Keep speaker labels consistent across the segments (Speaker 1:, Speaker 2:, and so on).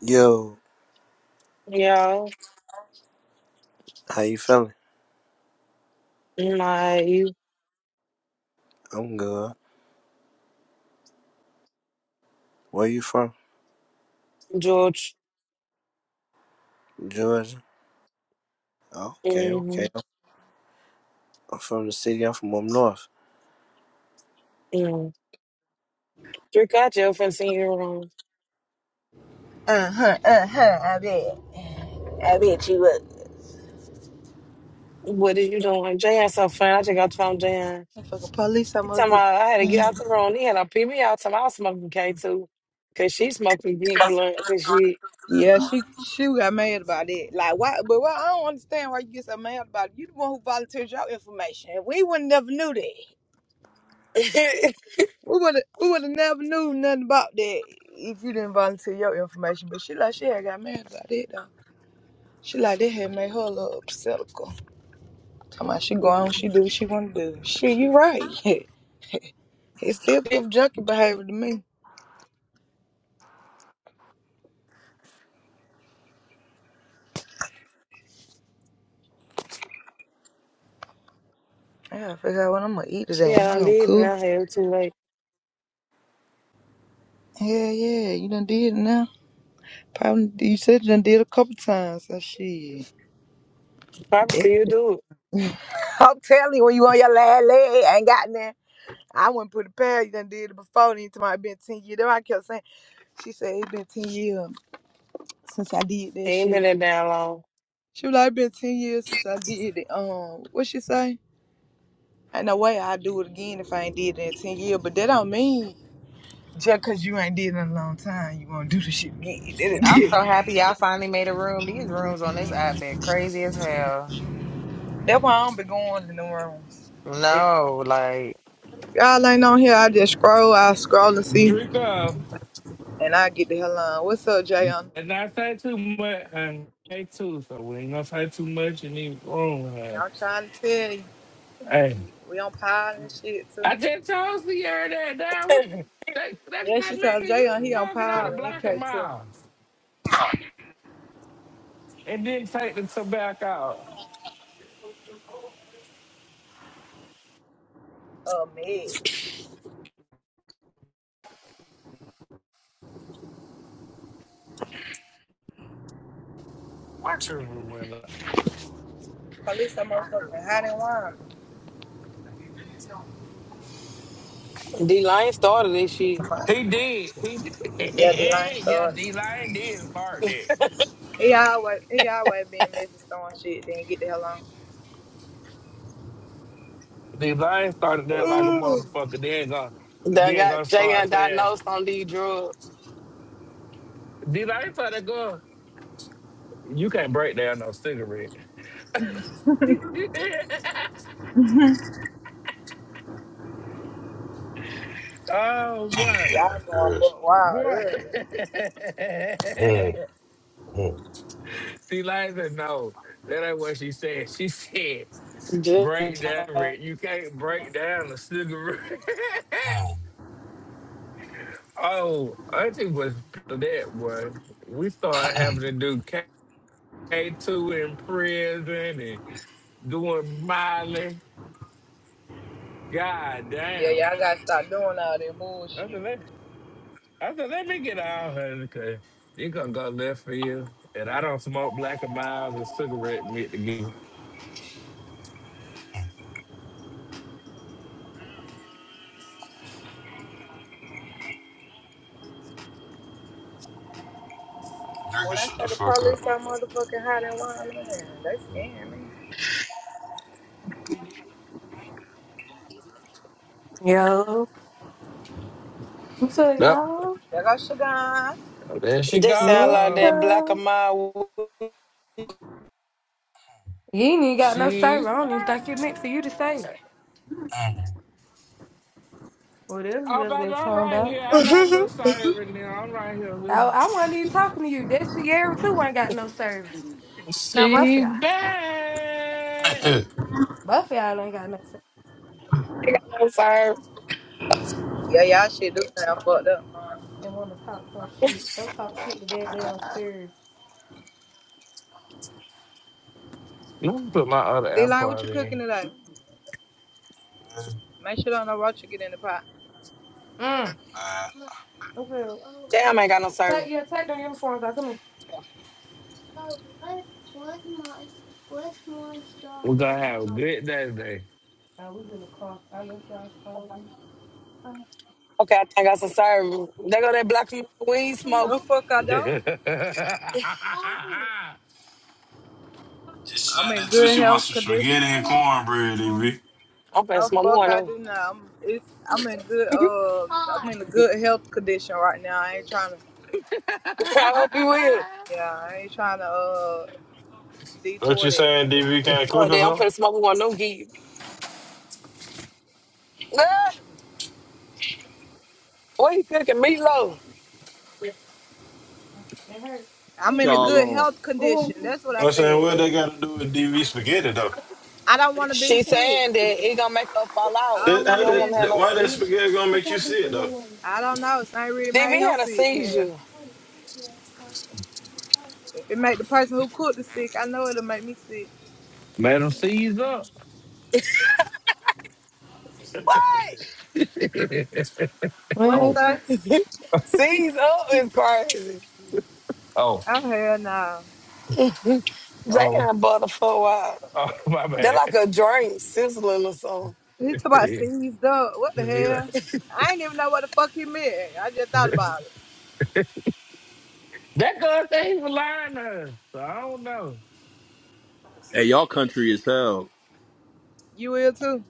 Speaker 1: Yo,
Speaker 2: Yeah,
Speaker 1: how you feeling?
Speaker 2: my
Speaker 1: I'm good. Where you from?
Speaker 2: George.
Speaker 1: Georgia. Okay,
Speaker 2: Mm-hmm.
Speaker 1: okay. I'm from the city. I'm from up north.
Speaker 2: Mm-hmm. Drink out your friend seen you room.
Speaker 3: Uh huh, uh huh. I bet. I bet you would.
Speaker 2: What are you doing? Jayan so friend. I just got from Jayan.
Speaker 3: fucking police, some
Speaker 2: He talking
Speaker 3: motherfucker.
Speaker 2: about I had to get out the room. He had to pee me out. Talking about I was smoking K two, cause she smoking deep blunts and she
Speaker 3: Yeah, she she got mad about it. Like why? But why, I don't understand why you get so mad about it. You the one who volunteered your information. We would never knew that.
Speaker 2: she
Speaker 3: We would we would have never knew nothing about that if you didn't volunteer your information. But she like she had got mad about it though. She like that had made her a little obsessical. Come on, she go on, she do what she wanna do. Shit, you right. it still give junkie behavior to me. I gotta figure out what I'm gonna eat today.
Speaker 2: had
Speaker 3: Am I
Speaker 2: on
Speaker 3: gonna
Speaker 2: did and
Speaker 3: cook?
Speaker 2: I had it too late.
Speaker 3: Yeah, yeah, you done did it now. Probably you said you done did a couple times. So shit.
Speaker 2: Probably see you do it.
Speaker 3: I'm telling you, when you on your last leg, ain't got nothing. I wouldn't put a past. You done did it before. Then to my been ten years. That's why I kept saying. She said it been ten years since I did
Speaker 2: He
Speaker 3: that
Speaker 2: ain't been
Speaker 3: shit.
Speaker 2: that damn long.
Speaker 3: She was like, it been ten years since I did it. Um, what she say? Ain't no way I do it again if I ain't did it in ten years. But that don't mean just cause you ain't did it in a long time, you wanna do the shit again.
Speaker 4: I'm so happy y'all finally made a room. These rooms on this app been crazy as hell.
Speaker 3: that- That's why I don't be going in the rooms.
Speaker 4: No, like
Speaker 3: Y'all ain't on here. I just scroll. I scroll and see,
Speaker 5: Drink up
Speaker 3: and I get the hell on. What's up, Jayon?
Speaker 5: and not say too much and say too, so we ain't gonna say too much in the room.
Speaker 3: I'm trying to tell you,
Speaker 5: huh? Hey,
Speaker 3: we on pile and shit too.
Speaker 5: I just told Sierra that that was that that
Speaker 3: Yeah,
Speaker 5: got
Speaker 3: she told
Speaker 5: maybe you
Speaker 3: Jayon he on
Speaker 5: smoking out a
Speaker 3: pile and
Speaker 5: block of
Speaker 3: NK too.
Speaker 5: miles and didn't take the tobacco out.
Speaker 3: Oh man,
Speaker 5: Watch her window.
Speaker 3: police that motherfucker hot and
Speaker 2: D Lion started this shit.
Speaker 5: He
Speaker 3: warm.
Speaker 5: did. He
Speaker 3: Yeah, they line
Speaker 5: did. yeah,
Speaker 3: started.
Speaker 5: D Line did start that.
Speaker 3: He always he always being messy throwing shit. Then get the hell on.
Speaker 5: D Line started that like a
Speaker 3: Ooh.
Speaker 5: motherfucker. Then gonna
Speaker 2: That
Speaker 5: then
Speaker 2: got
Speaker 5: gonna start
Speaker 2: Jayan
Speaker 5: saying
Speaker 2: diagnosed on these drugs.
Speaker 5: D Line started going. You can't break down no cigarette. Oh, what?
Speaker 3: y'all
Speaker 6: Like
Speaker 3: going
Speaker 6: this.
Speaker 3: buck wild
Speaker 5: What?
Speaker 3: early.
Speaker 6: Mm, mm,
Speaker 5: Eliza, no, that ain't what she said. She said, break down, Rick. You can't break down a cigarette.
Speaker 6: mm.
Speaker 5: oh, Auntie was that one. We started having to do K- K2 in prison and doing Miley. God
Speaker 3: Yeah,
Speaker 5: damn.
Speaker 3: y'all gotta stop doing all that
Speaker 5: I
Speaker 3: bullshit.
Speaker 5: said, let, I said, let me get out of here because you're going to go left field. And I don't smoke black and miles and cigarette meat together.
Speaker 6: Drink
Speaker 3: When I
Speaker 6: shut
Speaker 3: say
Speaker 6: the
Speaker 3: the
Speaker 6: fuck
Speaker 3: police
Speaker 6: up.
Speaker 3: are motherfucking hot and wild, man, they scaring me.
Speaker 7: Yo, what's up,
Speaker 5: Yep.
Speaker 7: y'all?
Speaker 3: There go Sugar. huh?
Speaker 5: There she
Speaker 2: They
Speaker 7: What's
Speaker 2: sound like
Speaker 5: goes.
Speaker 2: that black of
Speaker 7: up?
Speaker 2: my ain't
Speaker 7: You ain't even got no
Speaker 5: She's
Speaker 7: server. I don't even think you
Speaker 5: back.
Speaker 7: meant for you to say it. Whatever you
Speaker 5: Oh,
Speaker 7: over
Speaker 5: baby,
Speaker 7: there
Speaker 5: I'm
Speaker 7: talking
Speaker 5: right
Speaker 7: about.
Speaker 5: here. I got a little siren now. I'm right here.
Speaker 7: I,
Speaker 5: with-
Speaker 7: I wasn't even talking to you. That Sierra too ain't got no server. So both of
Speaker 5: She's
Speaker 7: y'all.
Speaker 5: back.
Speaker 6: Mm.
Speaker 7: Both of y'all ain't got no server
Speaker 2: got no serve.
Speaker 3: Yeah, y'all shit do sound fucked up.
Speaker 7: and want to talk some shit. Go talk shit to that damn server.
Speaker 5: Let me put my other
Speaker 3: D-Line, what you
Speaker 5: AirPod in.
Speaker 3: cooking today? Make sure don't know what you get in the pot.
Speaker 7: Mm.
Speaker 6: Uh,
Speaker 7: Okay. Oh, what?
Speaker 2: Damn ain't got no serve.
Speaker 7: Take, yeah, take them uniforms out. Come here. Oh, what? Where's my, where's my straw?
Speaker 5: We're
Speaker 7: My
Speaker 5: going to have a
Speaker 7: straw.
Speaker 5: good day
Speaker 7: I was in the car. I left y'all's car.
Speaker 2: Okay, I think I got some serve. They go that black of my weed smoke.
Speaker 3: No
Speaker 7: Tomorrow
Speaker 3: fuck I don't.
Speaker 5: today.
Speaker 7: morning,
Speaker 6: Just
Speaker 3: I'm
Speaker 6: send
Speaker 3: in
Speaker 6: it to
Speaker 3: good
Speaker 6: she
Speaker 7: Sunset,
Speaker 6: wants
Speaker 3: health
Speaker 6: some
Speaker 3: condition.
Speaker 6: spaghetti
Speaker 7: I
Speaker 6: and
Speaker 7: like to
Speaker 6: cornbread, DV.
Speaker 7: go
Speaker 2: I'm finna
Speaker 3: No
Speaker 2: smoke me
Speaker 3: fuck
Speaker 2: one
Speaker 3: I
Speaker 2: of
Speaker 3: do not. I'm, it's, I'm in good,
Speaker 2: them.
Speaker 3: uh, I'm
Speaker 7: hard.
Speaker 3: in a good health condition right now. I ain't trying to,
Speaker 2: I hope you will.
Speaker 3: yeah, I ain't trying to, uh,
Speaker 6: What you
Speaker 3: detour that.
Speaker 6: saying, DV can't cook
Speaker 2: Fuck
Speaker 6: or
Speaker 2: that, I'm
Speaker 6: something?
Speaker 2: finna smoke me one of them geek. Ah, what you cooking? Meatloaf.
Speaker 7: They hurt.
Speaker 3: I'm
Speaker 7: Ooh,
Speaker 3: in a
Speaker 8: y'all
Speaker 3: good
Speaker 8: on.
Speaker 3: health
Speaker 7: what
Speaker 3: condition.
Speaker 7: happened?
Speaker 3: That's what I
Speaker 6: I'm saying,
Speaker 3: said.
Speaker 6: what they got to do with DV spaghetti, though?
Speaker 3: I don't want to be
Speaker 2: She
Speaker 3: sick.
Speaker 2: saying that it gonna make her fall
Speaker 3: I don't
Speaker 2: out.
Speaker 6: That,
Speaker 2: She
Speaker 3: want
Speaker 6: how
Speaker 3: to
Speaker 2: don't
Speaker 3: be
Speaker 6: that,
Speaker 3: in
Speaker 2: wanna have
Speaker 6: that-
Speaker 2: no
Speaker 6: why that
Speaker 2: seizure.
Speaker 6: spaghetti gonna
Speaker 7: I
Speaker 6: make you
Speaker 7: got this
Speaker 6: sick,
Speaker 7: your
Speaker 6: though?
Speaker 7: way.
Speaker 3: I don't know. St. Really
Speaker 2: DV
Speaker 3: made him
Speaker 2: had a
Speaker 3: sick. Yeah.
Speaker 2: seizure.
Speaker 7: I want to see
Speaker 3: If it make the person who cooked the sick, I know it'll make me sick.
Speaker 5: Madam C's up.
Speaker 2: What?
Speaker 7: What
Speaker 3: What he
Speaker 5: oh,
Speaker 7: happened?
Speaker 3: say?
Speaker 2: Seize up is crazy.
Speaker 5: oh,
Speaker 3: Oh hell no.
Speaker 5: oh,
Speaker 2: Damn, butterfuck, wow.
Speaker 5: oh, my
Speaker 2: They're
Speaker 5: bad.
Speaker 2: like a drink sizzling or something.
Speaker 3: He talk about
Speaker 5: He-
Speaker 3: seized up. What the
Speaker 5: like-
Speaker 3: hell? I ain't even know what the fuck he meant. I just thought about it.
Speaker 5: That girl said he was lying to her. So I don't know.
Speaker 8: Hey, y'all country is hell.
Speaker 3: You will too.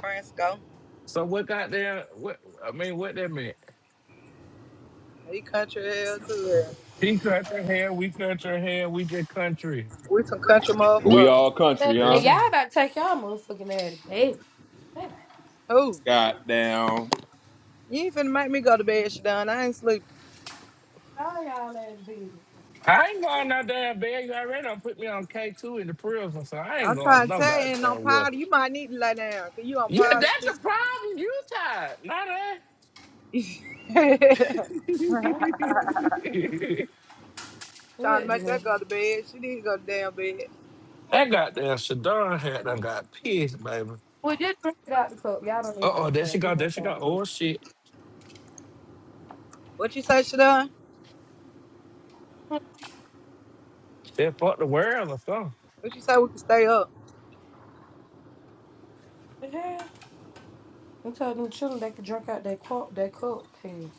Speaker 3: Francisco.
Speaker 5: So what got there? What I mean, what that meant?
Speaker 3: He country hell too. Yeah.
Speaker 5: He cut her hair. We cut her hair. We just country.
Speaker 3: We some country
Speaker 8: We
Speaker 3: motherfuckers.
Speaker 8: all country,
Speaker 7: Hey,
Speaker 5: This
Speaker 8: huh?
Speaker 5: is.
Speaker 7: y'all about to take y'all motherfucking ass to bed. Hey,
Speaker 3: Who?
Speaker 8: Goddamn.
Speaker 3: You ain't finna make me go to bed, Shadon. I ain't sleeping.
Speaker 7: all y'all ass to bed.
Speaker 5: I ain't going no damn bed. You already done put me on K two in the prison, so I ain't
Speaker 3: I'm
Speaker 5: going
Speaker 3: trying to
Speaker 5: no
Speaker 3: tell you, and on
Speaker 5: goddamn well.
Speaker 3: powder, you might need to lay down, cause you on
Speaker 5: Yeah,
Speaker 3: powder
Speaker 5: that's the
Speaker 3: shit.
Speaker 5: problem. You tired, not that.
Speaker 7: I ain't coming.
Speaker 3: trying to
Speaker 7: What you
Speaker 3: make that
Speaker 7: mean?
Speaker 3: go to bed. She need to go to damn bed.
Speaker 5: that goddamn Shadon had done got pissed, baby.
Speaker 7: Well, just drink it out the cup. Y'all don't
Speaker 5: Uh
Speaker 7: need no
Speaker 5: oh, there she
Speaker 7: stuff.
Speaker 5: go.
Speaker 7: It's
Speaker 5: There
Speaker 7: not
Speaker 5: she
Speaker 7: that
Speaker 5: go.
Speaker 7: cup.
Speaker 5: Oh shit,
Speaker 3: What you say, Shadon?
Speaker 7: What
Speaker 5: that fucked the world or something.
Speaker 3: What you say we can stay up?
Speaker 7: the hell? I'm them children they could drink out their cup, their cup too.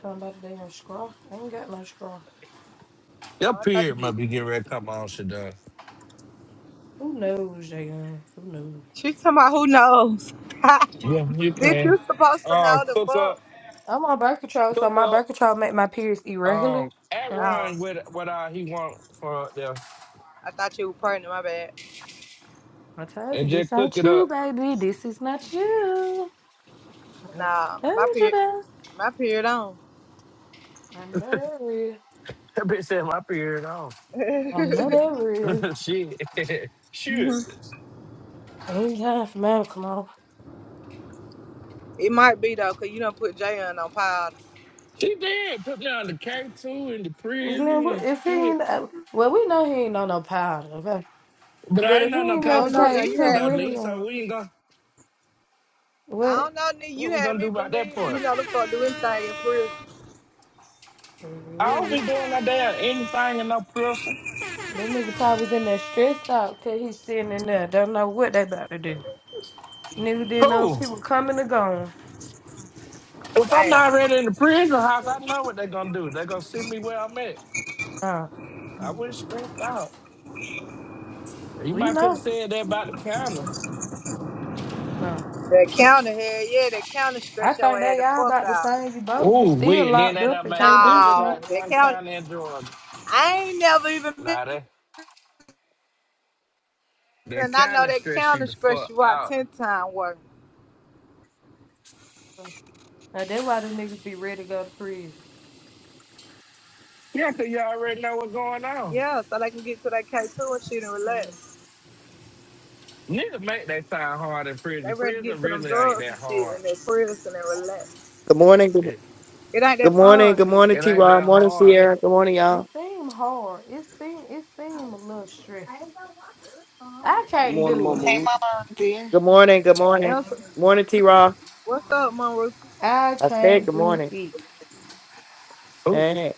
Speaker 7: Tell them about they in straw. I ain't got no straw.
Speaker 5: Your
Speaker 3: Oh, I thought
Speaker 5: period might
Speaker 3: you-
Speaker 5: be getting ready to come on, Shadon.
Speaker 7: Who knows, they in? Who knows?
Speaker 3: She talking about who knows. Bitch,
Speaker 5: Yeah, you can.
Speaker 3: you supposed to
Speaker 5: Um,
Speaker 3: know the
Speaker 5: cook up,
Speaker 3: fuck.
Speaker 7: I'm on birth control, so
Speaker 5: cook
Speaker 7: my
Speaker 5: up.
Speaker 7: birth control make my periods irregular.
Speaker 5: Um, at
Speaker 7: Uh,
Speaker 3: Oh,
Speaker 5: run with what uh, he want for them,
Speaker 3: I thought you were pregnant. My bad.
Speaker 7: I told you
Speaker 5: and just
Speaker 7: this
Speaker 5: cook
Speaker 7: ain't
Speaker 5: it
Speaker 7: you,
Speaker 5: up.
Speaker 7: baby. This is not you. I
Speaker 3: Nah, my
Speaker 7: told you
Speaker 3: period,
Speaker 7: that.
Speaker 3: my period on.
Speaker 7: I know that real.
Speaker 5: That bitch said my period on.
Speaker 7: I know
Speaker 3: it
Speaker 7: that real.
Speaker 5: shit, shit.
Speaker 7: Ain't time for medical on.
Speaker 3: might be though, cause you don't put Jay on on pile.
Speaker 5: She did put me on the K two in the
Speaker 7: Glenn,
Speaker 5: prison
Speaker 7: what-
Speaker 5: and
Speaker 7: if he
Speaker 5: shit.
Speaker 7: ain't, uh, well, we know he ain't on no powder, okay?
Speaker 5: But
Speaker 7: But
Speaker 5: I
Speaker 7: if
Speaker 5: ain't
Speaker 7: he
Speaker 5: on no
Speaker 7: ain't
Speaker 3: I
Speaker 5: K
Speaker 7: on the
Speaker 3: don't know.
Speaker 5: two
Speaker 3: Now you
Speaker 7: K2,
Speaker 5: either
Speaker 3: had
Speaker 5: though,
Speaker 7: what
Speaker 3: me.
Speaker 7: he
Speaker 3: be-
Speaker 5: Lee. So
Speaker 7: on?
Speaker 5: we ain't gonna
Speaker 3: I
Speaker 7: What?
Speaker 3: don't know. Now you
Speaker 5: what we
Speaker 3: had
Speaker 5: gonna do
Speaker 3: me
Speaker 5: about that
Speaker 3: believe you
Speaker 5: part.
Speaker 3: know the fuck do anything in prison.
Speaker 5: I don't be doing no damn anything in no prison.
Speaker 7: That nigga probably was in there stressed out because he's sitting in there, don't know what they about to do. Nigga didn't know if
Speaker 5: Cool.
Speaker 7: he was coming or going.
Speaker 5: If I'm
Speaker 3: Damn.
Speaker 5: not already in the prison house, I know what they're gonna do. They're gonna send me where I'm at.
Speaker 7: Uh,
Speaker 5: I wouldn't stress out. You
Speaker 7: we
Speaker 5: might could have
Speaker 7: know.
Speaker 5: said that about the county.
Speaker 7: Uh,
Speaker 3: That counter head, yeah, that counter
Speaker 7: I
Speaker 3: stretch your
Speaker 7: think
Speaker 3: head
Speaker 7: they
Speaker 3: the
Speaker 7: all
Speaker 3: fuck
Speaker 7: about the
Speaker 3: out.
Speaker 7: same you both. You
Speaker 5: Ooh,
Speaker 7: still
Speaker 5: we and then
Speaker 7: locked
Speaker 5: that I
Speaker 7: up and
Speaker 5: made
Speaker 7: can't do
Speaker 5: every
Speaker 7: shit.
Speaker 3: No, that
Speaker 5: goddamn
Speaker 3: counter.
Speaker 5: county in Georgia.
Speaker 3: I ain't never even
Speaker 5: Nah,
Speaker 3: been.
Speaker 5: that that
Speaker 3: And I know
Speaker 5: county
Speaker 3: that
Speaker 5: stress you
Speaker 3: counter
Speaker 5: the
Speaker 3: stress
Speaker 5: fuck
Speaker 3: you out
Speaker 5: out.
Speaker 3: ten time work.
Speaker 7: Uh, that's why them niggas be ready to go to prison.
Speaker 5: Yeah, 'cause you already know what's going on.
Speaker 3: Yeah, so they can get to that K two and shit and
Speaker 7: Mm.
Speaker 3: relax.
Speaker 5: Niggas make their time hard in
Speaker 3: They
Speaker 5: prison.
Speaker 3: ready to get
Speaker 5: Prison
Speaker 3: to them
Speaker 5: really ain't
Speaker 3: drugs and
Speaker 5: that
Speaker 3: shit
Speaker 5: hard.
Speaker 3: and their prison and relax.
Speaker 9: Good morning. Good,
Speaker 5: It
Speaker 3: It ain't
Speaker 9: good
Speaker 3: that
Speaker 9: morning.
Speaker 3: fun.
Speaker 9: Good morning,
Speaker 5: it
Speaker 9: T
Speaker 5: ain't
Speaker 9: Raw.
Speaker 5: that
Speaker 9: Morning,
Speaker 5: hard.
Speaker 9: Sierra. Good morning,
Speaker 7: It
Speaker 9: y'all.
Speaker 7: seem hard. It seem it seem a little stressful. I
Speaker 10: Good
Speaker 7: can't
Speaker 10: morning,
Speaker 7: do
Speaker 10: Mama
Speaker 4: Hey
Speaker 7: it.
Speaker 10: Ruth.
Speaker 4: Mama Auntie.
Speaker 9: Good morning. Good morning.
Speaker 3: Answer.
Speaker 9: Morning, T Raw.
Speaker 3: What's up, Monroe?
Speaker 7: I
Speaker 9: I said
Speaker 7: can't
Speaker 9: good
Speaker 7: do
Speaker 9: morning.
Speaker 7: it.
Speaker 5: Ooh,
Speaker 9: Hey,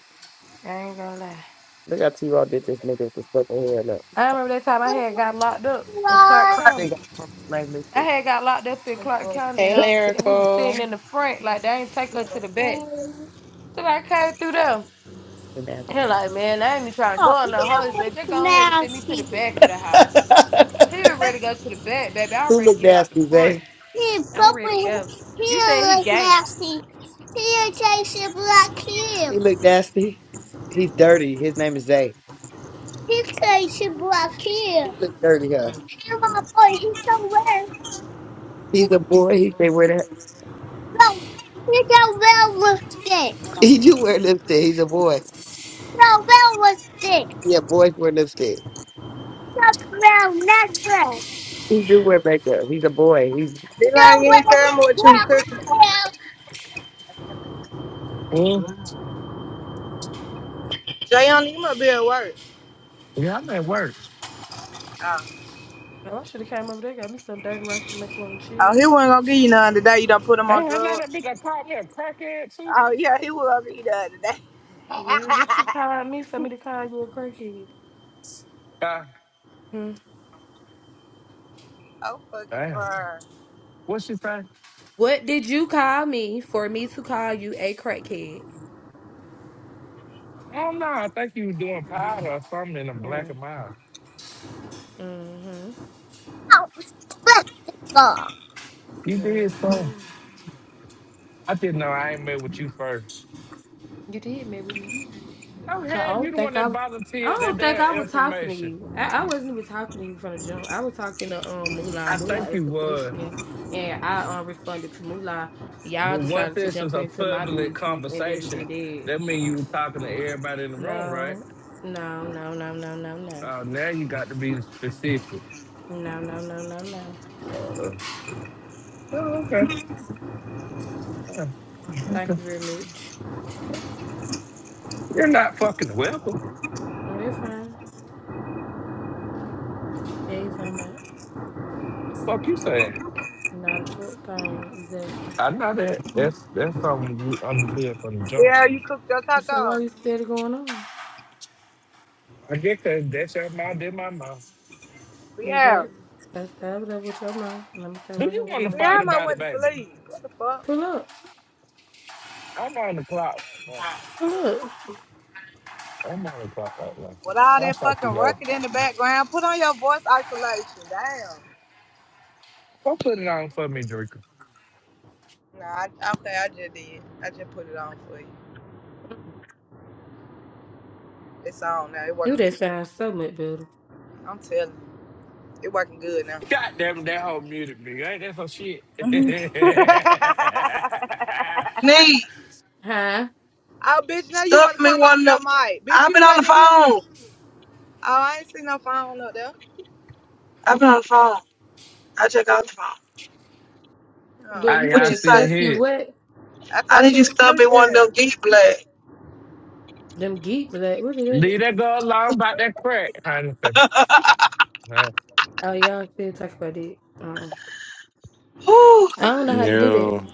Speaker 7: I ain't gonna lie.
Speaker 9: look how T Raw did this nigga with the fucking hair. Look.
Speaker 7: I remember that time I had got locked up in Clark County.
Speaker 9: They got purpose language.
Speaker 7: I
Speaker 9: too.
Speaker 7: had got locked up in Clark
Speaker 9: Good
Speaker 7: County, and
Speaker 4: Hey
Speaker 7: I was we was sitting
Speaker 4: Lyrical.
Speaker 7: in the front, like they ain't take her to the back. So I came through there.
Speaker 9: man.
Speaker 7: He like, man, I ain't even trying to
Speaker 9: Oh,
Speaker 7: go in
Speaker 9: he
Speaker 7: the hole. He said, just go ahead and send
Speaker 9: looks
Speaker 7: me to the
Speaker 9: nasty.
Speaker 7: back of the house. He was ready to go to the back, baby. I'm
Speaker 9: Who
Speaker 7: ready to
Speaker 9: look
Speaker 7: get out the
Speaker 9: nasty,
Speaker 7: front.
Speaker 9: Zay? He,
Speaker 7: I'm ready to
Speaker 9: Papa,
Speaker 7: go.
Speaker 9: he
Speaker 7: You said he
Speaker 9: look
Speaker 7: gay.
Speaker 9: nasty. He tastes black here. He look nasty. He's dirty. His name is Zay. His face is black here. He's a dirty huss. He's my boy. He's so well. He's a boy. He can wear that. No, he's so well lipstick. He do wear lipstick. He's a boy. No, well lipstick. Yeah, boys wear lipstick. That's well necklace. He do wear makeup. He's a boy. He's No,
Speaker 3: They
Speaker 9: well,
Speaker 3: line you ain't tell me what you
Speaker 9: well,
Speaker 3: cooking.
Speaker 9: well,
Speaker 5: mm.
Speaker 3: Jayon, you must be at work.
Speaker 5: yeah, I'm at work.
Speaker 3: Oh.
Speaker 7: Oh, I should have came over there, got me some dirty rice and macaroni and
Speaker 3: oh,
Speaker 7: cheese.
Speaker 3: he wasn't gonna give you none today. You done put him
Speaker 5: Hey,
Speaker 3: on
Speaker 5: I know that
Speaker 3: drugs.
Speaker 5: bitch that called me a crackhead too.
Speaker 3: Oh yeah, he was gonna give you none today.
Speaker 7: Well, what you call me for me to call you a crackhead?
Speaker 5: Ah,
Speaker 7: Hmm.
Speaker 3: I'm fucking
Speaker 5: damn.
Speaker 3: crying.
Speaker 5: What she say?
Speaker 7: What did you call me for me to call you a crackhead?
Speaker 5: I don't know. I think you were doing powder or something in the
Speaker 7: Yeah.
Speaker 5: black of my eye.
Speaker 7: Mm-hmm.
Speaker 9: lipstick.
Speaker 7: That's
Speaker 5: You did
Speaker 7: what
Speaker 5: so.
Speaker 7: I'm saying.
Speaker 5: I didn't know I ain't met with you first.
Speaker 7: You did mess with me.
Speaker 5: No,
Speaker 7: 'Cause I
Speaker 5: hell, you
Speaker 7: don't
Speaker 5: the one
Speaker 7: think
Speaker 5: that
Speaker 7: I, I
Speaker 5: volunteered that
Speaker 7: don't think
Speaker 5: damn
Speaker 7: I was talking to
Speaker 5: information.
Speaker 7: you. I, I wasn't even talking to you from the jump. I was talking to um Moolah.
Speaker 5: I think
Speaker 7: Moolah
Speaker 5: you
Speaker 7: asked the
Speaker 5: was.
Speaker 7: question, and I um responded to Moolah. Y'all
Speaker 5: Well, once
Speaker 7: decided to
Speaker 5: this is
Speaker 7: jump
Speaker 5: a
Speaker 7: into my
Speaker 5: public
Speaker 7: business, and that was
Speaker 5: conversation,
Speaker 7: it. Dead.
Speaker 5: that means you were talking to everybody in the room, right?
Speaker 7: No, no, no, no, no, no, no,
Speaker 5: Uh, now you got to be specific.
Speaker 7: no, no, no, no, no.
Speaker 5: Uh, oh, okay.
Speaker 7: Thank
Speaker 5: okay.
Speaker 7: you very much.
Speaker 5: You're not fucking welcome.
Speaker 7: Mm, That's fine. Yeah, you talking about
Speaker 5: Fuck you saying.
Speaker 7: not a full thing exactly.
Speaker 5: I know that. That's that's something you understood from the jump.
Speaker 3: Yeah, you cooked your
Speaker 7: So
Speaker 3: taco.
Speaker 7: why you still going on?
Speaker 5: I get that. That's your mouth, did my mouth.
Speaker 7: Is
Speaker 3: Yeah.
Speaker 7: that that's that was up with your mom, and I'm gonna stay
Speaker 5: Do
Speaker 7: right here
Speaker 5: you
Speaker 7: with
Speaker 5: want to
Speaker 3: Yeah,
Speaker 7: mine.
Speaker 3: I
Speaker 5: fight
Speaker 3: might
Speaker 5: about it,
Speaker 3: went to
Speaker 5: baby?
Speaker 3: sleep. What the fuck?
Speaker 7: Pull up,
Speaker 5: I'm on the clock right
Speaker 7: pull up.
Speaker 5: now. I'm on the clock right now.
Speaker 3: With all
Speaker 5: I'll
Speaker 3: that
Speaker 5: talk to
Speaker 3: fucking
Speaker 5: you later.
Speaker 3: record in the background, put on your voice isolation. Damn.
Speaker 5: Go put it on for me, Drinker.
Speaker 3: Nah, I, okay, I just did. I just put it on for you. It's on now. It
Speaker 7: Ooh,
Speaker 3: working.
Speaker 7: that sounds so much better.
Speaker 3: I'm telling you, it working good now.
Speaker 5: God damn it, that whole muted me. Ain't that some shit?
Speaker 3: oh,
Speaker 2: Need
Speaker 7: Huh?
Speaker 3: bitch, now you
Speaker 2: stuff
Speaker 3: want to
Speaker 2: me
Speaker 3: come
Speaker 2: one
Speaker 3: off
Speaker 2: of. them.
Speaker 3: your mic. Bitch,
Speaker 2: I've
Speaker 3: you
Speaker 2: been on the
Speaker 3: got in here. Oh,
Speaker 2: phone.
Speaker 3: I ain't see no phone up there.
Speaker 2: I've been on the phone. I check got the phone.
Speaker 3: Oh,
Speaker 7: But you
Speaker 5: Hey, y'all
Speaker 2: What you
Speaker 7: said
Speaker 2: say?
Speaker 5: still
Speaker 7: stuff you
Speaker 5: here.
Speaker 7: what?
Speaker 3: I
Speaker 2: I
Speaker 3: thought
Speaker 2: need
Speaker 3: you
Speaker 2: you to
Speaker 3: was
Speaker 2: stuff me
Speaker 3: asleep.
Speaker 2: one of
Speaker 3: Yeah.
Speaker 2: them geek black.
Speaker 7: Them geek black. What is
Speaker 5: Leave
Speaker 7: it?
Speaker 5: that girl alone about that crack, kind of thing. man.
Speaker 7: Oh, y'all still talk about it. Uh,
Speaker 2: Whew.
Speaker 7: I don't know how to do that.
Speaker 6: Yo,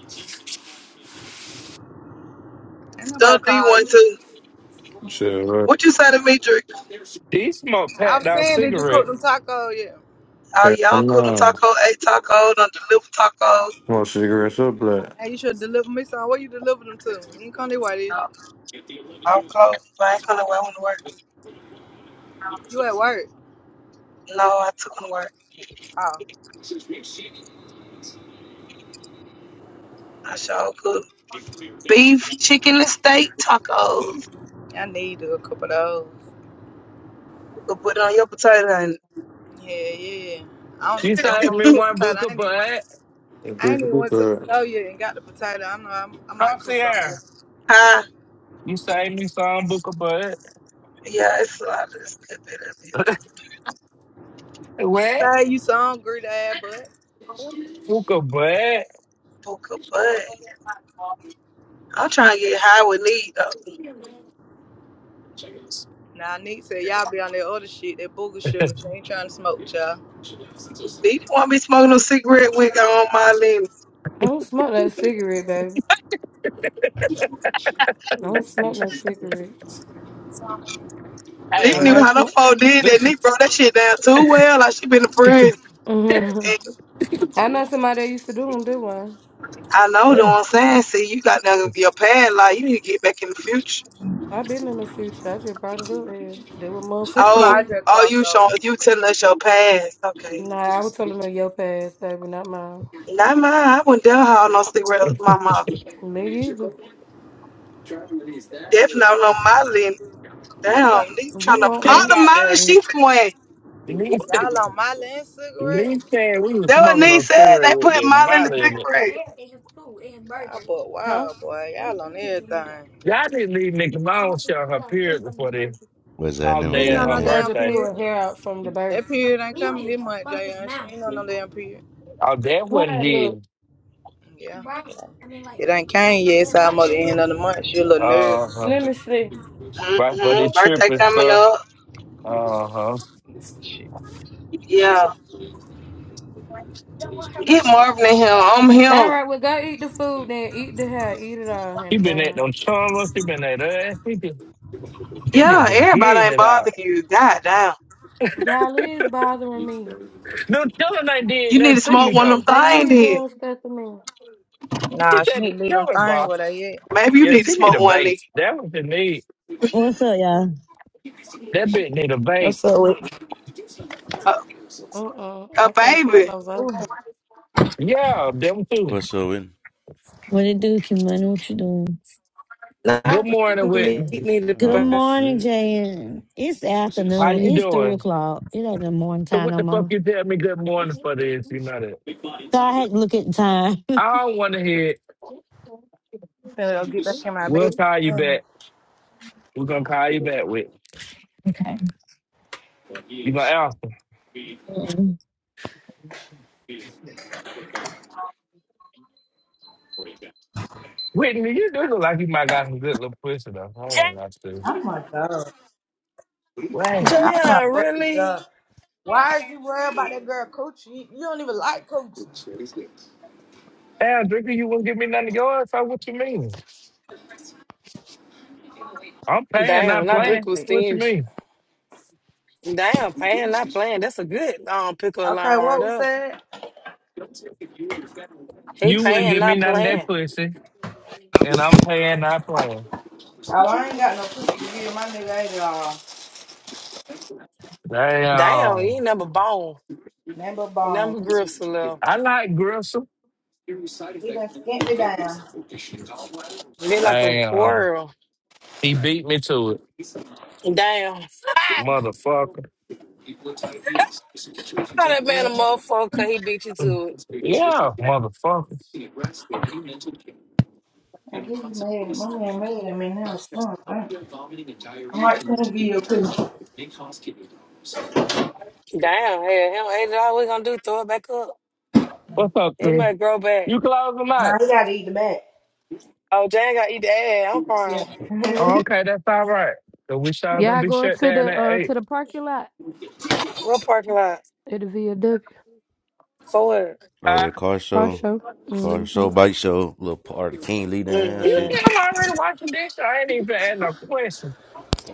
Speaker 3: Ain't nobody
Speaker 2: Stuff me
Speaker 3: call
Speaker 2: one
Speaker 3: you.
Speaker 2: too.
Speaker 6: shit, right?
Speaker 2: What you say to me, Drake?
Speaker 5: He smoked
Speaker 3: I
Speaker 5: packed
Speaker 3: was
Speaker 5: out
Speaker 3: saying, did you cook
Speaker 5: cigarette.
Speaker 3: them tacos? Yeah.
Speaker 2: Oh, y'all
Speaker 6: am
Speaker 2: cool on
Speaker 6: not.
Speaker 2: taco, ate taco, don't deliver taco.
Speaker 6: Smoke cigarettes up, black.
Speaker 3: Hey, you should deliver me some. Where you deliver them to? You ain't come to way, did you?
Speaker 2: No, I'm close, but I ain't coming away to work.
Speaker 3: You at work.
Speaker 2: No, I took them to work.
Speaker 3: Oh.
Speaker 2: I sure could. Beef, chicken, and steak tacos.
Speaker 3: I need a couple of those.
Speaker 2: You could put it on your potato and,
Speaker 3: Yeah, yeah. I don't
Speaker 5: You
Speaker 3: even know if
Speaker 5: saved
Speaker 3: I'm gonna
Speaker 5: me
Speaker 3: cook
Speaker 5: one
Speaker 3: potato.
Speaker 5: book
Speaker 3: I
Speaker 5: of
Speaker 3: ain't even went,
Speaker 5: bud.
Speaker 6: And
Speaker 3: I ain't
Speaker 6: Drink a
Speaker 3: even
Speaker 6: big
Speaker 3: went to the
Speaker 6: cup.
Speaker 3: store yet and got the potato. I know I'm, I might cook
Speaker 5: Concierge.
Speaker 3: something.
Speaker 2: huh?
Speaker 5: You saved me some book of bud.
Speaker 2: Yeah, it's a lot of slipping up in
Speaker 3: She
Speaker 5: What?
Speaker 3: said you so hungry, Dad, but
Speaker 5: Book of bud.
Speaker 2: Puka, but I'm trying to get high with Nick. though.
Speaker 3: nah, Nick said y'all be on that other shit, that booger sugar. She ain't trying to smoke with y'all.
Speaker 2: Nick not be smoking no cigarette with on my limb.
Speaker 7: I don't smoke no cigarette, baby. I don't smoke no cigarette.
Speaker 5: Hey,
Speaker 7: I
Speaker 2: Nick knew
Speaker 7: might.
Speaker 5: man.
Speaker 2: how
Speaker 7: Sm-
Speaker 2: them folk did that. Nick
Speaker 5: Listen.
Speaker 2: broke that shit down too well. Like she been to prison.
Speaker 7: Mhm.
Speaker 2: And
Speaker 7: I know somebody that used to do them. Did one?
Speaker 2: I know though what I'm saying. See, you got down your past. Like you need to get back in the future.
Speaker 7: i been in the future. I just brought it up here. Did what
Speaker 3: She's
Speaker 7: motherfuckers
Speaker 2: Oh,
Speaker 3: my
Speaker 7: do?
Speaker 3: just
Speaker 2: all
Speaker 3: cross
Speaker 2: you showing
Speaker 3: over.
Speaker 2: you telling us your past. Okay,
Speaker 7: Nah, I was telling them to your past, baby, not mine.
Speaker 2: not mine. I wouldn't dare haul no cigarette up my mom
Speaker 7: Me either.
Speaker 2: Definitely not on my limb.
Speaker 3: I
Speaker 2: Damn,
Speaker 3: told her,
Speaker 2: Nick
Speaker 7: You
Speaker 2: trying to
Speaker 7: want
Speaker 2: pop
Speaker 5: That
Speaker 7: one?
Speaker 2: the mouth
Speaker 5: goddamn
Speaker 2: she went.
Speaker 5: niece,
Speaker 3: y'all on my land
Speaker 7: Huh?
Speaker 5: niece
Speaker 3: cigarette.
Speaker 5: said we was
Speaker 2: That what
Speaker 5: smoking
Speaker 2: Nee
Speaker 5: on
Speaker 2: said.
Speaker 5: cigarette
Speaker 2: They
Speaker 5: with
Speaker 2: put
Speaker 5: the
Speaker 2: Molly in the
Speaker 5: money in
Speaker 2: sixth
Speaker 5: it.
Speaker 2: grade.
Speaker 7: Yeah, I just
Speaker 3: Y'all but wow, boy. Y'all on everything.
Speaker 5: Y'all didn't leave Nick Malone showing her period before the
Speaker 11: What's happening?
Speaker 3: She
Speaker 11: What's
Speaker 5: holiday
Speaker 3: ain't
Speaker 5: and
Speaker 3: on
Speaker 5: her
Speaker 3: no
Speaker 11: happening?
Speaker 3: damn
Speaker 5: birthday.
Speaker 7: pull
Speaker 3: period.
Speaker 7: a hair out from the burger.
Speaker 3: That
Speaker 7: How
Speaker 3: period ain't coming this month, Jay. She ain't on no damn period.
Speaker 5: Oh, that what it
Speaker 7: it look?
Speaker 5: is.
Speaker 3: Yeah. It ain't came yet. so I'm at the end of the month. She a little nervous.
Speaker 5: Uh-huh.
Speaker 7: Let me see.
Speaker 5: Right for
Speaker 7: You
Speaker 2: hmm
Speaker 5: the trip
Speaker 2: Birthday
Speaker 5: and
Speaker 2: coming
Speaker 5: stuff.
Speaker 2: up.
Speaker 5: Uh-huh.
Speaker 3: Shit.
Speaker 2: Yeah.
Speaker 7: don't want her
Speaker 2: Get
Speaker 7: money back.
Speaker 2: Marvin in him. I'm
Speaker 7: All
Speaker 2: him.
Speaker 7: right, well, go eat the food then. Eat the hair. Eat it all.
Speaker 5: She
Speaker 7: And
Speaker 5: been at
Speaker 7: damn.
Speaker 5: them chummas. She been at us. She just, she just
Speaker 2: Yeah,
Speaker 5: been
Speaker 2: everybody
Speaker 5: getting
Speaker 2: ain't
Speaker 5: it out.
Speaker 2: bothering you. God damn.
Speaker 7: Y'all is bothering me.
Speaker 5: No, children ain't did
Speaker 2: You need
Speaker 5: nothing
Speaker 2: to
Speaker 5: to
Speaker 2: smoke
Speaker 5: you,
Speaker 2: one
Speaker 5: though.
Speaker 2: of them
Speaker 7: They
Speaker 2: things
Speaker 7: is
Speaker 2: then.
Speaker 7: doing stuff to me.
Speaker 5: She
Speaker 3: Nah, she
Speaker 5: said
Speaker 3: need
Speaker 5: the
Speaker 3: to leave them
Speaker 5: children,
Speaker 3: things
Speaker 5: boss.
Speaker 3: with her yet.
Speaker 2: Maybe you
Speaker 5: Yeah,
Speaker 2: need to
Speaker 5: she need
Speaker 2: smoke
Speaker 5: a
Speaker 2: one of
Speaker 5: bait. That was the need.
Speaker 12: What's up, y'all?
Speaker 5: That bitch need a bait.
Speaker 3: What's up with I'm
Speaker 2: A,
Speaker 7: Mm-mm.
Speaker 2: a
Speaker 7: I can't smoke
Speaker 2: baby.
Speaker 7: no up.
Speaker 5: Yeah, them too.
Speaker 11: What's up with?
Speaker 12: What it do, Kimani? What you doing?
Speaker 2: Nah, I
Speaker 5: Good morning,
Speaker 2: don't need
Speaker 5: Whitney.
Speaker 2: need to
Speaker 12: Good
Speaker 11: Oh
Speaker 2: buy.
Speaker 12: morning,
Speaker 11: shit!
Speaker 12: Jayan. It's
Speaker 5: How
Speaker 12: afternoon.
Speaker 5: you
Speaker 12: It's three
Speaker 5: doing?
Speaker 12: o'clock. It ain't the morning
Speaker 5: So
Speaker 12: time
Speaker 5: what
Speaker 12: no
Speaker 5: the fuck
Speaker 12: more.
Speaker 5: you tell me good
Speaker 12: So
Speaker 5: morning for this? You know that.
Speaker 12: I had to look at the time.
Speaker 5: I don't want to hear it.
Speaker 3: finna go get back in my
Speaker 5: We'll
Speaker 3: bed.
Speaker 5: call you back. We're going to call you back, Whitney.
Speaker 12: Okay.
Speaker 5: You my alpha.
Speaker 12: Mm.
Speaker 5: Whitney, you do look like you might got some good little pussy, though.
Speaker 12: Jay,
Speaker 5: I ain't got to.
Speaker 3: Oh my god.
Speaker 5: Wow.
Speaker 3: Oh my
Speaker 2: JR,
Speaker 3: fucking
Speaker 2: really?
Speaker 3: god. Why is you worried about that girl coochie? You don't even like coochie.
Speaker 5: Damn, Drinker, you wouldn't give me nothing to go on? So what you mean? I'm paying,
Speaker 2: Damn,
Speaker 5: not
Speaker 2: not
Speaker 3: Wait.
Speaker 2: drink
Speaker 5: playing.
Speaker 2: was
Speaker 5: What you
Speaker 2: stingy.
Speaker 5: mean?
Speaker 2: Damn, Pan not playing. That's a good um pickle
Speaker 3: Okay,
Speaker 2: line right
Speaker 3: what was
Speaker 2: there.
Speaker 3: that?
Speaker 2: He
Speaker 5: You wouldn't
Speaker 2: paying,
Speaker 5: give me
Speaker 2: not
Speaker 5: none of that
Speaker 2: playing.
Speaker 5: pussy, and I'm paying, not playing.
Speaker 3: Oh, I ain't got no coochie to give my nigga ain't all.
Speaker 2: Damn, he
Speaker 5: Damn.
Speaker 2: ain't never bone.
Speaker 3: Nothing but
Speaker 2: Never
Speaker 3: bone.
Speaker 2: gristle little.
Speaker 5: I like Grissom.
Speaker 3: He done skint me down.
Speaker 2: Be like a
Speaker 5: Damn.
Speaker 2: squirrel.
Speaker 5: He beat me to it.
Speaker 2: Damn.
Speaker 5: Motherfucker.
Speaker 2: How that man
Speaker 3: Yeah.
Speaker 2: a motherfucker 'cause he beat you to it.
Speaker 5: Yeah, motherfucker.
Speaker 3: I guess he's mad. My man mad at me now. Son, thank you. I might come give you a coochie.
Speaker 2: Damn, hell, hell, ain't all we gonna do, throw it back up.
Speaker 5: What's up,
Speaker 2: It
Speaker 5: Chris?
Speaker 2: might grow back.
Speaker 5: You close or not?
Speaker 3: Nah, he gotta eat the back.
Speaker 2: Oh, Jane gotta eat the ass. I'm
Speaker 3: Yeah.
Speaker 2: crying.
Speaker 5: Oh, okay, that's all right. So we sure gonna
Speaker 7: Y'all
Speaker 5: be
Speaker 7: going
Speaker 5: shut
Speaker 7: to the
Speaker 5: down at
Speaker 7: uh
Speaker 5: eight.
Speaker 7: to the parking lot
Speaker 2: What parking lot?
Speaker 7: at the VW
Speaker 2: For what?
Speaker 11: Oh, that car
Speaker 7: car
Speaker 11: show,
Speaker 7: show.
Speaker 11: car
Speaker 7: Mm-hmm.
Speaker 11: show, bike show, little part of King Lee there and
Speaker 5: You
Speaker 11: shit.
Speaker 5: see,
Speaker 2: Mm-mm.
Speaker 5: I'm already watching this. So I ain't even ask no questions.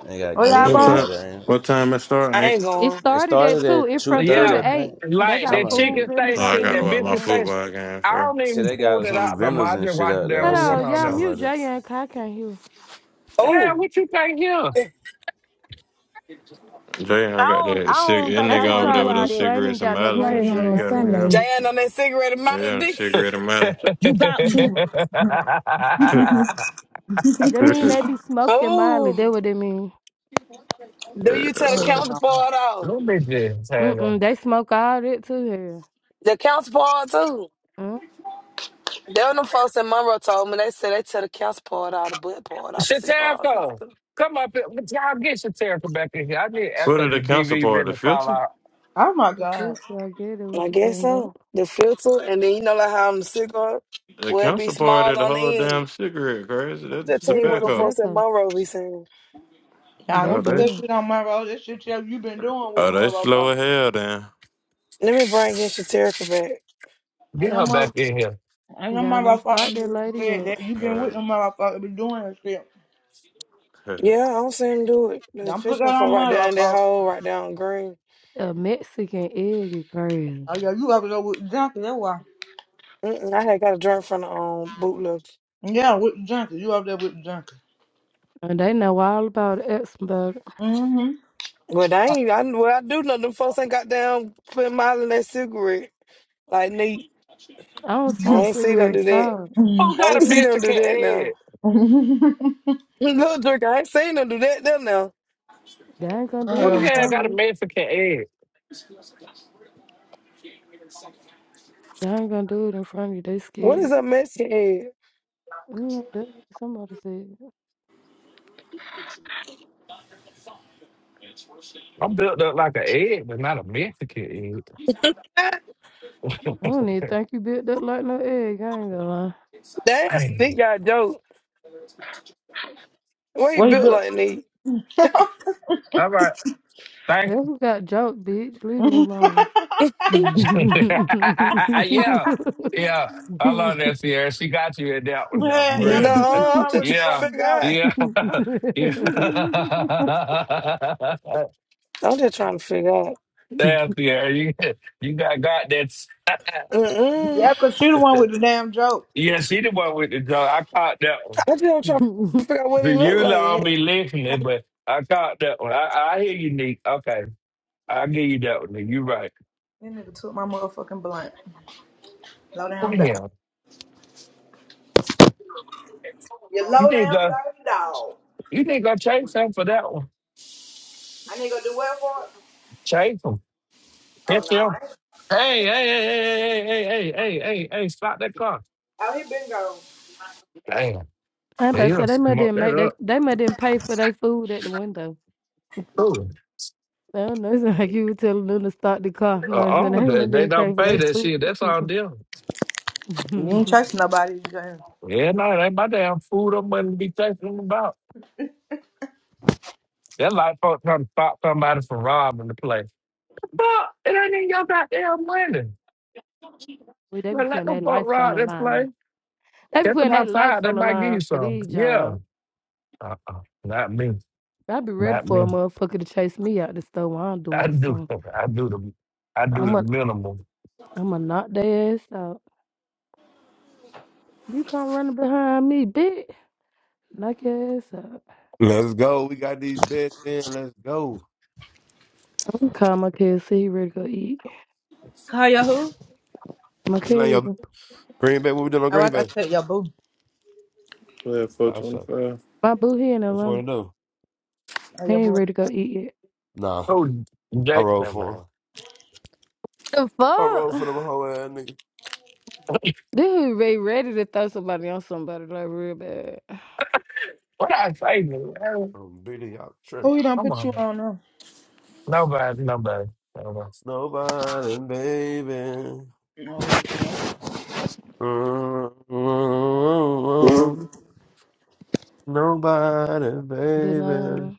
Speaker 11: They got
Speaker 3: Oh
Speaker 7: Oh,
Speaker 3: y'all
Speaker 7: this
Speaker 11: King
Speaker 6: What
Speaker 11: Lee
Speaker 3: going?
Speaker 7: shit.
Speaker 11: out
Speaker 6: time?
Speaker 11: there. ain't
Speaker 6: What time it
Speaker 2: I
Speaker 6: starting?
Speaker 2: ain't
Speaker 7: It
Speaker 2: going.
Speaker 11: It It
Speaker 7: started at
Speaker 11: started
Speaker 7: two.
Speaker 11: at
Speaker 7: It
Speaker 11: two
Speaker 5: Well,
Speaker 7: from two
Speaker 11: thirty, I
Speaker 5: yeah,
Speaker 7: to eight.
Speaker 11: think,
Speaker 7: They
Speaker 5: like
Speaker 7: got
Speaker 5: that
Speaker 11: something like that.
Speaker 7: food
Speaker 5: chicken
Speaker 11: Yeah.
Speaker 7: vendors
Speaker 6: Oh,
Speaker 7: out
Speaker 6: I
Speaker 5: station,
Speaker 7: there and
Speaker 6: gotta
Speaker 5: that
Speaker 6: watch my
Speaker 5: biscuit
Speaker 7: everything.
Speaker 5: station.
Speaker 6: football game
Speaker 5: I
Speaker 6: for
Speaker 5: don't
Speaker 11: I see
Speaker 5: even
Speaker 11: they
Speaker 5: pull
Speaker 11: got
Speaker 5: that
Speaker 11: some
Speaker 5: out no more.
Speaker 11: vendors
Speaker 5: I
Speaker 11: and
Speaker 5: just
Speaker 11: shit
Speaker 5: wash it
Speaker 11: out
Speaker 5: down
Speaker 11: there. I
Speaker 5: with
Speaker 7: Hello,
Speaker 11: see
Speaker 5: water on
Speaker 7: y'all
Speaker 11: something
Speaker 5: now.
Speaker 7: mute
Speaker 11: like that.
Speaker 7: Jay and I can't hear.
Speaker 5: Damn,
Speaker 2: Oh,
Speaker 5: what you think here?
Speaker 6: Jay,
Speaker 12: I
Speaker 6: I got
Speaker 12: don't, I
Speaker 6: that cig-
Speaker 12: don't
Speaker 6: that
Speaker 12: think
Speaker 7: I
Speaker 12: I
Speaker 6: nigga
Speaker 7: just
Speaker 6: over
Speaker 12: want to
Speaker 7: tried
Speaker 6: there
Speaker 12: do
Speaker 7: to
Speaker 6: with
Speaker 12: all
Speaker 6: those
Speaker 7: mute you.
Speaker 12: that
Speaker 7: I ain't even
Speaker 6: cigarettes and
Speaker 7: got no
Speaker 6: mileage and
Speaker 7: green
Speaker 12: worrying
Speaker 6: shit.
Speaker 7: bean.
Speaker 12: on a
Speaker 6: You
Speaker 7: I
Speaker 6: got me
Speaker 7: couldn't even
Speaker 6: on.
Speaker 12: Sunday.
Speaker 7: mute
Speaker 2: Jane on that cigarette and Mountain
Speaker 6: Yeah,
Speaker 2: D.
Speaker 6: cigarette and mileage.
Speaker 12: You about
Speaker 7: you.
Speaker 12: to?
Speaker 7: That mean
Speaker 6: what
Speaker 7: they be smoking mildly.
Speaker 2: Oh,
Speaker 7: That what they mean.
Speaker 2: do you tell the
Speaker 3: Oh no.
Speaker 2: counterpart off?
Speaker 5: Little bit just
Speaker 7: Mm-mm, they smoke all that too here.
Speaker 2: The counterpart too.
Speaker 7: Mm,
Speaker 2: There were them folks in Monroe told me they said they tell the council poured out the butt poured out the cigars and
Speaker 5: Shatarica,
Speaker 2: stuff.
Speaker 5: come up here. But Y'all get Shatarica back in here. I need to ask her
Speaker 6: are
Speaker 5: the
Speaker 6: the
Speaker 5: DV
Speaker 6: counterpart? The
Speaker 5: really fall
Speaker 6: filter?
Speaker 5: out.
Speaker 3: Oh, my
Speaker 7: That is too,
Speaker 3: god.
Speaker 7: so I get it
Speaker 2: I
Speaker 7: what you
Speaker 2: guess
Speaker 7: talking about.
Speaker 2: so. The filter and then you know like how on the cigar
Speaker 6: The
Speaker 2: will be
Speaker 6: counterpart
Speaker 2: small
Speaker 6: of the
Speaker 2: on the
Speaker 6: whole
Speaker 2: end.
Speaker 6: damn cigarette, crazy.
Speaker 2: I'm
Speaker 6: That's
Speaker 2: just tell
Speaker 7: That
Speaker 2: you
Speaker 7: is
Speaker 2: what them
Speaker 6: tobacco.
Speaker 2: folks at
Speaker 7: tobacco.
Speaker 2: Monroe be saying.
Speaker 3: Y'all
Speaker 7: They
Speaker 3: gonna
Speaker 6: Oh,
Speaker 3: put
Speaker 6: they.
Speaker 3: that
Speaker 7: done.
Speaker 3: shit on my road. That shit yeah, you been doing with
Speaker 6: Oh,
Speaker 3: the
Speaker 6: they slow
Speaker 3: motherfucker.
Speaker 6: as hell then?
Speaker 2: Let me bring in Shaterica back.
Speaker 5: Get
Speaker 3: And know
Speaker 5: her
Speaker 3: mother
Speaker 5: back in here.
Speaker 3: I know
Speaker 7: Y'all don't start
Speaker 3: motherfucker
Speaker 7: that
Speaker 3: been-
Speaker 7: lady
Speaker 3: said
Speaker 7: up.
Speaker 3: that you been with
Speaker 6: Uh,
Speaker 3: the motherfucker been doing that shit.
Speaker 2: Yeah, I don't see him do it. There's
Speaker 3: Don't put
Speaker 2: just
Speaker 3: that
Speaker 2: them folk
Speaker 3: on
Speaker 2: right
Speaker 3: my
Speaker 2: there in that
Speaker 3: motherfucker.
Speaker 2: hole right down green.
Speaker 7: A Mexican egg is crazy.
Speaker 3: Oh yeah, you up there with the junkie, that's why.
Speaker 2: Mm-mm, I had got a drink from the um bootleg.
Speaker 3: Yeah, with the junkie. You up there with the junkie.
Speaker 7: And they know all about it. Ask 'em about it.
Speaker 3: Mm-hmm.
Speaker 2: But I ain't I well I do know them folks ain't got down putting miles in that cigarette. Like neat.
Speaker 7: I don't
Speaker 2: I
Speaker 7: smoke
Speaker 2: ain't see them do
Speaker 7: cigarettes.
Speaker 2: that.
Speaker 7: Stop.
Speaker 5: Who
Speaker 2: I
Speaker 5: got
Speaker 2: ain't
Speaker 5: a
Speaker 2: seen them do
Speaker 5: Mexican
Speaker 2: that
Speaker 5: egg?
Speaker 2: now. Little jerk, I ain't seen them do that them now.
Speaker 7: They ain't gonna do it
Speaker 5: Who
Speaker 3: Hell
Speaker 7: in
Speaker 5: the
Speaker 3: no.
Speaker 5: hell
Speaker 7: front of
Speaker 5: got a
Speaker 7: you.
Speaker 5: Mexican egg?
Speaker 7: They ain't gonna do it in front of you. They
Speaker 2: What is
Speaker 7: scared.
Speaker 2: a Mexican head?
Speaker 7: Mm, that what somebody said.
Speaker 5: I'm built up like an egg, but not a Mexican egg.
Speaker 2: God
Speaker 7: I don't even think you built that like no egg. I ain't gonna lie.
Speaker 2: damn,
Speaker 5: Damn.
Speaker 2: Nick got joke. Why he
Speaker 3: Wait
Speaker 2: built
Speaker 3: up.
Speaker 2: like Nick?
Speaker 5: All right. Thank
Speaker 7: That was got joke, bitch. Leave me
Speaker 3: yeah,
Speaker 7: alone.
Speaker 5: yeah. Yeah. I love that, Sierra. She got you in that one, though, for
Speaker 3: yeah,
Speaker 5: real.
Speaker 3: 'cause you the
Speaker 2: No, I'm
Speaker 3: one with
Speaker 2: just
Speaker 3: the
Speaker 2: trying to
Speaker 5: Yeah.
Speaker 3: fucking
Speaker 2: figure
Speaker 3: dog.
Speaker 2: out.
Speaker 5: Yeah. yeah.
Speaker 2: I'm just trying to figure out.
Speaker 5: Nasty, you you got got that. s-
Speaker 2: Mm-mm.
Speaker 3: Yeah, cause she the one
Speaker 5: uh,
Speaker 3: with the damn joke.
Speaker 5: Yeah, she the one with the dog. I caught that one.
Speaker 2: I just am trying to figure out what
Speaker 5: The
Speaker 2: he look
Speaker 5: you
Speaker 2: like.
Speaker 5: don't be
Speaker 2: Hell.
Speaker 5: listening, but I caught that one. I, I hear you, Nick. Okay, I give you that one. Nick. You right.
Speaker 3: That nigga took my motherfucking blunt. Low down dog.
Speaker 5: Damn,
Speaker 3: You
Speaker 5: you
Speaker 3: low
Speaker 5: think
Speaker 3: down
Speaker 5: I
Speaker 3: dirty dog.
Speaker 5: you think I chase him for that one?
Speaker 3: I need to go do what for it.
Speaker 5: Chase him,
Speaker 3: Oh
Speaker 5: hit
Speaker 3: no,
Speaker 5: him.
Speaker 3: I ain't.
Speaker 5: Hey, hey, hey, hey, hey, hey, hey, hey, hey, hey! hey, Stop that car!
Speaker 3: Oh, he been gone.
Speaker 5: Damn,
Speaker 7: I'm about
Speaker 5: they
Speaker 7: to say
Speaker 5: gonna
Speaker 7: they might
Speaker 5: smoke
Speaker 7: didn't
Speaker 5: that
Speaker 7: make they
Speaker 5: up.
Speaker 7: they might didn't pay for their food at the window.
Speaker 5: Ooh.
Speaker 7: I don't know. It's like you were telling them to start the car. No,
Speaker 5: Uh
Speaker 7: I'm saying
Speaker 5: oh,
Speaker 7: they
Speaker 5: they,
Speaker 7: might
Speaker 5: they
Speaker 7: didn't pay
Speaker 5: don't
Speaker 7: for
Speaker 5: pay
Speaker 7: their
Speaker 5: that
Speaker 7: food.
Speaker 5: shit. That's on them.
Speaker 3: You ain't chasing nobody. You going
Speaker 5: Yeah, no, it ain't my damn food. I'm gonna be chasing them That like folk trying to stop somebody from robbing the place. But it ain't in your goddamn money.
Speaker 7: We they be
Speaker 5: But let
Speaker 7: putting
Speaker 5: them
Speaker 7: their
Speaker 5: fuck
Speaker 7: life on
Speaker 5: rob
Speaker 7: the
Speaker 5: this place.
Speaker 7: line. They be
Speaker 5: Get them
Speaker 7: putting their life
Speaker 5: outside. They
Speaker 7: on the
Speaker 5: might give you
Speaker 7: line for
Speaker 5: some.
Speaker 7: these
Speaker 5: Yeah.
Speaker 7: jobs.
Speaker 5: Uh-uh. Not me.
Speaker 7: I'd be ready
Speaker 5: Not
Speaker 7: for a
Speaker 5: me.
Speaker 7: motherfucker to chase me out the store while I'm
Speaker 5: I
Speaker 7: doing
Speaker 5: do.
Speaker 7: something.
Speaker 5: I do the. I do the minimum.
Speaker 7: I'ma knock their ass out. You come running behind me, bitch. Knock your ass out.
Speaker 13: Let's go. We got these bets in. Let's go.
Speaker 7: I'm calling my kid, see he ready to go eat.
Speaker 3: Call your who?
Speaker 7: My
Speaker 13: You like your
Speaker 7: cousin,
Speaker 13: Green Bay? What we doing on
Speaker 3: Oh, I
Speaker 13: Green
Speaker 3: thought
Speaker 13: Bay?
Speaker 3: you said your boo.
Speaker 6: yeah,
Speaker 13: I saw.
Speaker 6: 425.
Speaker 7: my boo here in
Speaker 13: What you
Speaker 7: Atlanta.
Speaker 13: want to do?
Speaker 3: Oh,
Speaker 7: He
Speaker 3: your
Speaker 7: ain't
Speaker 3: boo.
Speaker 7: ready to go eat yet.
Speaker 13: Nah,
Speaker 5: Oh,
Speaker 13: I
Speaker 5: Jake,
Speaker 13: rolled
Speaker 5: that
Speaker 13: for him.
Speaker 5: man.
Speaker 7: The
Speaker 13: I rolled for
Speaker 7: fuck?
Speaker 13: them whole ass nigga.
Speaker 7: This is ready, ready to throw somebody on somebody like real bad.
Speaker 5: What I say, man?
Speaker 13: I'm beating y'all tripping.
Speaker 3: Who you don't
Speaker 5: Come
Speaker 3: put
Speaker 5: on,
Speaker 3: you
Speaker 5: man.
Speaker 3: on now?
Speaker 5: Nobody. Nobody. Nobody.
Speaker 13: Nobody, baby.
Speaker 3: No.
Speaker 13: mm Nobody,
Speaker 7: But nah,
Speaker 13: baby.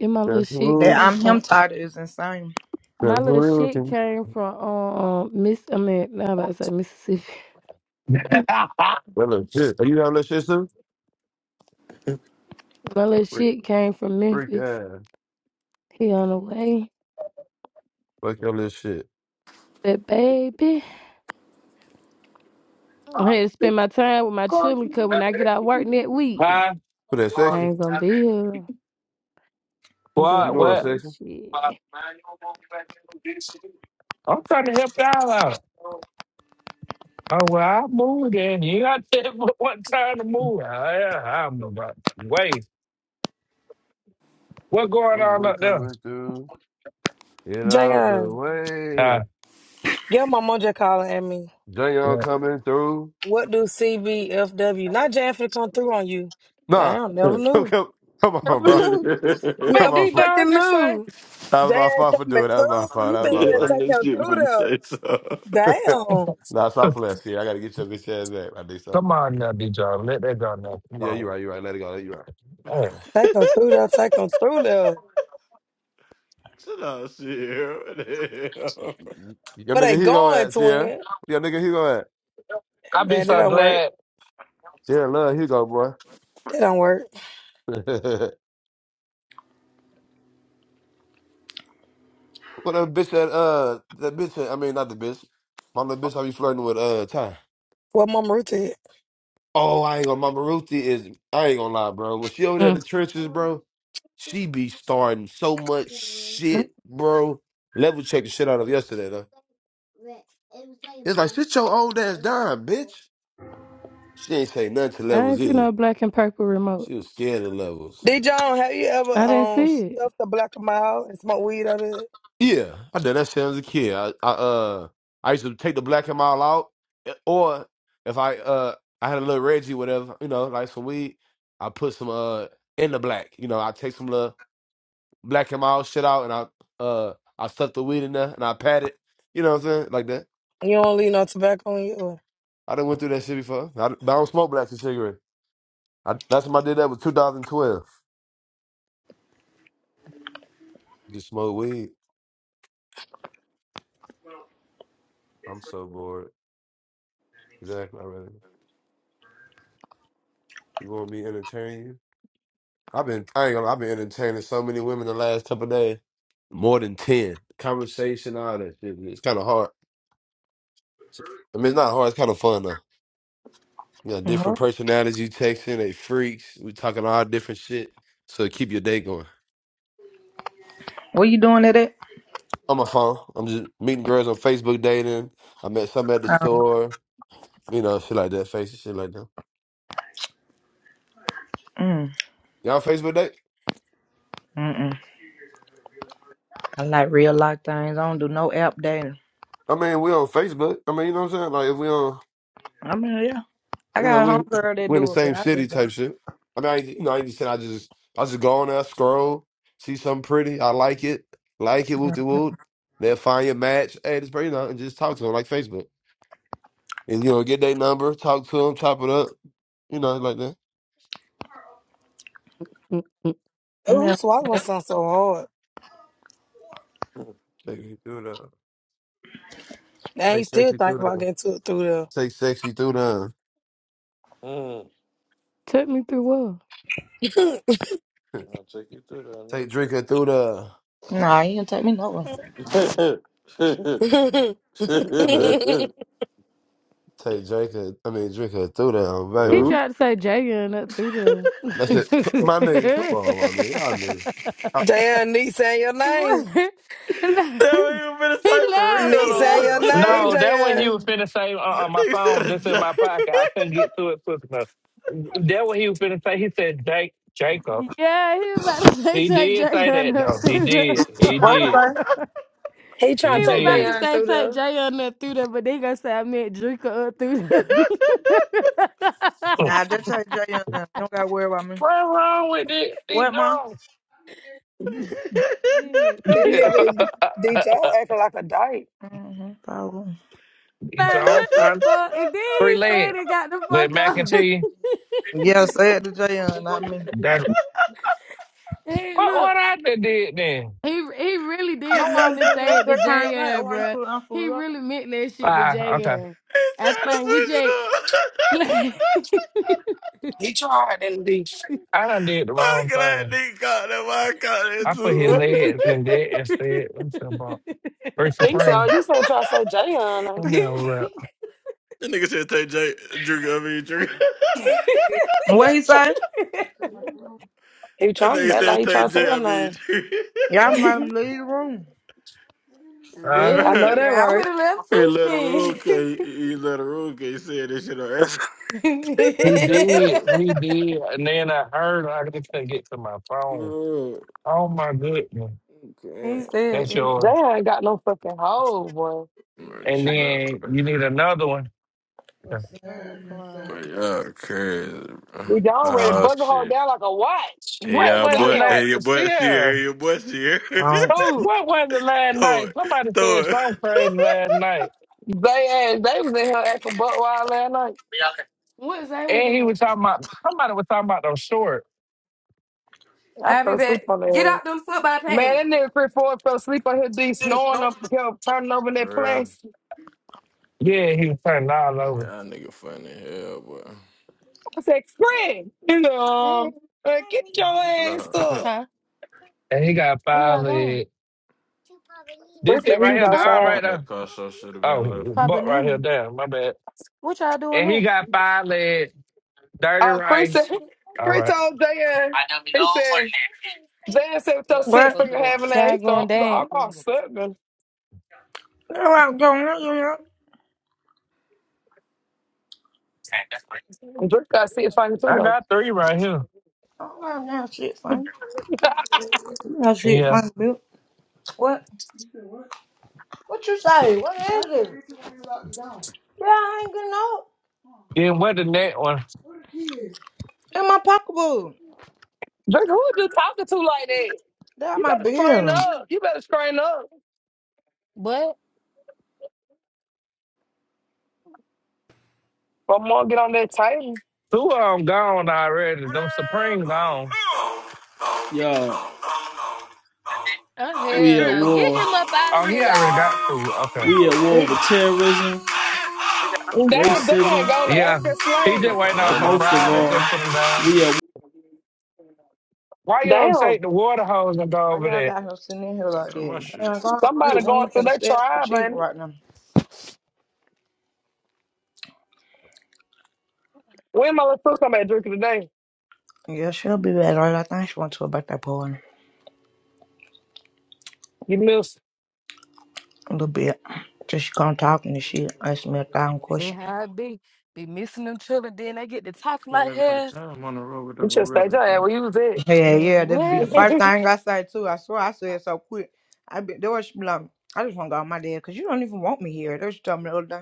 Speaker 7: and my little
Speaker 13: That's
Speaker 7: shit
Speaker 3: That
Speaker 13: who.
Speaker 7: came
Speaker 3: I'm him
Speaker 7: from
Speaker 3: title is insane.
Speaker 7: my
Speaker 13: That's
Speaker 7: little
Speaker 13: who you
Speaker 7: shit
Speaker 13: can.
Speaker 7: came from um Miss I mean now about to say Mississippi.
Speaker 13: That little shit. Are you having that shit soon?
Speaker 7: My little
Speaker 13: Freak,
Speaker 7: shit came from
Speaker 13: freak
Speaker 7: Memphis.
Speaker 13: ass.
Speaker 7: He on the way.
Speaker 13: Fuck your little shit.
Speaker 7: But baby. I had to spend my time with my children because when I get out work next week,
Speaker 5: Huh?
Speaker 13: For that
Speaker 7: I
Speaker 13: section.
Speaker 7: ain't gonna be here. I'm be
Speaker 13: You
Speaker 7: there
Speaker 5: What?
Speaker 7: with
Speaker 5: What?
Speaker 13: going
Speaker 7: all
Speaker 13: section?
Speaker 7: this shit.
Speaker 5: I'm trying to help y'all out. Oh well, I moved in. You got to but what time to move? I, yeah, I don't know about. Wait, what going
Speaker 13: I'm
Speaker 5: on
Speaker 13: going
Speaker 5: up there?
Speaker 13: coming through. Get out the
Speaker 2: Jayon,
Speaker 5: Uh,
Speaker 13: way.
Speaker 2: get my mojo calling at me.
Speaker 13: Jayon
Speaker 5: what?
Speaker 13: coming through.
Speaker 2: What do CBFW? Not Jan finna come through on you.
Speaker 13: Nah,
Speaker 2: Damn, never
Speaker 13: come,
Speaker 2: knew.
Speaker 13: come, come on,
Speaker 2: Never
Speaker 13: bro.
Speaker 2: knew.
Speaker 13: Come
Speaker 5: What
Speaker 2: Never
Speaker 5: did
Speaker 13: on.
Speaker 5: y'all
Speaker 2: fucking
Speaker 5: just say?
Speaker 2: knew.
Speaker 13: That was
Speaker 2: Jay
Speaker 13: my
Speaker 2: ain't
Speaker 13: fault for doing. it.
Speaker 2: coming
Speaker 13: That was my
Speaker 2: through.
Speaker 13: fault.
Speaker 2: You
Speaker 13: That
Speaker 2: finna
Speaker 6: yeah,
Speaker 13: was
Speaker 2: gonna
Speaker 6: I'm
Speaker 13: my
Speaker 2: take
Speaker 6: just
Speaker 2: him
Speaker 6: shit
Speaker 2: through
Speaker 6: finna say
Speaker 2: there.
Speaker 6: so.
Speaker 13: fault.
Speaker 2: Damn.
Speaker 13: nah, stop playing. See, I gotta get your bitch ass back. I do so.
Speaker 5: Come on now, did y'all let that go now? Come
Speaker 13: Yeah, you
Speaker 5: on.
Speaker 13: right. You right. Let it go. Let it, You right.
Speaker 5: Hey.
Speaker 2: Take him through there. Take him through there.
Speaker 6: Shut up, shit.
Speaker 13: Your
Speaker 2: Where
Speaker 13: nigga
Speaker 2: they
Speaker 13: Hugo
Speaker 2: going,
Speaker 13: at Sierra.
Speaker 2: twin?
Speaker 13: Your nigga Hugo at
Speaker 2: Hey,
Speaker 5: I'd be
Speaker 2: Man, that
Speaker 5: so
Speaker 2: don't work.
Speaker 5: glad.
Speaker 13: Sierra. Love Hugo, boy.
Speaker 2: That don't work.
Speaker 13: what that bitch that uh that bitch that, I mean not the bitch. My little bitch I be flirting with uh Ty.
Speaker 2: What Mama Ruth did.
Speaker 13: Oh, I ain't gonna. Mama Ruthie is. I ain't gonna lie, bro. When she over there in the
Speaker 7: Mm.
Speaker 13: trenches, bro, she be starting so much
Speaker 7: Mm.
Speaker 13: shit, bro. Level checked the shit out of yesterday, though. It's like sit your old ass down, bitch. She ain't say nothing to
Speaker 7: I
Speaker 13: levels
Speaker 7: didn't see
Speaker 13: either.
Speaker 7: no black and purple remote.
Speaker 13: She was scared of levels.
Speaker 2: D. John, have you ever
Speaker 7: I didn't
Speaker 2: um
Speaker 7: see it.
Speaker 2: stuffed a black mile and smoked weed out of it?
Speaker 13: Yeah, I done that shit as a kid. I, I uh, I used to take the black and mild out, eh, or if I uh, I had a little Reggie, whatever, you know, like some weed. I put some uh in the black, you know. I take some love. black him out, shit out, and I uh I stuffed the weed in there and I patted. You know what I'm saying? Like that.
Speaker 2: You don't leave no tobacco in you. Ooh,
Speaker 13: I done went through that shit before. I, d- but I don't smoke black and cigarette. I, last time I did that was 2012. Just smoke weed. I'm so bored. Exactly. I really. You want me entertaining you? I've been I ain't gonna, I've been entertaining so many women the last couple of days. More than ten. Conversation, all that shit. It's kinda hard. I mean it's not hard, it's kinda fun though. You got different
Speaker 3: Mhm.
Speaker 13: personalities you texting, they freaks. We talking all different shit. So keep your day going.
Speaker 3: What you doing at it?
Speaker 13: on my phone. I'm just meeting girls on Facebook dating. I met some at the
Speaker 3: Um,
Speaker 13: store, you know, shit like that, face shit like that.
Speaker 3: mm,
Speaker 13: Y'all Facebook date?
Speaker 3: mm-mm. I like real life things. I don't do no app dating.
Speaker 13: I mean, we on Facebook. I mean, you know what I'm saying? Like if we on,
Speaker 3: I mean, yeah. I
Speaker 13: you know,
Speaker 3: got a
Speaker 13: we
Speaker 3: homegirl that
Speaker 13: we in the
Speaker 3: do it, but
Speaker 13: same
Speaker 3: I
Speaker 13: city
Speaker 3: just
Speaker 13: type shit. I mean, I, ain't- you know, I ain't just saying I just I just go on there, scroll, see something pretty, I like it, like it, whoop de whoop. Then find your match. Hey, this pretty, you know, and just talk to them like Facebook. And you know, get their number, talk to them, chop it up, you know, like that.
Speaker 7: Mm-mm.
Speaker 2: who
Speaker 3: don't.
Speaker 2: swallowing something so hard?
Speaker 13: Take you through the,
Speaker 2: Dang,
Speaker 13: take
Speaker 2: you still
Speaker 13: sexy
Speaker 2: think
Speaker 13: through
Speaker 2: about
Speaker 13: the,
Speaker 2: getting to it through there.
Speaker 13: take sexy through the.
Speaker 6: What the hell?
Speaker 7: Took me through what?
Speaker 6: I'll take you through
Speaker 13: Take drinker through the.
Speaker 3: Nah, you didn't take me nowhere.
Speaker 6: that, nigga.
Speaker 13: I know that. Take drinker. I mean drinker through the um,
Speaker 7: He
Speaker 13: baby.
Speaker 6: Who?
Speaker 7: tried to say Jada and that through the.
Speaker 13: That's it. My nigga, come on, my nigga, y'all nigga.
Speaker 2: JL need saying your name.
Speaker 7: what? No. he laughed.
Speaker 2: Nick
Speaker 7: He
Speaker 2: saying your
Speaker 7: laughed.
Speaker 2: name,
Speaker 5: No, that what he was
Speaker 2: Jayon.
Speaker 5: finna say. Uh, uh my phone just in my pocket. I couldn't get to it quick enough. That what he was finna say. He said, "Jake, Jacob."
Speaker 7: yeah, he was about to
Speaker 5: He
Speaker 7: say Jay
Speaker 5: did
Speaker 7: Jay
Speaker 5: say
Speaker 7: and
Speaker 5: that
Speaker 7: that
Speaker 5: though. He
Speaker 7: through the.
Speaker 5: did. He
Speaker 3: What you
Speaker 5: did.
Speaker 3: say?
Speaker 2: He
Speaker 5: He
Speaker 2: trying
Speaker 7: He
Speaker 2: to
Speaker 7: was
Speaker 2: take
Speaker 7: about
Speaker 5: did.
Speaker 7: to
Speaker 2: Jayon
Speaker 7: say
Speaker 2: through
Speaker 7: take
Speaker 2: there.
Speaker 7: Jay on there through there, but they gonna say I meant Drinker up through there.
Speaker 5: What's
Speaker 3: Nah, just tell Jayon. You don't gotta worry about me.
Speaker 5: wrong with it, D
Speaker 3: What, ma?
Speaker 7: Shit.
Speaker 5: Jones?
Speaker 2: That nigga D Joe acting like a dyke.
Speaker 3: Mm-hmm, probably.
Speaker 5: D
Speaker 7: like
Speaker 5: Jones
Speaker 7: what the
Speaker 5: trying
Speaker 7: fuck? And then
Speaker 5: three
Speaker 7: he said
Speaker 5: leg
Speaker 7: he got the
Speaker 5: with
Speaker 7: fuck
Speaker 5: mac and
Speaker 7: up.
Speaker 5: cheese.
Speaker 3: Yeah, say it to Jayon, not me.
Speaker 5: That
Speaker 7: hey,
Speaker 5: what
Speaker 7: look,
Speaker 5: what I done did then?
Speaker 7: he he really
Speaker 3: No,
Speaker 7: did
Speaker 3: I
Speaker 7: mean
Speaker 3: not
Speaker 7: to
Speaker 3: just
Speaker 7: say
Speaker 3: right
Speaker 7: it to
Speaker 3: there came back.
Speaker 7: JN,
Speaker 3: Why you
Speaker 7: bruh.
Speaker 3: put
Speaker 7: He
Speaker 3: Uncle up?
Speaker 7: really meant that shit to
Speaker 5: Ah, okay.
Speaker 7: JN. I
Speaker 6: trying to
Speaker 7: think we
Speaker 6: switch it
Speaker 7: J.
Speaker 6: up.
Speaker 2: He tried and D.
Speaker 5: I done did the
Speaker 6: I'm
Speaker 5: wrong
Speaker 6: glad
Speaker 5: thing.
Speaker 6: nigga caught that. Why I caught that
Speaker 5: I put his
Speaker 6: too.
Speaker 5: legs in there instead. What's that about? Three
Speaker 2: Nick said, oh,
Speaker 5: Supreme.
Speaker 2: you said try to say Jayon.
Speaker 5: Come here, rep.
Speaker 6: that nigga said take J, drink, I mean drink.
Speaker 3: What he say?
Speaker 2: He
Speaker 6: that
Speaker 2: trying
Speaker 6: nigga
Speaker 2: to act like
Speaker 6: said
Speaker 2: he
Speaker 6: take
Speaker 2: trying to say
Speaker 6: J,
Speaker 2: your
Speaker 6: I mean
Speaker 2: name.
Speaker 6: drink.
Speaker 3: Y'all made him leave the room.
Speaker 5: Huh?
Speaker 2: I know
Speaker 6: Bruh.
Speaker 2: that
Speaker 7: Yeah, I
Speaker 2: right.
Speaker 7: would have left
Speaker 6: He let her roll,
Speaker 7: sushi.
Speaker 6: okay. He let her roll, okay. He said this shit on ass.
Speaker 5: He did. He did. And then I heard I just couldn't get to my phone.
Speaker 6: Bruh.
Speaker 5: Oh my goodness.
Speaker 7: he
Speaker 6: Okay.
Speaker 7: said
Speaker 5: That's
Speaker 7: that.
Speaker 5: yours.
Speaker 2: Jayon ain't got no fucking hole, boy.
Speaker 6: Bro,
Speaker 5: And
Speaker 6: chill out,
Speaker 5: then
Speaker 6: bro.
Speaker 5: you need another one.
Speaker 7: I'm crying.
Speaker 6: But y'all crazy, bro.
Speaker 2: We done ready to
Speaker 6: Oh,
Speaker 2: bugger her
Speaker 6: shit.
Speaker 2: down like a watch.
Speaker 6: Hey
Speaker 5: What
Speaker 2: God
Speaker 6: y'all
Speaker 5: was the
Speaker 6: boy,
Speaker 2: damn.
Speaker 6: hey your
Speaker 5: last
Speaker 6: boy Sierra,
Speaker 5: Sierra?
Speaker 6: hey your boy Sierra.
Speaker 3: Oh.
Speaker 2: Ooh.
Speaker 5: What was the last
Speaker 6: throw
Speaker 5: night?
Speaker 6: it,
Speaker 5: Somebody
Speaker 6: throw
Speaker 5: said
Speaker 6: it.
Speaker 5: something crazy last night.
Speaker 2: They, ass- they was in here acting butt wild last night.
Speaker 7: What is that we
Speaker 5: And he
Speaker 7: doing?
Speaker 5: was talking about somebody was talking about them short.
Speaker 2: I
Speaker 7: I'll be
Speaker 2: fell
Speaker 7: back.
Speaker 2: asleep on their
Speaker 7: Get
Speaker 2: ass.
Speaker 7: out them football pants.
Speaker 2: Man, that nigga Chris Ford fell asleep on his D snoring up, kept turning over in that
Speaker 6: For real.
Speaker 2: place.
Speaker 5: Yeah, he was turning all
Speaker 6: Boy,
Speaker 5: over.
Speaker 6: y'all nigga funny as hell, boy.
Speaker 2: I said, Chris, you
Speaker 7: Hey.
Speaker 2: know, uh, get your ass
Speaker 6: Look,
Speaker 2: up.
Speaker 6: damn,
Speaker 7: Huh?
Speaker 5: And he got
Speaker 7: Where
Speaker 5: five
Speaker 7: y'all going?
Speaker 5: legs.
Speaker 2: Chris
Speaker 5: This it
Speaker 2: said he
Speaker 5: right
Speaker 2: was
Speaker 5: here, the
Speaker 7: Huh?
Speaker 5: arm
Speaker 2: outside.
Speaker 5: right there.
Speaker 6: that car show should have
Speaker 5: Oh,
Speaker 6: been later.
Speaker 5: butt right here,
Speaker 7: Pabanini.
Speaker 5: down. My bad.
Speaker 7: What y'all doing
Speaker 5: And he
Speaker 7: there?
Speaker 5: got five legs, dirty
Speaker 2: Oh, Chris said,
Speaker 5: rice. All
Speaker 2: Chris
Speaker 5: right.
Speaker 2: told Jan, he said, Jan said, with your
Speaker 7: Yo,
Speaker 2: six
Speaker 3: What?
Speaker 7: close the
Speaker 2: finger
Speaker 7: door.
Speaker 2: having that, he
Speaker 7: Y'all
Speaker 2: said,
Speaker 7: going
Speaker 2: I'm
Speaker 7: dance. Close
Speaker 2: going
Speaker 7: the
Speaker 2: to
Speaker 7: door.
Speaker 2: suck them.
Speaker 3: What I was going on, you know?
Speaker 2: Drake got six fingers too,
Speaker 5: I
Speaker 2: though.
Speaker 5: got three right here.
Speaker 3: I don't got that shit funny.
Speaker 2: Drake,
Speaker 3: That shit
Speaker 5: Yeah.
Speaker 3: funny, Bill. What? What you say? What is it? Yeah, I ain't getting up.
Speaker 5: Then what the next one?
Speaker 3: In my pocketbook.
Speaker 2: who are you talking to like that?
Speaker 3: That
Speaker 2: You
Speaker 3: my
Speaker 2: better strain
Speaker 3: bill.
Speaker 2: up. You better strain up.
Speaker 7: What?
Speaker 2: But more get on that table.
Speaker 5: Two of them gone already. Them Supreme gone.
Speaker 14: Yo,
Speaker 7: Oh,
Speaker 14: we
Speaker 7: hell
Speaker 14: at
Speaker 7: no. Get
Speaker 14: war.
Speaker 7: him up out of
Speaker 5: Oh,
Speaker 7: here,
Speaker 5: he already got food. Okay.
Speaker 14: We at war with
Speaker 7: y'all.
Speaker 14: terrorism,
Speaker 2: Damn, they ain't
Speaker 14: racism,
Speaker 2: going to
Speaker 5: Yeah.
Speaker 2: African
Speaker 5: He
Speaker 2: slave.
Speaker 5: just
Speaker 6: I
Speaker 5: waiting
Speaker 6: thought that
Speaker 5: on
Speaker 6: was
Speaker 14: but
Speaker 5: some
Speaker 6: my
Speaker 14: most of
Speaker 5: fried. They
Speaker 6: phone. What
Speaker 14: all,
Speaker 5: just put him
Speaker 6: the
Speaker 5: down.
Speaker 14: we at
Speaker 6: fuck?
Speaker 5: Why you don't
Speaker 2: Damn,
Speaker 5: take the water hose and go
Speaker 3: Why
Speaker 5: over
Speaker 3: y'all
Speaker 5: there?
Speaker 3: got him sitting in here
Speaker 6: thought
Speaker 3: like
Speaker 6: that was my
Speaker 3: that?
Speaker 6: shit.
Speaker 3: Damn, go on
Speaker 2: somebody
Speaker 3: mute. We
Speaker 2: going
Speaker 3: ain't
Speaker 2: through
Speaker 3: finna
Speaker 2: that
Speaker 3: stand no
Speaker 2: tribe,
Speaker 3: cheating
Speaker 2: ain't it?
Speaker 3: right now.
Speaker 2: When my little sister somebody drinking today?
Speaker 3: Yeah, she'll be back later. I think she went to a birthday party
Speaker 2: You missed.
Speaker 3: a little bit. Till she come talking and shit, ask me a thousand
Speaker 7: They
Speaker 3: questions.
Speaker 7: how it be. Be missing them children. Then they get the top
Speaker 6: Getting
Speaker 7: like
Speaker 6: it out of
Speaker 7: hell.
Speaker 6: time on the road with that
Speaker 2: You should stay
Speaker 6: gorilla.
Speaker 2: your ass where
Speaker 6: Damn,
Speaker 2: you was
Speaker 3: Yeah,
Speaker 7: Man,
Speaker 3: yeah, that'd
Speaker 2: at.
Speaker 3: be
Speaker 6: Get
Speaker 3: the
Speaker 7: what?
Speaker 6: me and
Speaker 3: first
Speaker 6: shit.
Speaker 3: thing I say too. I swear I said it so quick. I be there was she be like, I just wanna go with my dad because you don't even want me here. That's what you told me the other day.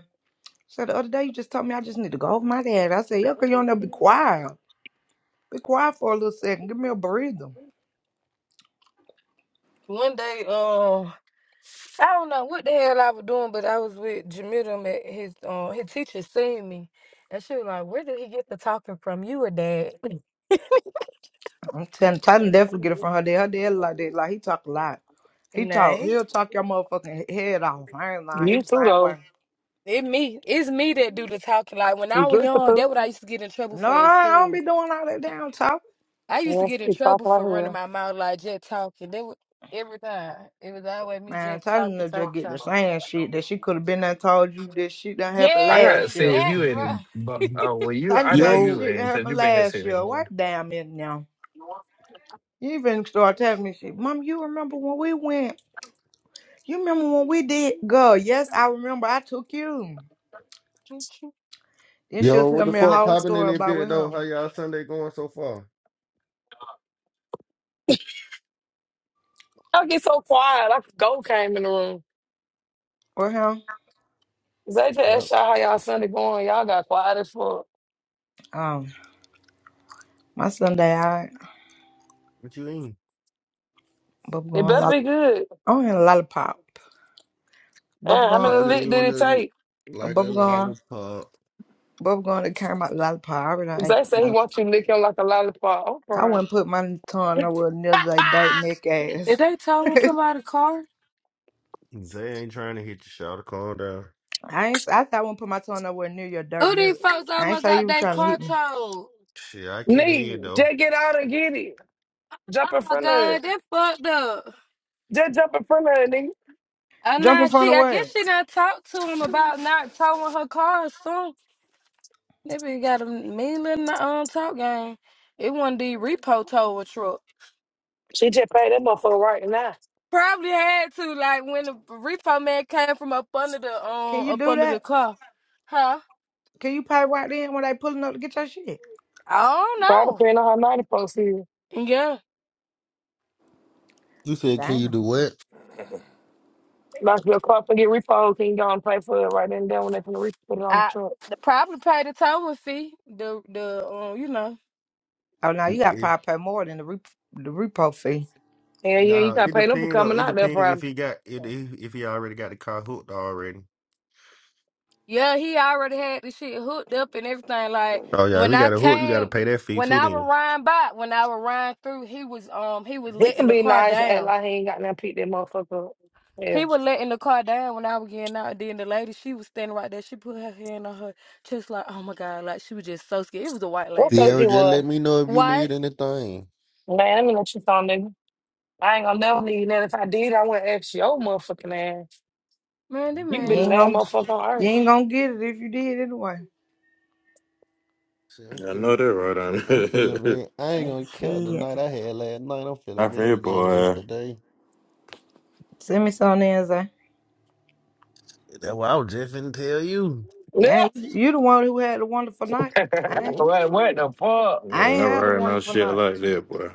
Speaker 3: So the other day you just told me I just need to go with my dad. I said, Yeah, cause you don't know be quiet. Be quiet for a little second. Give me a breather.
Speaker 7: One day, um, I don't know what the hell I was doing, but I was with Jamil at his um his teacher seen me. And she was like, Where did he get the talking from? You a dad.
Speaker 3: I'm telling Titan definitely get it from her dad. Her dad like that. Like he talk a lot. He
Speaker 7: Nah,
Speaker 3: talk
Speaker 7: he-
Speaker 3: he'll talk your motherfucking head off. I ain't lying. He
Speaker 2: you
Speaker 3: the
Speaker 2: too
Speaker 3: same
Speaker 2: though.
Speaker 3: way.
Speaker 7: it me. It's me that do the talking. Like when
Speaker 2: You
Speaker 7: I was
Speaker 2: drink the
Speaker 7: young,
Speaker 2: food.
Speaker 7: that what I used to get in trouble
Speaker 3: No,
Speaker 7: for at
Speaker 3: I I don't
Speaker 7: school.
Speaker 3: be doing all that damn talking.
Speaker 7: I used to
Speaker 2: Yes,
Speaker 7: get in
Speaker 2: it's off
Speaker 7: trouble
Speaker 2: right
Speaker 7: for running
Speaker 2: here.
Speaker 7: my mouth like just talking. That was every time. It was always me
Speaker 3: Man,
Speaker 7: just
Speaker 3: Titan
Speaker 7: talking,
Speaker 3: will
Speaker 7: talking,
Speaker 3: just get the
Speaker 7: talking.
Speaker 3: same shit that she could have been there told you this shit done happened
Speaker 5: I gotta
Speaker 7: Yes,
Speaker 3: last
Speaker 5: see
Speaker 3: year.
Speaker 5: if
Speaker 7: that
Speaker 5: you in. But
Speaker 7: bro.
Speaker 5: oh, well, you.
Speaker 3: Titan
Speaker 5: I know
Speaker 3: tell you
Speaker 15: Yo,
Speaker 5: you
Speaker 3: shit that
Speaker 5: in because
Speaker 3: happened
Speaker 5: you been here
Speaker 3: last
Speaker 5: since the
Speaker 3: year. What
Speaker 5: morning.
Speaker 3: damn it now? You even start telling me shit. Mom, you remember when we went? You remember when we did go? Yes, I remember. I took you. Then she'll
Speaker 15: yo, what
Speaker 3: tell
Speaker 15: the
Speaker 3: me a
Speaker 15: fuck
Speaker 3: whole
Speaker 15: popping in
Speaker 3: story
Speaker 15: that
Speaker 3: about
Speaker 15: bit
Speaker 3: with
Speaker 15: though? How
Speaker 3: him.
Speaker 15: y'all Sunday going so far?
Speaker 2: I get so quiet. I go came in the room.
Speaker 3: With him.
Speaker 2: Zay just
Speaker 15: Yep.
Speaker 2: asked y'all how y'all Sunday going. Y'all got quiet as fuck.
Speaker 3: Um, My Sunday, I
Speaker 15: What you eating?
Speaker 2: It
Speaker 3: bubblegum
Speaker 2: better
Speaker 3: lollipop.
Speaker 2: be good.
Speaker 3: I want a lollipop.
Speaker 2: Man, how many
Speaker 3: Bubblegum,
Speaker 15: I just
Speaker 2: lick did
Speaker 15: want
Speaker 2: it
Speaker 15: to
Speaker 2: take?
Speaker 15: like a
Speaker 3: bubblegum,
Speaker 15: lollipop.
Speaker 3: bubblegum that came out lollipop. I already done
Speaker 2: Zay
Speaker 3: ate
Speaker 2: said he wants
Speaker 3: lollipop.
Speaker 2: you to lick him like a lollipop. I'm
Speaker 3: I wouldn't put my tongue nowhere near that
Speaker 2: crying.
Speaker 3: dirt neck
Speaker 7: Did
Speaker 3: ass.
Speaker 7: they tow somebody's car?
Speaker 15: Zay ain't trying to hit you, shout to calm down.
Speaker 3: I ain't. I thought I wouldn't put my tongue nowhere near your dirt
Speaker 7: Who
Speaker 3: neck.
Speaker 7: these folks
Speaker 3: I ain't
Speaker 7: almost
Speaker 3: say you
Speaker 7: got
Speaker 3: was
Speaker 7: that
Speaker 3: trying to
Speaker 7: car
Speaker 3: hit me.
Speaker 7: towed?
Speaker 15: Shit, I can't hear it,
Speaker 2: Nigga,
Speaker 15: though.
Speaker 2: just get out and get it. Jump in
Speaker 7: Oh
Speaker 2: front of
Speaker 7: god,
Speaker 2: it.
Speaker 7: that fucked up.
Speaker 2: Just jump in front of it, nigga.
Speaker 7: Uh,
Speaker 3: Jump
Speaker 7: nah,
Speaker 3: in front
Speaker 7: she.
Speaker 3: of
Speaker 7: I guess
Speaker 3: what?
Speaker 7: she done talked to him about not towing her car or something. Maybe got a meal in the um talk game. It wasn't the repo tow a truck.
Speaker 2: She just paid that motherfucker right now.
Speaker 7: Probably had to like when the repo man came from up under the
Speaker 3: Can
Speaker 7: um
Speaker 3: you
Speaker 7: up
Speaker 3: do
Speaker 7: under the
Speaker 3: that?
Speaker 7: car, huh?
Speaker 3: Can you pay right then when they pulling up to get your shit?
Speaker 7: I don't
Speaker 2: Brought up
Speaker 7: know.
Speaker 2: in on her 90 folks here.
Speaker 7: Yeah.
Speaker 15: You said, can you
Speaker 3: Damn.
Speaker 15: do what?
Speaker 2: Knock your car up and get repoed. Can you go and pay for it right then and there when they finna re- put it on the
Speaker 7: I
Speaker 2: truck?
Speaker 7: the probably paid the towing fee. The the um, you know,
Speaker 3: Oh, now you got to
Speaker 15: If
Speaker 3: probably pay more than the rep- the repo fee.
Speaker 2: Hell yeah, you
Speaker 15: nah,
Speaker 2: gotta
Speaker 15: it
Speaker 2: pay them for
Speaker 15: depends though.
Speaker 2: coming
Speaker 15: It
Speaker 2: out there,
Speaker 15: depends if
Speaker 2: probably.
Speaker 15: he got it if, if he already got the car hooked already.
Speaker 7: yeah, he already had the shit hooked up and everything. Like
Speaker 15: Oh yeah, if
Speaker 7: when
Speaker 15: he
Speaker 7: I
Speaker 15: got a hook. You got to
Speaker 7: came,
Speaker 15: pay that fee
Speaker 7: when
Speaker 15: too
Speaker 7: I
Speaker 15: then.
Speaker 7: was riding by, when I was riding through, he was um he was
Speaker 2: He can
Speaker 7: letting the
Speaker 2: be
Speaker 7: car
Speaker 2: nice and act
Speaker 7: down.
Speaker 2: like he ain't got nothing to pick that motherfucker up. Yeah.
Speaker 7: He was letting the car down when I was getting out. Then the lady, she was standing right there. She put her hand on her chest, like, oh my god, like she was just so scared. It was a white
Speaker 2: What
Speaker 7: lady
Speaker 2: else
Speaker 15: Sierra,
Speaker 7: too.
Speaker 2: he
Speaker 15: just
Speaker 2: was?
Speaker 15: let me know if you
Speaker 7: White
Speaker 15: need anything.
Speaker 2: Man, let me let you on, nigga. I ain't gonna never leave that. If I did, I wouldn't ask your motherfucking ass.
Speaker 7: man, that
Speaker 2: You can
Speaker 3: You
Speaker 2: be the
Speaker 3: ain't
Speaker 2: last
Speaker 7: man.
Speaker 3: gonna
Speaker 2: motherfucker on
Speaker 3: you
Speaker 2: earth.
Speaker 3: ain't gonna get it if you did anyway.
Speaker 15: Shit, I'm
Speaker 6: I
Speaker 15: finna
Speaker 6: know that
Speaker 15: I'm feeling
Speaker 6: right on.
Speaker 15: very. I ain't
Speaker 3: Oh,
Speaker 15: gonna count the
Speaker 3: shit.
Speaker 15: night I had last night. I'm
Speaker 6: I
Speaker 15: feeling
Speaker 6: feel
Speaker 15: very generous
Speaker 6: boy.
Speaker 15: today.
Speaker 3: Send me some there, Zay.
Speaker 15: That's what I was just finna tell you.
Speaker 3: Yeah,
Speaker 2: Yeah.
Speaker 3: you you the one who had the wonderful night. I ain't-
Speaker 6: What?
Speaker 5: what? What
Speaker 6: I
Speaker 5: the fuck?
Speaker 3: I ain't
Speaker 6: never
Speaker 3: had a
Speaker 6: heard no
Speaker 3: wonderful
Speaker 6: shit
Speaker 3: night.
Speaker 6: like that, boy.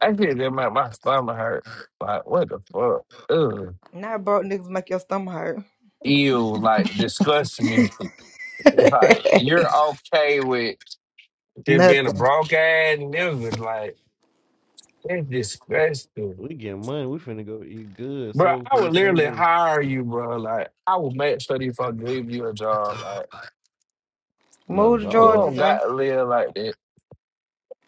Speaker 5: I shit just make my stomach hurt. Like what the fuck? Ugh.
Speaker 3: Not broke niggas make your stomach
Speaker 5: Ew. Like disgusts me. Like
Speaker 3: hurt.
Speaker 5: you're okay with it being a
Speaker 3: Nothing.
Speaker 5: broke ass nigga. Like it's disgusting.
Speaker 15: We get money. We finna go eat good.
Speaker 5: Bro,
Speaker 15: Soul
Speaker 5: I
Speaker 15: food
Speaker 5: would literally
Speaker 15: Sundays.
Speaker 5: hire you, bro. Like, I would make sure if I give you a job. Like,
Speaker 15: A
Speaker 3: Move to
Speaker 5: you
Speaker 3: Georgia,
Speaker 15: job.
Speaker 5: don't
Speaker 3: Zay.
Speaker 5: got to live like that.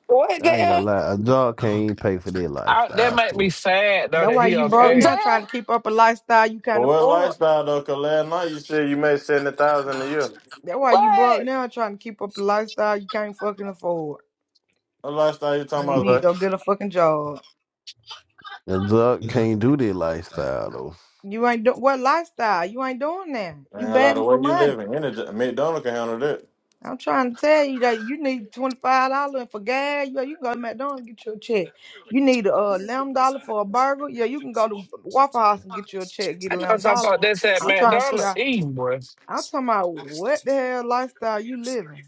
Speaker 2: What,
Speaker 15: I ain't
Speaker 2: damn?
Speaker 15: gonna lie. A job can't even pay for their
Speaker 5: I, that
Speaker 15: lifestyle.
Speaker 5: make
Speaker 15: fool.
Speaker 5: me sad though
Speaker 3: That's
Speaker 5: that
Speaker 3: why
Speaker 5: he
Speaker 3: you broke
Speaker 5: okay.
Speaker 3: now
Speaker 2: Damn.
Speaker 3: trying to keep up a lifestyle you
Speaker 6: But
Speaker 3: can't
Speaker 6: what
Speaker 3: afford.
Speaker 6: lifestyle though? Cause last night you said you made seventy thousand a year.
Speaker 3: That's why you
Speaker 2: What?
Speaker 3: broke now trying to keep up a lifestyle you can't fucking afford.
Speaker 6: What lifestyle you talking
Speaker 3: You
Speaker 6: about,
Speaker 3: need to
Speaker 6: Zay?
Speaker 3: go get a fucking job.
Speaker 15: A job can't do their lifestyle though.
Speaker 3: You ain't do- what lifestyle? You ain't doing that. You
Speaker 6: Man, a lot
Speaker 3: begging
Speaker 6: of
Speaker 3: for
Speaker 6: way you
Speaker 3: money.
Speaker 6: living. Energy, McDonald can handle that.
Speaker 3: I'm trying to tell you that you need twenty five dollars for gas. Yeah, you can go to McDonald's and get your check. You need a uh, lamb dollar for a burger. Yeah, you can go to Waffle House and get you a check, get a
Speaker 5: I
Speaker 3: lamb
Speaker 5: thought something
Speaker 3: dollar.
Speaker 5: about that's at
Speaker 3: I'm trying to figure
Speaker 5: McDonald's
Speaker 3: out.
Speaker 5: eating, boy.
Speaker 3: I'm talking about what the hell lifestyle you living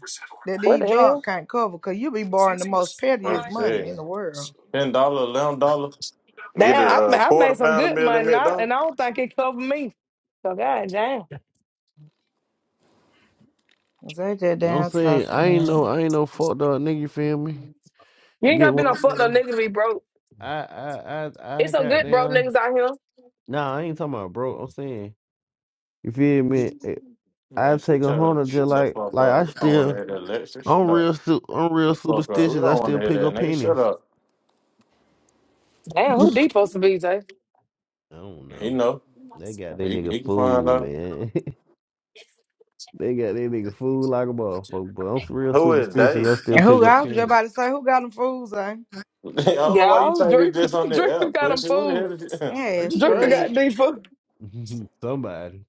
Speaker 3: that
Speaker 2: What
Speaker 3: these
Speaker 2: the
Speaker 3: jobs
Speaker 2: hell?
Speaker 3: can't cover, cause you be borrowing the most
Speaker 6: I'm
Speaker 3: pettiest
Speaker 6: telling
Speaker 3: money in
Speaker 6: you,
Speaker 3: the world.
Speaker 6: ten dollar, eleven dollar. You get
Speaker 2: Damn,
Speaker 6: a
Speaker 2: I, ma-
Speaker 6: uh,
Speaker 2: I
Speaker 6: quarter
Speaker 2: made some
Speaker 6: pound of
Speaker 2: good
Speaker 6: meal at
Speaker 2: money, and I,
Speaker 6: McDonald's.
Speaker 2: and I don't think it covered me. So god damn,
Speaker 3: Is that that
Speaker 15: I'm
Speaker 3: damn
Speaker 15: saying I
Speaker 3: talking
Speaker 15: ain't no.
Speaker 3: man?
Speaker 15: I ain't no fuck dog nigga. You feel me?
Speaker 2: you
Speaker 15: You
Speaker 2: ain't got
Speaker 15: get
Speaker 2: to be
Speaker 15: what
Speaker 2: no
Speaker 15: I'm
Speaker 2: fucked up
Speaker 15: saying?
Speaker 2: nigga to be broke.
Speaker 15: I I I
Speaker 2: It's
Speaker 15: I
Speaker 2: some
Speaker 15: got
Speaker 2: good broke
Speaker 15: down.
Speaker 2: niggas out here.
Speaker 15: Nah, I ain't talking about broke. I'm saying you feel me? I
Speaker 6: Man, she
Speaker 15: take a
Speaker 6: tell
Speaker 15: hundred
Speaker 6: shut
Speaker 15: just
Speaker 6: the
Speaker 15: like
Speaker 6: fuck
Speaker 15: like
Speaker 6: up.
Speaker 15: I
Speaker 6: We don't want to
Speaker 15: still
Speaker 6: hear that lecture. Shut
Speaker 15: I'm
Speaker 6: up.
Speaker 15: real su- I'm real
Speaker 6: Get the fuck up. We
Speaker 15: superstitious. I
Speaker 6: don't want to
Speaker 15: still
Speaker 6: hear
Speaker 15: pick
Speaker 6: that
Speaker 15: up
Speaker 6: nigga. Shut
Speaker 15: pennies.
Speaker 6: up.
Speaker 2: Damn, who D supposed to be, Jay?
Speaker 15: I don't
Speaker 6: He
Speaker 15: know.
Speaker 6: know.
Speaker 15: They got they
Speaker 6: He
Speaker 15: nigga
Speaker 6: he can find
Speaker 15: fooled,
Speaker 6: out.
Speaker 15: man. they got they nigga fooled like a motherfucker. But I'm s- real
Speaker 6: Who is
Speaker 15: superstitious.
Speaker 6: they?
Speaker 15: I still
Speaker 3: And
Speaker 15: pick
Speaker 3: who
Speaker 15: up
Speaker 3: I was just
Speaker 15: pennies.
Speaker 3: about to say who got them fools, eh?
Speaker 6: I don't know why you
Speaker 2: Y'all,
Speaker 6: think it's
Speaker 2: Drinker,
Speaker 6: just on the
Speaker 2: Drinker
Speaker 6: app,
Speaker 2: got them
Speaker 6: pussy. What the
Speaker 2: food.
Speaker 6: hell is you? Are
Speaker 3: Yeah,
Speaker 6: you
Speaker 2: Drinker
Speaker 3: shit.
Speaker 6: crazy?
Speaker 2: got D food.
Speaker 15: Somebody.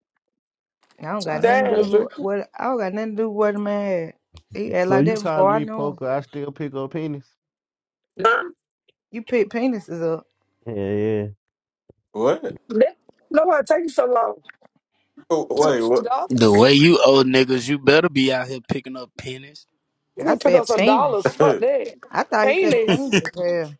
Speaker 3: I don't got
Speaker 6: Nah,
Speaker 3: nothing
Speaker 6: shut
Speaker 2: Damn,
Speaker 3: to
Speaker 6: up.
Speaker 3: do with
Speaker 2: Drinker.
Speaker 3: what I don't got nothing to do with what a man had. He act
Speaker 15: So
Speaker 3: like
Speaker 15: you
Speaker 3: that before
Speaker 15: calling
Speaker 3: I
Speaker 15: me
Speaker 3: know him.
Speaker 15: poker? I still pick up pennies.
Speaker 2: Nah,
Speaker 3: You pick penises up.
Speaker 15: Yeah, yeah.
Speaker 6: What?
Speaker 2: that, nobody take you so long. Pick
Speaker 6: Wait,
Speaker 2: up some
Speaker 6: what?
Speaker 16: The
Speaker 2: dollars.
Speaker 16: way you old niggas, you better be out here picking up pennies.
Speaker 2: You
Speaker 3: I
Speaker 2: need to pick up
Speaker 3: said
Speaker 2: some
Speaker 3: penis.
Speaker 2: dollars. Fuck
Speaker 6: you
Speaker 2: that.
Speaker 3: I thought he said
Speaker 2: Penis.
Speaker 3: penis. Yeah.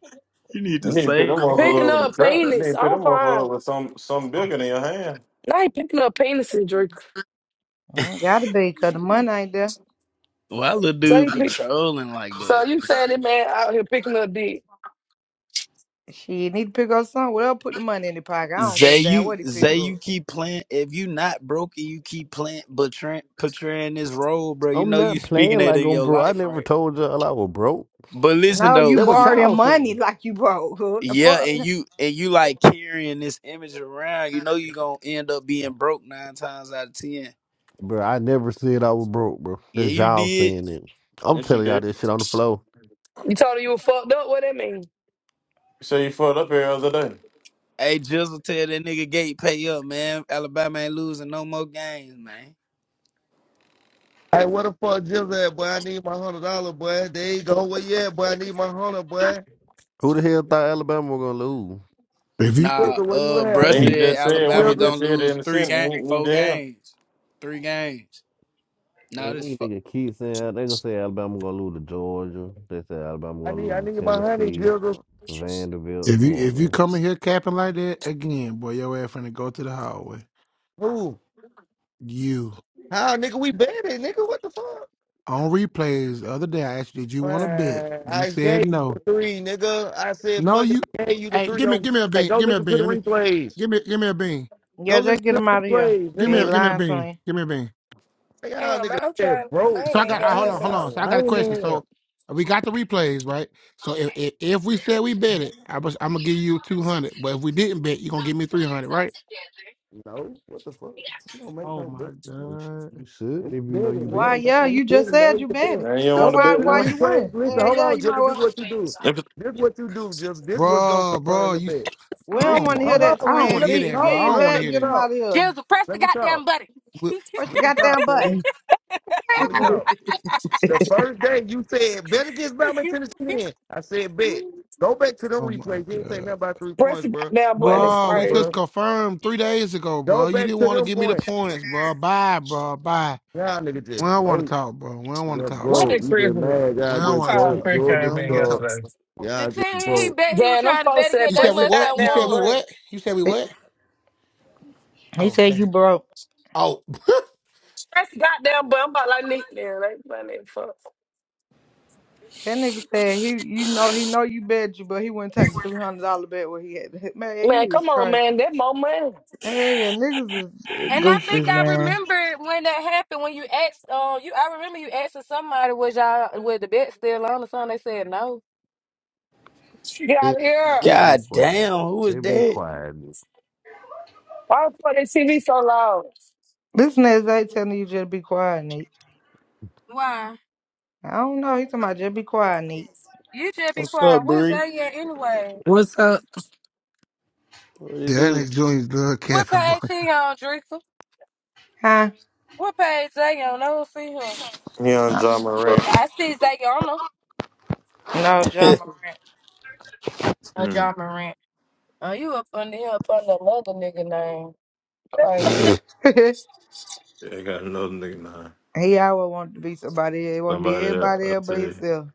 Speaker 16: You need to
Speaker 6: need to put
Speaker 16: save
Speaker 6: them
Speaker 16: them
Speaker 7: Damn,
Speaker 6: motherfucker
Speaker 2: Picking
Speaker 6: over the
Speaker 2: up
Speaker 16: motherfuckers.
Speaker 6: trap. You
Speaker 7: bro,
Speaker 6: need to
Speaker 2: penis.
Speaker 6: put
Speaker 2: I'm
Speaker 6: them motherfucker
Speaker 2: crying.
Speaker 6: over some some bigger than your hand.
Speaker 2: I ain't picking up penises, Drake.
Speaker 3: Mm, gotta be, cause the money ain't there.
Speaker 16: Why little
Speaker 2: So
Speaker 16: dude
Speaker 2: he
Speaker 16: be
Speaker 2: pick.
Speaker 16: trolling like
Speaker 2: So
Speaker 16: that?
Speaker 2: you saying that man out here picking up dick?
Speaker 3: She need to pick up something. Well, put the money in the pocket. I don't give
Speaker 16: Zay,
Speaker 3: a damn
Speaker 16: you
Speaker 3: what he pick
Speaker 16: Zay,
Speaker 3: up.
Speaker 16: you keep playing. If you not broke and you keep playing, but portraying, portraying this role, bro. You
Speaker 15: I'm
Speaker 16: know you
Speaker 15: not
Speaker 16: speaking
Speaker 15: playing
Speaker 16: that
Speaker 15: like
Speaker 16: in
Speaker 15: I'm
Speaker 16: your
Speaker 15: broke. I
Speaker 16: life,
Speaker 15: never
Speaker 16: right?
Speaker 15: told y'all I was broke.
Speaker 16: But listen
Speaker 3: No, you
Speaker 16: though,
Speaker 15: That what
Speaker 16: y-
Speaker 3: borrow your
Speaker 15: y'all
Speaker 3: money
Speaker 15: saying,
Speaker 3: like you broke. What the
Speaker 16: yeah,
Speaker 3: fuck?
Speaker 16: and you and you like carrying this image around. You know you gonna end up being broke nine times out of ten.
Speaker 15: bro. I never said I was broke, bro.
Speaker 16: Yeah,
Speaker 15: That's
Speaker 16: you
Speaker 15: y'all
Speaker 16: did.
Speaker 15: saying it. I'm
Speaker 6: Yes, you
Speaker 15: telling y'all
Speaker 6: did.
Speaker 15: this shit on the floor.
Speaker 2: You told her you were fucked up. What that mean?
Speaker 6: You say you fucked up here the other day.
Speaker 16: Hey, Jizzle, tell that nigga Gate pay up, man. Alabama ain't losing no more games, man.
Speaker 17: Hey, what the fuck, Jizzle? at, boy? I need my hundred dollar, boy. There you go. Where you at, boy? I need my hundred, boy.
Speaker 15: Who the hell thought Alabama was gonna lose?
Speaker 18: If you
Speaker 16: Nah,
Speaker 17: Jizzle, where you
Speaker 16: uh,
Speaker 17: at? I
Speaker 16: bruh
Speaker 6: Then
Speaker 17: need
Speaker 6: he
Speaker 16: said
Speaker 6: just
Speaker 17: my
Speaker 6: said when
Speaker 16: Alabama
Speaker 6: he
Speaker 17: hundred, Jill.
Speaker 16: gonna
Speaker 6: just said it in
Speaker 16: lose
Speaker 6: the
Speaker 16: three game,
Speaker 6: sentence, he, he
Speaker 16: four
Speaker 6: damn.
Speaker 16: games, three games. Nah,
Speaker 15: Man,
Speaker 16: this
Speaker 15: these
Speaker 16: fuck.
Speaker 15: niggas keep saying they gonna say Alabama gonna lose to Georgia. They say Alabama
Speaker 17: I
Speaker 15: gonna
Speaker 17: need, I
Speaker 15: lose to
Speaker 17: need my honey,
Speaker 15: Tennessee,
Speaker 17: Jizzle.
Speaker 15: Vanderbilt.
Speaker 18: if
Speaker 15: Come
Speaker 18: you
Speaker 15: on,
Speaker 18: if you
Speaker 15: man.
Speaker 18: come in here capping like that again, boy, your ass finna go to the hallway.
Speaker 17: Who?
Speaker 18: You
Speaker 17: How, nigga? We betting, nigga. What the fuck?
Speaker 18: on replays the other day I asked you, did you want to bet?
Speaker 17: Man,
Speaker 18: You
Speaker 17: I
Speaker 18: said
Speaker 17: gave you the
Speaker 18: no.
Speaker 17: three, nigga. I said,
Speaker 18: No,
Speaker 17: fuck it.
Speaker 18: you
Speaker 17: I gave you the
Speaker 18: hey,
Speaker 17: three
Speaker 18: give me
Speaker 17: on.
Speaker 18: give me a
Speaker 17: Hey,
Speaker 18: bean.
Speaker 17: go
Speaker 18: Give me a
Speaker 17: listen to
Speaker 18: bean.
Speaker 17: the
Speaker 18: Let me
Speaker 17: replays.
Speaker 18: give me give me a bean.
Speaker 17: Go
Speaker 3: Yeah,
Speaker 17: listen
Speaker 3: just get
Speaker 17: to
Speaker 3: him
Speaker 17: the
Speaker 3: out of here.
Speaker 17: replays,
Speaker 18: Give
Speaker 3: 'Cause
Speaker 18: me
Speaker 3: he
Speaker 17: nigga.
Speaker 18: a give me a
Speaker 3: lying to
Speaker 18: bean.
Speaker 3: me.
Speaker 18: Give me a bean.
Speaker 17: Hey, y'all, nigga.
Speaker 7: I'm
Speaker 17: Said
Speaker 7: trying. I
Speaker 17: broke.
Speaker 18: So
Speaker 7: ain't,
Speaker 18: I
Speaker 7: ain't
Speaker 18: got I,
Speaker 7: got
Speaker 18: hold on,
Speaker 17: Hey,
Speaker 18: hold
Speaker 7: nothing.
Speaker 18: on.
Speaker 17: y'all
Speaker 18: So I got a
Speaker 17: lame in
Speaker 18: question.
Speaker 17: here.
Speaker 18: So we got the replays, right? So if if, if we said we bet it, I was I'm gonna give you two hundred. But if we didn't bet, you're gonna give me three hundred, right?
Speaker 17: No, what the fuck? You don't make
Speaker 18: Oh
Speaker 17: no bet.
Speaker 18: my god.
Speaker 15: You should
Speaker 17: And
Speaker 15: if you
Speaker 17: we
Speaker 15: know
Speaker 17: did
Speaker 15: you
Speaker 17: it, nigga.
Speaker 3: Why?
Speaker 15: bet.
Speaker 17: On
Speaker 3: Yeah,
Speaker 17: God, we
Speaker 3: you
Speaker 17: did
Speaker 3: just
Speaker 17: it,
Speaker 3: said
Speaker 17: made
Speaker 3: you
Speaker 17: to
Speaker 3: bet
Speaker 17: do it.
Speaker 3: it.
Speaker 6: Now you
Speaker 3: So
Speaker 6: don't
Speaker 17: Go
Speaker 6: want to
Speaker 17: back
Speaker 3: why?
Speaker 6: bet
Speaker 17: to the
Speaker 3: Why
Speaker 6: now.
Speaker 3: you
Speaker 17: replays.
Speaker 3: win?
Speaker 17: Listen,
Speaker 15: Hmm.
Speaker 3: Yeah,
Speaker 17: hold
Speaker 3: yeah,
Speaker 17: on,
Speaker 3: you might.
Speaker 17: Jibba.
Speaker 3: Well.
Speaker 17: This is what you do.
Speaker 6: Yep.
Speaker 17: This is what you do, Jibba. This is what's gonna
Speaker 18: bro,
Speaker 17: confirm
Speaker 18: bro.
Speaker 17: the
Speaker 18: You,
Speaker 17: bet.
Speaker 18: I
Speaker 3: We
Speaker 17: Listen,
Speaker 3: don't
Speaker 18: don't,
Speaker 3: want to hear
Speaker 17: hold on.
Speaker 18: wanna-
Speaker 3: that
Speaker 18: I don't
Speaker 17: Listen,
Speaker 3: twin
Speaker 18: want to
Speaker 17: let
Speaker 18: hear
Speaker 17: me
Speaker 3: V. If
Speaker 18: that,
Speaker 3: you
Speaker 18: bro.
Speaker 17: talk,
Speaker 18: I
Speaker 3: ain't
Speaker 18: don't
Speaker 17: bro.
Speaker 18: want to
Speaker 17: Let
Speaker 3: back,
Speaker 18: hear
Speaker 17: me
Speaker 3: get
Speaker 18: that.
Speaker 3: him
Speaker 17: talk.
Speaker 3: out of here.
Speaker 7: Jizzle, press the
Speaker 17: Let me
Speaker 7: goddamn
Speaker 17: talk.
Speaker 7: button.
Speaker 18: But,
Speaker 3: Push the
Speaker 17: Let me talk,
Speaker 3: goddamn
Speaker 17: Jibba.
Speaker 3: button.
Speaker 17: Let me
Speaker 6: Mm.
Speaker 17: talk. The first day you said bet against Bama Tennessee. Then I said bet. Go back to them
Speaker 18: oh my
Speaker 17: replays. You ain't saying nothing
Speaker 18: god,
Speaker 17: about three
Speaker 2: Press
Speaker 17: points,
Speaker 2: the
Speaker 17: bro.
Speaker 2: goddamn button
Speaker 17: My
Speaker 2: is
Speaker 18: bro.
Speaker 17: mama,
Speaker 18: We just
Speaker 17: bro.
Speaker 2: crazy.
Speaker 18: confirmed three days ago,
Speaker 17: Go
Speaker 18: bro. You
Speaker 17: back
Speaker 18: didn't
Speaker 17: to
Speaker 18: want to
Speaker 17: them
Speaker 18: give me the
Speaker 17: points.
Speaker 18: points, bro. Bye, bro. Bye.
Speaker 17: Y'all nigga
Speaker 18: We
Speaker 17: just
Speaker 18: don't want to
Speaker 17: broke.
Speaker 18: talk, bro. We don't want to
Speaker 17: Just
Speaker 18: talk,
Speaker 5: What
Speaker 18: bro.
Speaker 17: broke.
Speaker 5: did
Speaker 17: We
Speaker 5: Chris?
Speaker 17: just mad.
Speaker 18: We
Speaker 17: Y'all
Speaker 18: don't
Speaker 5: One
Speaker 17: just
Speaker 18: want to
Speaker 5: time
Speaker 17: broke.
Speaker 18: talk,
Speaker 5: Chris
Speaker 18: bro. We
Speaker 17: Georgia
Speaker 5: came
Speaker 18: don't
Speaker 5: in
Speaker 18: want to
Speaker 17: suck.
Speaker 18: talk.
Speaker 5: yesterday.
Speaker 18: Bro.
Speaker 7: the
Speaker 17: Y'all just
Speaker 7: team he
Speaker 17: broke.
Speaker 7: bet he was
Speaker 2: Damn, them
Speaker 7: trying to
Speaker 2: folks
Speaker 7: bet
Speaker 2: said
Speaker 7: again,
Speaker 18: You
Speaker 7: they
Speaker 18: said
Speaker 2: press
Speaker 18: we
Speaker 2: the
Speaker 7: must
Speaker 18: what?
Speaker 7: have
Speaker 18: You said
Speaker 2: goddamn
Speaker 18: we
Speaker 7: won.
Speaker 2: button.
Speaker 18: what? You said we
Speaker 3: He
Speaker 18: what?
Speaker 3: he
Speaker 18: Oh,
Speaker 3: said
Speaker 18: damn.
Speaker 3: you broke.
Speaker 18: Oh, that
Speaker 2: Press the goddamn button. I'm about like Nick now. Like man, that fuck.
Speaker 3: That nigga said he, you know, he know you bet you, but he wouldn't take the three hundred dollar bet where he had. to hit. Man,
Speaker 2: Man,
Speaker 3: you is
Speaker 2: come on,
Speaker 3: crazy.
Speaker 2: man. That more money.
Speaker 3: Hey, yeah, niggas is uh,
Speaker 7: And I
Speaker 3: goofies,
Speaker 7: think I
Speaker 3: man.
Speaker 7: remember when that happened. When you asked, uh, you I remember you asking somebody, "Was y'all was the bet still on?" Or something. They said no.
Speaker 2: Get
Speaker 15: They
Speaker 2: out of here.
Speaker 15: they be
Speaker 16: God
Speaker 15: quiet.
Speaker 16: damn, who is
Speaker 15: They be
Speaker 16: that?
Speaker 15: quiet.
Speaker 2: Why the fuck that TV so loud?
Speaker 3: This nigga ain't telling you just be quiet, Neat.
Speaker 7: Why?
Speaker 3: I don't know. He talking about just be quiet, Neat.
Speaker 7: You just be
Speaker 16: What's up,
Speaker 7: quiet. What's
Speaker 16: Bree?
Speaker 7: they at anyway?
Speaker 19: What's up?
Speaker 16: What it do?
Speaker 18: next joint is good,
Speaker 7: What
Speaker 18: Captain Boy.
Speaker 7: page he on, Drexel?
Speaker 3: Huh?
Speaker 7: What page they on? I don't see him.
Speaker 6: He on John Moran.
Speaker 7: I see Zayana.
Speaker 3: No, John Morant.
Speaker 7: A
Speaker 6: Hmm.
Speaker 7: John Morant. Oh, you up under here up under another nigga name. Right.
Speaker 6: Yeah, I got another nigga now.
Speaker 3: he always wanted to be somebody. else. He want to be
Speaker 6: Somebody else.
Speaker 3: everybody
Speaker 6: I
Speaker 3: else but
Speaker 6: tell you.
Speaker 3: himself.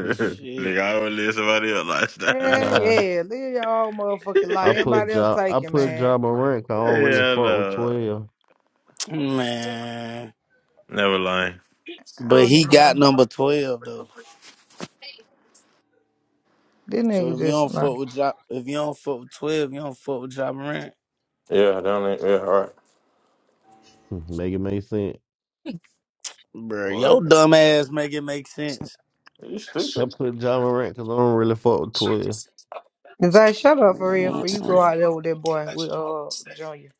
Speaker 16: Shit,
Speaker 6: nigga, I always live somebody else lifestyle.
Speaker 15: nah,
Speaker 3: Hey, yeah, live your own motherfucking
Speaker 15: I
Speaker 3: life.
Speaker 15: put
Speaker 3: Everybody else
Speaker 15: job. I
Speaker 3: take it,
Speaker 15: put
Speaker 3: man.
Speaker 15: job on rank. I don't really
Speaker 6: yeah,
Speaker 15: fuck with
Speaker 6: no.
Speaker 15: twelve.
Speaker 16: man.
Speaker 6: Never lying.
Speaker 3: I
Speaker 16: But
Speaker 3: don't
Speaker 16: he
Speaker 3: even know.
Speaker 16: got number twelve though.
Speaker 3: This
Speaker 16: So
Speaker 3: nigga
Speaker 16: if you
Speaker 3: just
Speaker 16: don't
Speaker 3: like,
Speaker 16: fuck with job, if you don't fuck with twelve, you don't fuck with job rent,
Speaker 6: Yeah, I don't. Yeah, all right.
Speaker 15: Hmm, Make it make sense.
Speaker 16: bro.
Speaker 6: What?
Speaker 16: Your dumb ass make it make sense.
Speaker 6: You
Speaker 15: I
Speaker 6: stupid.
Speaker 15: put job on rank because I don't really fuck with twelve.
Speaker 3: Zay, shut up for real. For you go out there with that boy with uh Junior.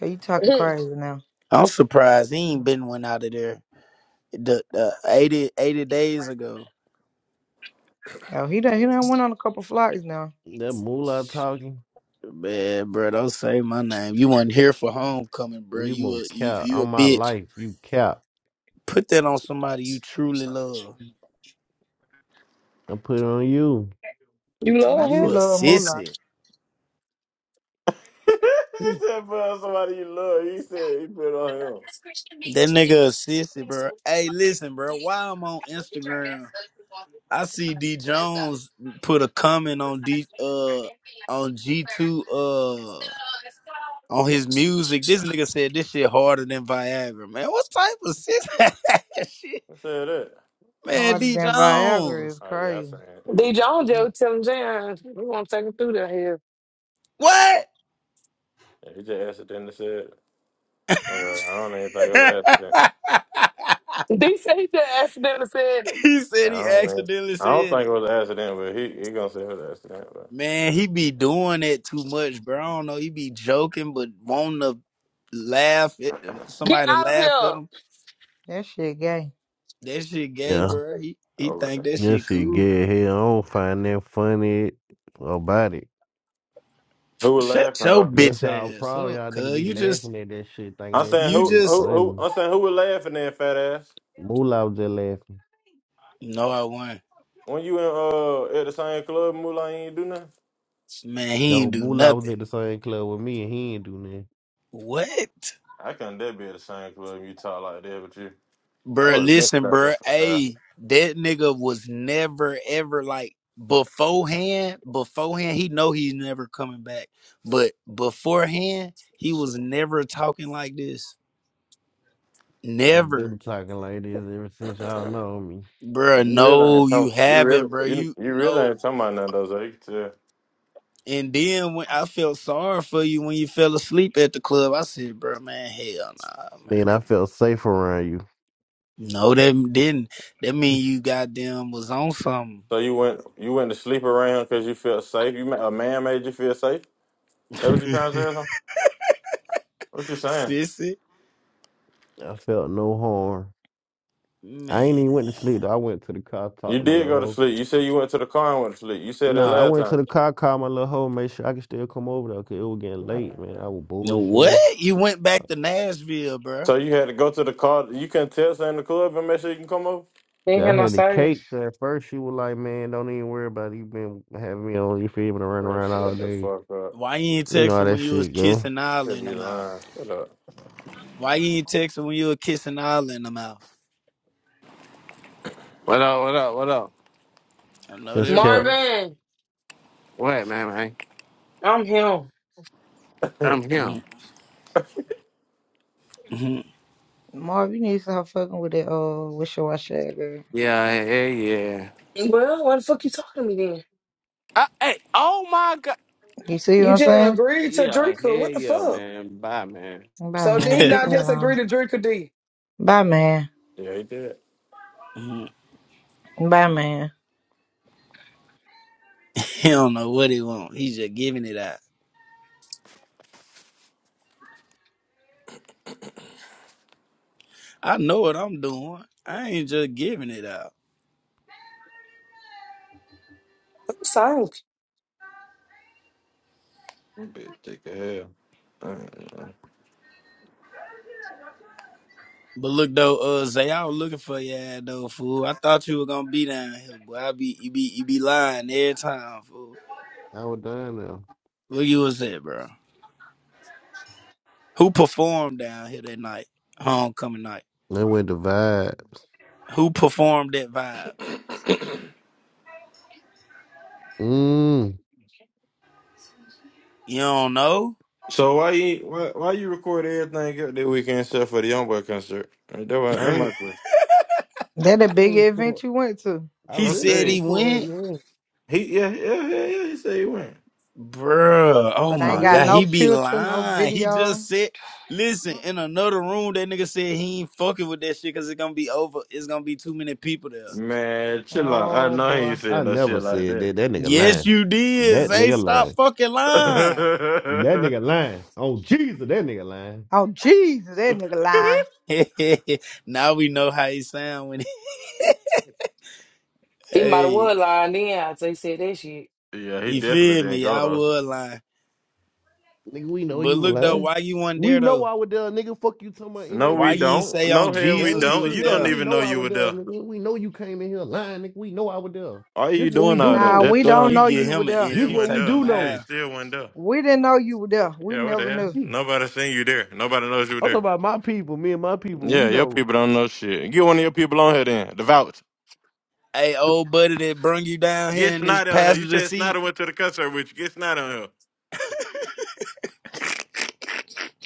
Speaker 3: Yo, you talking crazy now?
Speaker 16: I'm surprised he ain't been one out of there the, the 80, eighty days ago.
Speaker 3: Oh, he done he done went on a couple flights now.
Speaker 15: That moolah talking.
Speaker 16: Man, bro, don't say my name. You weren't here for homecoming, bro.
Speaker 15: You
Speaker 16: You
Speaker 15: more
Speaker 16: a you,
Speaker 15: cap
Speaker 16: you a
Speaker 15: on my
Speaker 16: bitch.
Speaker 15: life. You cap.
Speaker 16: Put that on somebody you truly love.
Speaker 15: I put it on you.
Speaker 2: you
Speaker 3: Now
Speaker 2: love
Speaker 3: she
Speaker 16: You
Speaker 2: him?
Speaker 16: a
Speaker 3: love Moolah
Speaker 16: sissy.
Speaker 6: you said put on somebody you love. He said he put it on him.
Speaker 16: That nigga a sissy, bro. Hey, listen, bro. Why I'm on Instagram, I see D Jones put a comment on D uh on G two uh, on his music. This nigga said this shit harder than Viagra, man. What type of shit? shit?
Speaker 6: I said that.
Speaker 16: Man,
Speaker 3: harder
Speaker 16: D
Speaker 3: than Viagra is
Speaker 16: Jones.
Speaker 6: Oh yeah, I said
Speaker 3: crazy.
Speaker 6: it. Yeah,
Speaker 2: D. Jones just was telling Jan, we gonna take him through the hell.
Speaker 16: What?
Speaker 6: He, t- he just accidentally said. it. Well, I don't even think it was an accident.
Speaker 2: They say that accidentally said,
Speaker 16: he said
Speaker 6: Yeah, I
Speaker 16: he
Speaker 6: don't even,
Speaker 16: accidentally
Speaker 6: I don't
Speaker 16: said
Speaker 6: think
Speaker 16: it.
Speaker 6: it was an accident, but he he gonna say it was an accident. But
Speaker 16: Man, he be doing that too much, bro. I don't know. He be joking, but wanting to laugh at
Speaker 2: "Get
Speaker 16: somebody to
Speaker 2: out of
Speaker 16: laugh at
Speaker 2: here."
Speaker 16: him.
Speaker 3: That shit gay.
Speaker 16: That shit gay,
Speaker 15: Yeah.
Speaker 16: bro. He he
Speaker 6: over
Speaker 16: think
Speaker 6: there.
Speaker 16: that
Speaker 15: That
Speaker 16: shit
Speaker 15: shit
Speaker 16: cool.
Speaker 15: get here. I don't find that funny about it.
Speaker 6: Who was
Speaker 16: Shut
Speaker 6: laughing
Speaker 16: your
Speaker 6: though?
Speaker 16: bitch
Speaker 15: That's y'all
Speaker 16: ass
Speaker 15: problem.
Speaker 16: up,
Speaker 15: Y'all nigga
Speaker 16: cuz.
Speaker 15: be
Speaker 16: You just
Speaker 15: laughing at that shit, thinking
Speaker 6: I'm
Speaker 15: that
Speaker 6: saying
Speaker 16: you
Speaker 15: shit
Speaker 6: who
Speaker 15: be
Speaker 16: just
Speaker 6: who who
Speaker 15: funny.
Speaker 6: I'm saying who was laughing then, fat ass.
Speaker 15: Moolah was just laughing.
Speaker 16: no I won't.
Speaker 6: When you in uh at the same club, Mulan, you ain't do nothing.
Speaker 16: Man, he
Speaker 15: No,
Speaker 16: ain't do
Speaker 15: Moolah was at the
Speaker 16: nothing.
Speaker 15: same club with me and he ain't do nothing.
Speaker 16: What?
Speaker 6: I couldn't dare be at the same club you talk like that with you. I
Speaker 16: Bruh,
Speaker 6: would have been
Speaker 16: listen,
Speaker 6: out there,
Speaker 16: bruh.
Speaker 6: fat
Speaker 16: Hey, that nigga was never ever like beforehand, beforehand, he know he's never coming back. But beforehand, he was never talking like this.
Speaker 15: I've
Speaker 16: Never.
Speaker 15: been talking like this ever since
Speaker 6: ass.
Speaker 15: y'all know me.
Speaker 16: Bruh,
Speaker 6: You really
Speaker 16: no,
Speaker 6: ain't
Speaker 16: you
Speaker 6: talking. You
Speaker 16: haven't,
Speaker 6: really
Speaker 16: bruh.
Speaker 6: you,
Speaker 16: You
Speaker 6: you really ain't
Speaker 16: no.
Speaker 6: talking about nothing though. So you, can tell.
Speaker 16: And then when I felt sorry for you when you fell asleep at the club, I said, bruh, man, hell nah,
Speaker 15: I mean,
Speaker 16: man.
Speaker 15: I felt safe around you.
Speaker 16: No, that didn't. That mean you goddamn was on something.
Speaker 6: so you went you went to sleep around because you felt safe. You ma- a man made you feel safe. That what you trying to say? Huh? What you saying?
Speaker 16: Sissy,
Speaker 15: I felt no harm. I ain't
Speaker 16: man.
Speaker 15: even went to sleep. Though. I went to the car, talked
Speaker 6: You
Speaker 15: to my
Speaker 6: did
Speaker 15: little
Speaker 6: go to
Speaker 15: hoe.
Speaker 6: sleep. You said you went to the car and went to sleep. You said that
Speaker 15: Nah, I
Speaker 6: last
Speaker 15: went to
Speaker 6: time.
Speaker 15: the car, called my little hoe, made sure I could still come over there. Cause it was getting
Speaker 6: Man.
Speaker 15: late, man. I was
Speaker 16: What?
Speaker 15: bullshitting.
Speaker 16: You went back to Nashville, bruh.
Speaker 6: So you had to go to the car. You can tell her in the club and make sure you can come over.
Speaker 2: They
Speaker 15: Yeah,
Speaker 2: hear
Speaker 15: I
Speaker 2: my
Speaker 15: had the
Speaker 2: sirens.
Speaker 15: cake. so At first, she was like, "Man, don't even worry about it. you been having me on. You feel me to run
Speaker 6: Bro,
Speaker 15: around all
Speaker 6: shut the
Speaker 15: day.
Speaker 6: fuck up.
Speaker 16: Why you ain't
Speaker 15: You know how
Speaker 16: texting
Speaker 15: that
Speaker 16: when you was
Speaker 15: shit go."
Speaker 16: kissing Isla
Speaker 6: Should
Speaker 16: in the
Speaker 6: be
Speaker 16: mouth?
Speaker 6: lying. Shut up.
Speaker 16: Why you ain't texting when you was kissing Isla in the mouth?
Speaker 20: What up? What up? What up?
Speaker 16: I know
Speaker 15: Just
Speaker 16: that
Speaker 15: kept.
Speaker 16: real.
Speaker 2: Marvin,
Speaker 20: What, man, man?
Speaker 2: I'm him.
Speaker 20: I'm
Speaker 16: Mhm,
Speaker 20: him.
Speaker 16: mhm.
Speaker 3: Marv, you need to stop fucking with that uh wish your wash that girl.
Speaker 20: Yeah, hell yeah.
Speaker 2: Well, what the fuck you talking to me then?
Speaker 20: I, hey, oh my god.
Speaker 3: You see what
Speaker 2: You
Speaker 3: I'm
Speaker 2: just
Speaker 3: saying?
Speaker 2: agreed to
Speaker 20: Yeah, hell
Speaker 2: drink Drinker. What the
Speaker 20: yeah,
Speaker 2: fuck?
Speaker 20: man. Bye, man.
Speaker 3: Bye
Speaker 2: So did he
Speaker 3: man. Get
Speaker 2: not
Speaker 3: the hell
Speaker 2: just
Speaker 3: on.
Speaker 2: agree to Drinker D?
Speaker 3: Bye man.
Speaker 6: yeah, he did.
Speaker 16: Mhm.
Speaker 3: Bye man.
Speaker 16: he don't know what he want. He's just giving it out. I know what I'm doing. I ain't just giving it out.
Speaker 2: I'm sorry.
Speaker 6: That Bitch, take a hell.
Speaker 16: But look though, uh, Zay, I was looking for you at though, fool. I thought you were gonna be down here, boy. I be you be you be lying every time, fool.
Speaker 15: I was done now.
Speaker 16: Where you was at, bro? Who performed down here that night? Homecoming night.
Speaker 15: Then went the vibes.
Speaker 16: Who performed at Vibes?
Speaker 15: Mm.
Speaker 16: You don't know?
Speaker 6: So why you why, why you record everything up that weekend except for the Young Boy concert? That my,
Speaker 15: I
Speaker 6: that my
Speaker 15: ain't
Speaker 6: question.
Speaker 3: That the
Speaker 15: I ain't
Speaker 3: big
Speaker 15: record.
Speaker 3: event you went to.
Speaker 15: I
Speaker 16: He
Speaker 6: I'll tell
Speaker 15: really ain't
Speaker 16: said
Speaker 6: you.
Speaker 16: he
Speaker 15: recording.
Speaker 16: went.
Speaker 15: Yeah.
Speaker 6: He yeah yeah yeah yeah. He said he went.
Speaker 16: Bruh. Oh
Speaker 3: But
Speaker 15: I
Speaker 3: I ain't
Speaker 16: my
Speaker 3: got
Speaker 16: God.
Speaker 15: really.
Speaker 3: no
Speaker 16: He be
Speaker 3: picture, no
Speaker 16: lying. He
Speaker 3: video.
Speaker 16: just said, listen,
Speaker 15: ain't-
Speaker 16: in another room, that nigga said he ain't fucking with that shit because it's going to be over. It's going to be too many people there.
Speaker 6: Man, chill out. I
Speaker 3: Oh
Speaker 6: know he
Speaker 3: boy.
Speaker 6: ain't
Speaker 15: I
Speaker 6: said no
Speaker 15: never
Speaker 6: shit like
Speaker 15: said
Speaker 6: that.
Speaker 15: that. That nigga
Speaker 16: Yes,
Speaker 15: lying.
Speaker 16: you did.
Speaker 15: That
Speaker 16: Say,
Speaker 15: nigga
Speaker 16: stop
Speaker 15: lying.
Speaker 16: fucking lying.
Speaker 15: That nigga lying. Oh Jesus, that nigga lying.
Speaker 3: Oh Jesus, that nigga lying.
Speaker 16: now we know how he sound when he,
Speaker 2: He might have
Speaker 16: hey,
Speaker 2: was lying then after he said that shit.
Speaker 6: yeah, he
Speaker 16: you
Speaker 6: definitely
Speaker 16: feel
Speaker 6: didn't
Speaker 16: me?
Speaker 6: go
Speaker 16: I
Speaker 6: though.
Speaker 16: was lying.
Speaker 15: Nigga, we know
Speaker 16: But
Speaker 15: you were
Speaker 16: look though,
Speaker 15: lying.
Speaker 16: why you wasn't
Speaker 15: We
Speaker 16: there though?
Speaker 15: know I was there, nigga. Fuck you talking about in
Speaker 6: No,
Speaker 15: that
Speaker 16: Why
Speaker 6: we
Speaker 15: bitch.
Speaker 16: you ain't
Speaker 6: don't.
Speaker 16: say on
Speaker 6: No, hell, we
Speaker 15: That
Speaker 16: Jesus
Speaker 15: ain't
Speaker 16: you
Speaker 6: don't.
Speaker 15: shit,
Speaker 16: was
Speaker 6: You
Speaker 15: nigga.
Speaker 6: don't
Speaker 16: there?
Speaker 15: We
Speaker 6: even know
Speaker 15: know
Speaker 6: you
Speaker 15: our
Speaker 6: were
Speaker 15: dub,
Speaker 6: there.
Speaker 15: nigga. We know you came in here lying, nigga. We know our dub.
Speaker 6: Why are
Speaker 15: This
Speaker 6: you
Speaker 15: what we
Speaker 6: doing all
Speaker 15: do
Speaker 6: that?
Speaker 3: Nah,
Speaker 15: know.
Speaker 6: That
Speaker 3: we
Speaker 6: that
Speaker 3: don't
Speaker 6: don't
Speaker 16: You
Speaker 3: know
Speaker 6: do
Speaker 16: get
Speaker 3: you
Speaker 6: nothing.
Speaker 3: were
Speaker 16: him an
Speaker 6: You
Speaker 3: there.
Speaker 16: inch,
Speaker 6: still
Speaker 15: This
Speaker 16: you
Speaker 15: what
Speaker 6: went
Speaker 15: we
Speaker 16: take a
Speaker 6: there.
Speaker 15: do
Speaker 6: Yeah, you
Speaker 15: know.
Speaker 16: mile.
Speaker 6: still went there.
Speaker 3: We didn't know you were there. We
Speaker 6: Yeah, what the
Speaker 3: never
Speaker 6: hell?
Speaker 3: knew.
Speaker 15: I'm
Speaker 6: Nobody seen you there. Nobody knows you were
Speaker 15: talking
Speaker 6: there.
Speaker 15: about my people, me and my people.
Speaker 6: Yeah,
Speaker 15: We
Speaker 6: your
Speaker 15: know.
Speaker 6: people don't know shit. Get one of your people on here then. The vouch.
Speaker 16: Hey, old buddy that brung you down here
Speaker 6: Get
Speaker 16: in this
Speaker 6: Snyder on here. You
Speaker 16: passenger
Speaker 6: said
Speaker 16: seat.
Speaker 6: Snyder went to the concert with you. Get Snyder on here.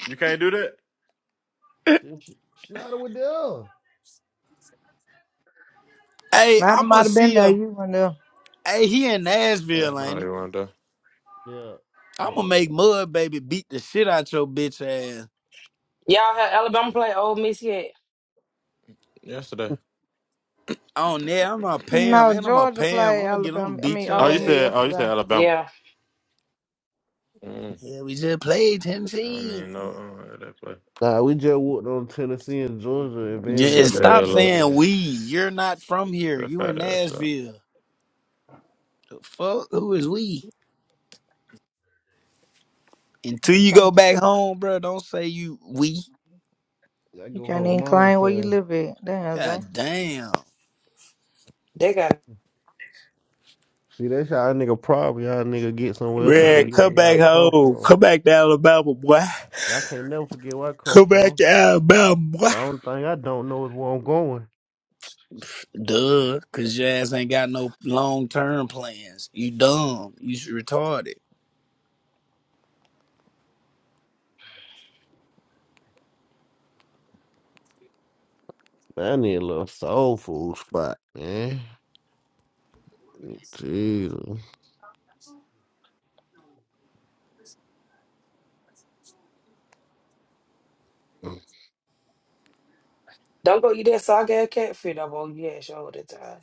Speaker 6: You can't do that?
Speaker 15: Schneider with dub.
Speaker 16: Hey,
Speaker 3: Snyder
Speaker 16: I'ma
Speaker 3: might have been
Speaker 16: see
Speaker 3: there.
Speaker 16: him.
Speaker 3: You were there.
Speaker 16: Hey, he in
Speaker 6: Yeah,
Speaker 16: Nashville,
Speaker 6: no,
Speaker 16: ain't
Speaker 6: he
Speaker 16: he?
Speaker 6: went there.
Speaker 15: Yeah. Yeah.
Speaker 16: I'ma make Mud Baby beat the shit out your bitch ass.
Speaker 2: Y'all had Alabama play Ole Miss yet?
Speaker 6: Yesterday.
Speaker 16: On there, I'm gonna pay him,
Speaker 3: No,
Speaker 16: and I'm gonna
Speaker 3: Georgia
Speaker 16: pay him. I'm
Speaker 3: played
Speaker 16: gonna get him to
Speaker 3: Alabama. I
Speaker 16: beat
Speaker 3: mean,
Speaker 6: Oh,
Speaker 16: your
Speaker 3: Ole
Speaker 6: you
Speaker 3: Miss
Speaker 16: ass.
Speaker 6: said oh you
Speaker 3: yesterday.
Speaker 6: said Alabama.
Speaker 2: Yeah,
Speaker 6: Mm.
Speaker 16: Yeah, we just played
Speaker 6: I don't
Speaker 16: Tennessee.
Speaker 6: even know uh, that play.
Speaker 15: Nah, we just walked on Tennessee and Georgia and
Speaker 16: Yeah, and
Speaker 15: Vanderbilt
Speaker 6: Shut
Speaker 15: the
Speaker 6: the
Speaker 15: last
Speaker 16: stop
Speaker 6: hell
Speaker 15: couple
Speaker 6: up.
Speaker 16: saying
Speaker 15: game.
Speaker 16: we. You're not from here.
Speaker 6: That
Speaker 16: You in
Speaker 6: fat ass
Speaker 16: Nashville. The fuck? Who is we? Until
Speaker 3: And you
Speaker 16: you go
Speaker 3: can't,
Speaker 16: back home, bro, don't say you we.
Speaker 15: I
Speaker 3: you
Speaker 15: go
Speaker 3: can't
Speaker 15: home
Speaker 3: even
Speaker 15: all the
Speaker 3: claim where you
Speaker 15: time.
Speaker 3: live at. Damn, Zay.
Speaker 16: God damn.
Speaker 2: they got. it.
Speaker 15: See, that's y'all nigga problem. Y'all nigga get somewhere else and
Speaker 16: Man,
Speaker 6: up.
Speaker 15: forget
Speaker 16: come
Speaker 15: where
Speaker 16: back
Speaker 15: y'all come
Speaker 16: home.
Speaker 15: from.
Speaker 16: Come back to Alabama, boy.
Speaker 15: Shit, I can't never forget where I come
Speaker 16: Come back
Speaker 15: from.
Speaker 16: to Alabama, boy.
Speaker 15: The only thing I don't know is where I'm going.
Speaker 16: Duh, cause your ass ain't got no long term plans. You dumb. You should retarded.
Speaker 15: I need a little soul food spot, man. Jesus,
Speaker 2: Don't go eat that soggy ass catfish up on your ass all the time.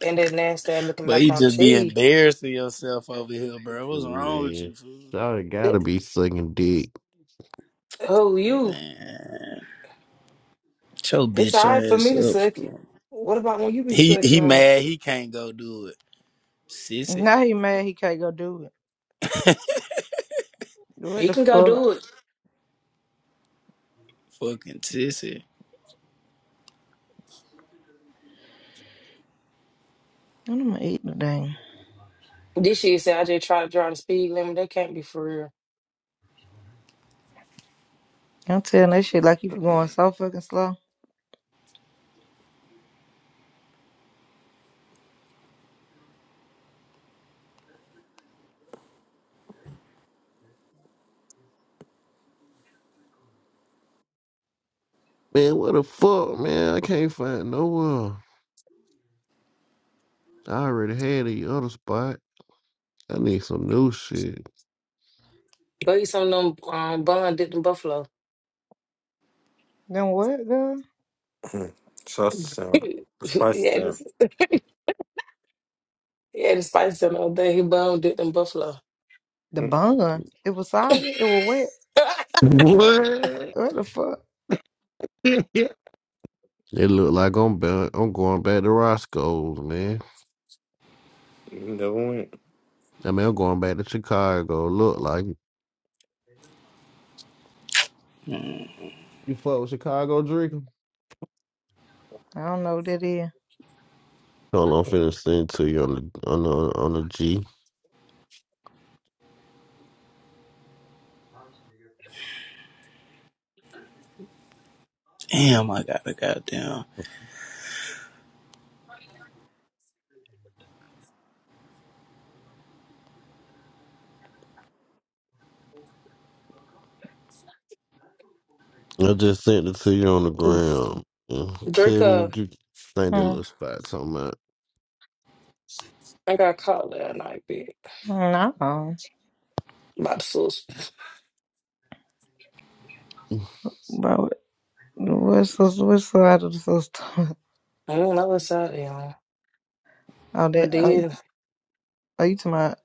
Speaker 2: And that nasty ass looking
Speaker 16: But you
Speaker 2: macaroni and
Speaker 16: just be
Speaker 2: cheese.
Speaker 16: embarrassing yourself over here, bro. What's wrong with
Speaker 15: man,
Speaker 16: you, fool?
Speaker 15: sorry, gotta
Speaker 2: That-
Speaker 15: be sucking dick,
Speaker 2: Who you?
Speaker 16: Man, shut your
Speaker 2: It's
Speaker 16: bitch
Speaker 2: all right for
Speaker 16: ass
Speaker 2: me to
Speaker 16: up,
Speaker 2: suck it.
Speaker 16: bro.
Speaker 2: What about when you be
Speaker 16: He
Speaker 2: sucking
Speaker 16: he
Speaker 2: on it?
Speaker 16: mad. He can't go do it. Sissy,
Speaker 3: Now he mad he can't go do it. What
Speaker 2: He
Speaker 3: the
Speaker 2: can go
Speaker 3: fuck?
Speaker 2: do it.
Speaker 16: fucking sissy.
Speaker 3: I'm gonna eat the thing.
Speaker 2: This shit said I just tried to draw the speed limit. That can't be for real.
Speaker 3: I'm telling that shit like you for going so fucking slow.
Speaker 15: man. What the fuck, man? I can't find no one. I already had the other spot. I need some new shit.
Speaker 2: Go eat some of them um, bun dipped in buffalo.
Speaker 3: Then what, girl?
Speaker 6: Sauce the sound. Spice
Speaker 2: Yeah,
Speaker 6: the
Speaker 2: had
Speaker 6: sound.
Speaker 2: this, he the spice the other day. He bun dipped in buffalo.
Speaker 3: The
Speaker 6: Mm,
Speaker 3: bun. It was soggy. It was wet.
Speaker 16: What?
Speaker 3: What the fuck?
Speaker 15: It look like I'm back, I'm going back to Roscoe's, man.
Speaker 6: Never went.
Speaker 15: I mean, I'm going back to Chicago. Look like
Speaker 16: Mm,
Speaker 15: you fuck with Chicago drinking.
Speaker 3: I don't know what that is.
Speaker 15: Hold on, I'm finna send it to you on the on the, on the G.
Speaker 16: Damn, I got a goddamn.
Speaker 15: Mm-hmm. I just sent it to you on the ground. Yeah.
Speaker 2: Drake,
Speaker 15: Tell me
Speaker 2: uh,
Speaker 15: what you think that
Speaker 3: Hmm.
Speaker 15: little spot talking about.
Speaker 2: I got caught last night, bitch.
Speaker 3: No.
Speaker 2: About the sauce.
Speaker 3: Bro, what's the what's the out of the system?
Speaker 2: I don't know what's out there. all
Speaker 3: Oh,
Speaker 2: But
Speaker 3: that are, you-
Speaker 2: did.
Speaker 3: are you to my?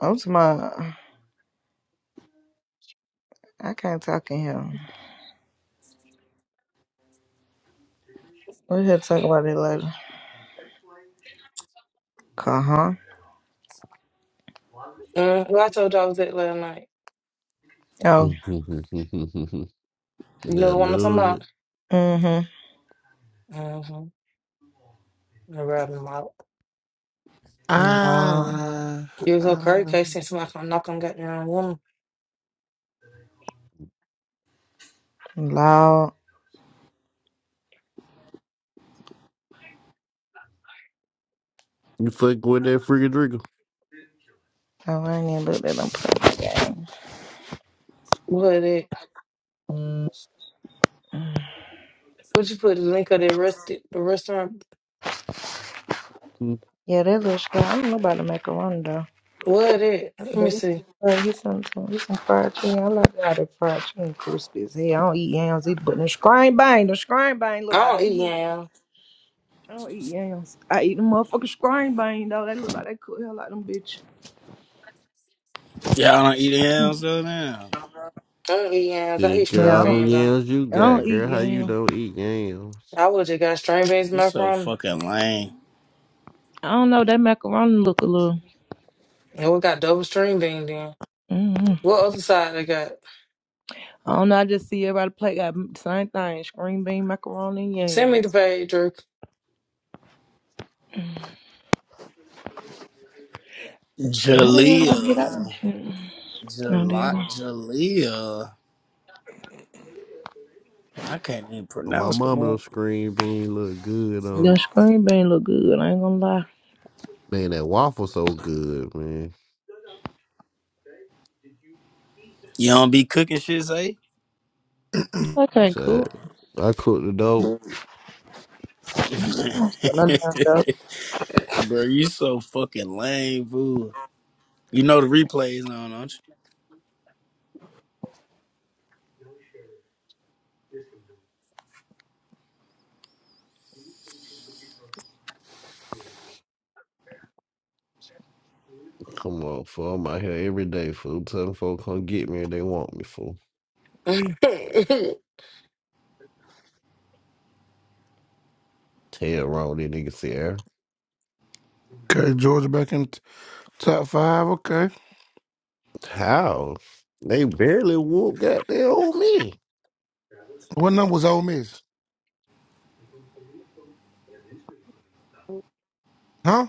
Speaker 3: I'm to my. I can't talk in here. We should talk about it later. Uh huh.
Speaker 2: Mm, well, I told you I was at last night.
Speaker 3: Oh.
Speaker 2: You
Speaker 15: yeah, I
Speaker 2: know what I'm talking
Speaker 15: knew
Speaker 2: about?
Speaker 15: it.
Speaker 3: Mm-hmm.
Speaker 2: Mm-hmm. Robbing him out.
Speaker 3: Law.
Speaker 18: Ah,
Speaker 2: It was okay.
Speaker 18: uh,
Speaker 2: Can't send somebody come knock on goddamn woman.
Speaker 3: Law.
Speaker 15: You fuck with that freaking trigger.
Speaker 3: Oh, I ain't even looked at them. Play game.
Speaker 2: What it?
Speaker 3: Mm.
Speaker 2: Would you put the link of the rest the restaurant?
Speaker 3: Yeah, that little sky. I don't know about the macaroni though.
Speaker 2: What it? Let
Speaker 3: But
Speaker 2: me
Speaker 3: it's
Speaker 2: see.
Speaker 3: some fried, it's some, it's some fried chicken. I like how the fried chicken crispy as hell. I don't eat yams either, but the screen bang, the screen bang
Speaker 2: I
Speaker 3: look like
Speaker 2: don't
Speaker 3: they
Speaker 2: eat
Speaker 3: hit.
Speaker 2: yams.
Speaker 3: I don't eat yams. I eat the motherfucking screen bang though. They look like they cook hell like them bitch.
Speaker 16: Y'all don't eat hams though now.
Speaker 2: I don't eat yams. I
Speaker 15: See,
Speaker 2: eat
Speaker 15: girl,
Speaker 2: string
Speaker 3: Yeah, I
Speaker 15: all
Speaker 3: don't,
Speaker 15: them
Speaker 2: beans though.
Speaker 15: yams you
Speaker 3: I
Speaker 15: got,
Speaker 3: don't eat
Speaker 15: girl. How you
Speaker 3: yams.
Speaker 15: don't eat yams?
Speaker 2: I would have got string beans and
Speaker 16: You so
Speaker 2: macaroni.
Speaker 16: fucking lame.
Speaker 3: I don't know. That macaroni look a little.
Speaker 2: And we got double string bean then.
Speaker 3: mm hmm.
Speaker 2: What other side they got?
Speaker 3: I don't know. I just see everybody play got the same thing: screen bean, macaroni, and
Speaker 2: Send me the
Speaker 3: yams.
Speaker 2: page, Drew.
Speaker 3: How the hell I get out this
Speaker 16: Jalea.
Speaker 3: shit? No, there.
Speaker 16: Jala Jalea. I can't even
Speaker 15: Oh, my
Speaker 16: pronounce the
Speaker 15: mama don't
Speaker 16: up.
Speaker 15: scream bean look good
Speaker 3: The
Speaker 15: on.
Speaker 3: screen bean look good. I ain't gonna lie.
Speaker 15: Man, that waffle so good, man.
Speaker 16: You don't be cooking shit, say?
Speaker 3: I can't
Speaker 15: So
Speaker 3: cook.
Speaker 15: I cook the dope.
Speaker 3: Put no damn dough.
Speaker 16: Bro, you so fucking lame, fool. You know the replays on, don't
Speaker 15: Come on, fool. I'm out here every day, fool. Telling folks come get me if they want me, fool. Tell wrong these niggas here.
Speaker 18: okay, Georgia back in t- top five. Okay.
Speaker 15: How? They barely whoop goddamn on me.
Speaker 18: What number was Ole Miss? Huh?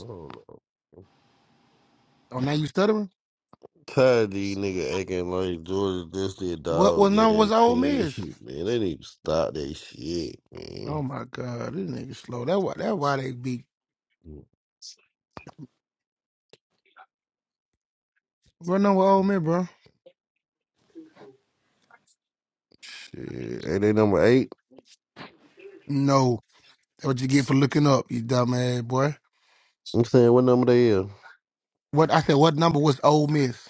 Speaker 15: I don't know.
Speaker 18: Oh, now you stuttering?
Speaker 15: Tired of these nigga acting like Georgia this their
Speaker 18: What what
Speaker 15: dog
Speaker 18: number was
Speaker 15: ass
Speaker 18: Ole
Speaker 15: team.
Speaker 18: Miss?
Speaker 15: Man, they need to stop that shit,
Speaker 18: Oh
Speaker 15: man.
Speaker 18: my God, this nigga slow. That why that why they beat. What number Ole Miss, bro?
Speaker 15: Shit. Ain't they number eight?
Speaker 18: No, that's what you get for looking up, you dumb ass boy.
Speaker 15: I'm saying what number they is.
Speaker 18: What I said? What number was Ole Miss?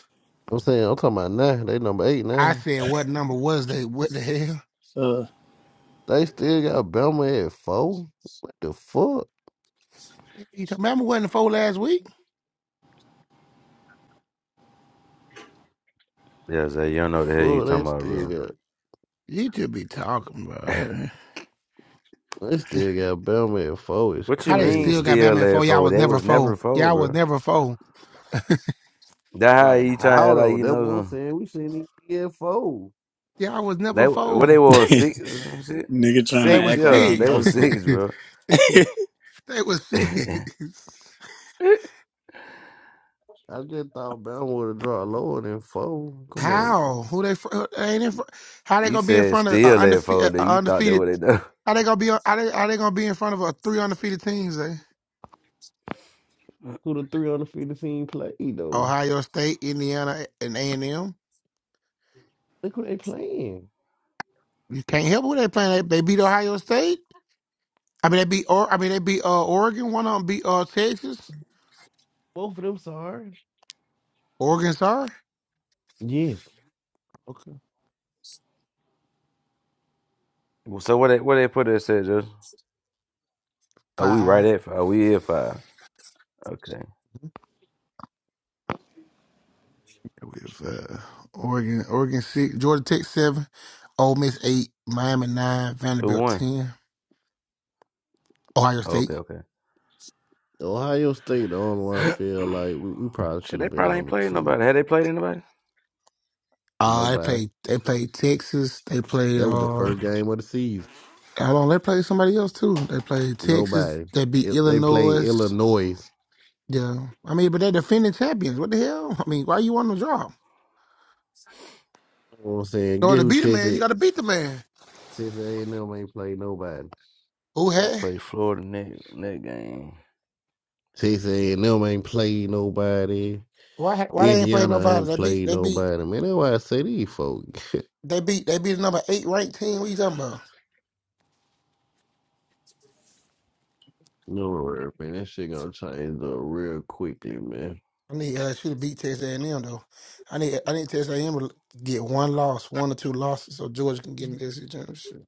Speaker 15: I'm saying I'm talking about nine. They number eight
Speaker 18: I
Speaker 15: now.
Speaker 18: said, what number was they? What the hell?
Speaker 16: you? Uh,
Speaker 15: They still got Bama at four? What the fuck?
Speaker 18: You talk, remember wasn't the four last week?
Speaker 11: Yeah, Zay, you don't know what the hell you
Speaker 15: Fuck, they
Speaker 11: talking about, bro.
Speaker 15: still got
Speaker 18: You should be talking, bro.
Speaker 15: they still got Bama at four. It's
Speaker 11: What you
Speaker 18: How they
Speaker 11: mean
Speaker 18: still
Speaker 15: crazy.
Speaker 18: got
Speaker 11: still
Speaker 18: Bama at
Speaker 11: there
Speaker 18: four? Y'all
Speaker 11: for?
Speaker 18: was
Speaker 11: They
Speaker 18: never
Speaker 11: was never
Speaker 18: four.
Speaker 11: for,
Speaker 18: Y'all was
Speaker 11: bro.
Speaker 18: never four.
Speaker 11: That how
Speaker 15: Like
Speaker 11: you trying to
Speaker 15: how
Speaker 11: act like
Speaker 15: though?
Speaker 11: you
Speaker 15: That's
Speaker 11: know
Speaker 15: what I'm
Speaker 11: some?
Speaker 15: saying. We shouldn't even be at four.
Speaker 18: Y'all was
Speaker 11: They
Speaker 18: never
Speaker 11: what they
Speaker 18: four.
Speaker 11: were six or some shit.
Speaker 16: nigga trying to
Speaker 18: That
Speaker 11: Six,
Speaker 18: was
Speaker 16: act like
Speaker 11: yeah,
Speaker 16: he
Speaker 11: they
Speaker 18: six.
Speaker 11: were
Speaker 16: knows something.
Speaker 11: six, bro.
Speaker 18: They was six.
Speaker 15: I just thought Bama would have dropped lower than four. Come on.
Speaker 18: How? Who they? fr- they Ain't in fr- how they
Speaker 11: you
Speaker 18: gonna be in
Speaker 11: said
Speaker 18: front of a
Speaker 11: still at
Speaker 18: undefeated?
Speaker 11: four,
Speaker 18: A
Speaker 11: nigga. You thought that
Speaker 18: undefeated?
Speaker 11: what they done.
Speaker 18: How they gonna be? on- How they? How they gonna be in front of a three undefeated teams? Eh?
Speaker 15: Who the three on the field the team play though?
Speaker 18: Ohio State, Indiana, and A and M.
Speaker 15: Look who they playing.
Speaker 18: You can't help who they playing. They, they beat Ohio State. I mean, they beat. Or I mean, they beat uh, Oregon. One of them beat uh, Texas.
Speaker 15: Both of them sorry.
Speaker 18: Oregon, sorry.
Speaker 15: Yes.
Speaker 18: Okay.
Speaker 11: Well, So what they what they put it said just are we right
Speaker 18: Five.
Speaker 11: at five? Are We at five. Okay.
Speaker 18: With uh, Oregon, Oregon six, Georgia Tech seven, Ole Miss eight, Miami nine,
Speaker 11: Who
Speaker 18: Vanderbilt
Speaker 11: won?
Speaker 18: ten, Ohio
Speaker 11: Oh, okay,
Speaker 18: State.
Speaker 11: okay.
Speaker 15: Ohio State, the only one I feel like we, we probably
Speaker 11: Shit,
Speaker 15: should
Speaker 11: they
Speaker 15: have been
Speaker 11: probably ain't
Speaker 15: number
Speaker 11: played
Speaker 15: two.
Speaker 11: nobody. Had they played anybody?
Speaker 18: Uh, they
Speaker 15: Nobody.
Speaker 18: played. They played Texas. They played. Uh,
Speaker 15: That was the
Speaker 18: hold
Speaker 15: first game of the season.
Speaker 18: on. They played somebody else too. They played Texas.
Speaker 15: Nobody.
Speaker 18: They beat
Speaker 15: It, they played
Speaker 18: Illinois.
Speaker 15: Illinois.
Speaker 18: Yeah. I mean, but they're defending champions. What the hell? I mean, why you want to draw?
Speaker 15: You know what I'm saying?
Speaker 18: So
Speaker 15: Get
Speaker 18: to
Speaker 15: who
Speaker 18: beat a man, you
Speaker 15: Texas
Speaker 18: got to beat the man.
Speaker 15: Texas A&M ain't played nobody.
Speaker 18: Who
Speaker 11: We
Speaker 18: had?
Speaker 11: played Florida next next game.
Speaker 15: Texas A&M ain't played nobody.
Speaker 18: Why? ha- Why they ain't playing
Speaker 15: Indiana
Speaker 18: nobody?
Speaker 15: ain't
Speaker 18: They beat.
Speaker 15: played
Speaker 18: They beat.
Speaker 15: nobody. Man, that's why I say these folks.
Speaker 18: They beat. They beat the number eight ranked team. What you talking about?
Speaker 15: No worry, man. That shit gonna change up real quickly, man.
Speaker 18: I need LSU to beat Texas A&M though. I need. I need Texas A&M to get one loss, one or two losses, so Georgia can get in the SEC championship.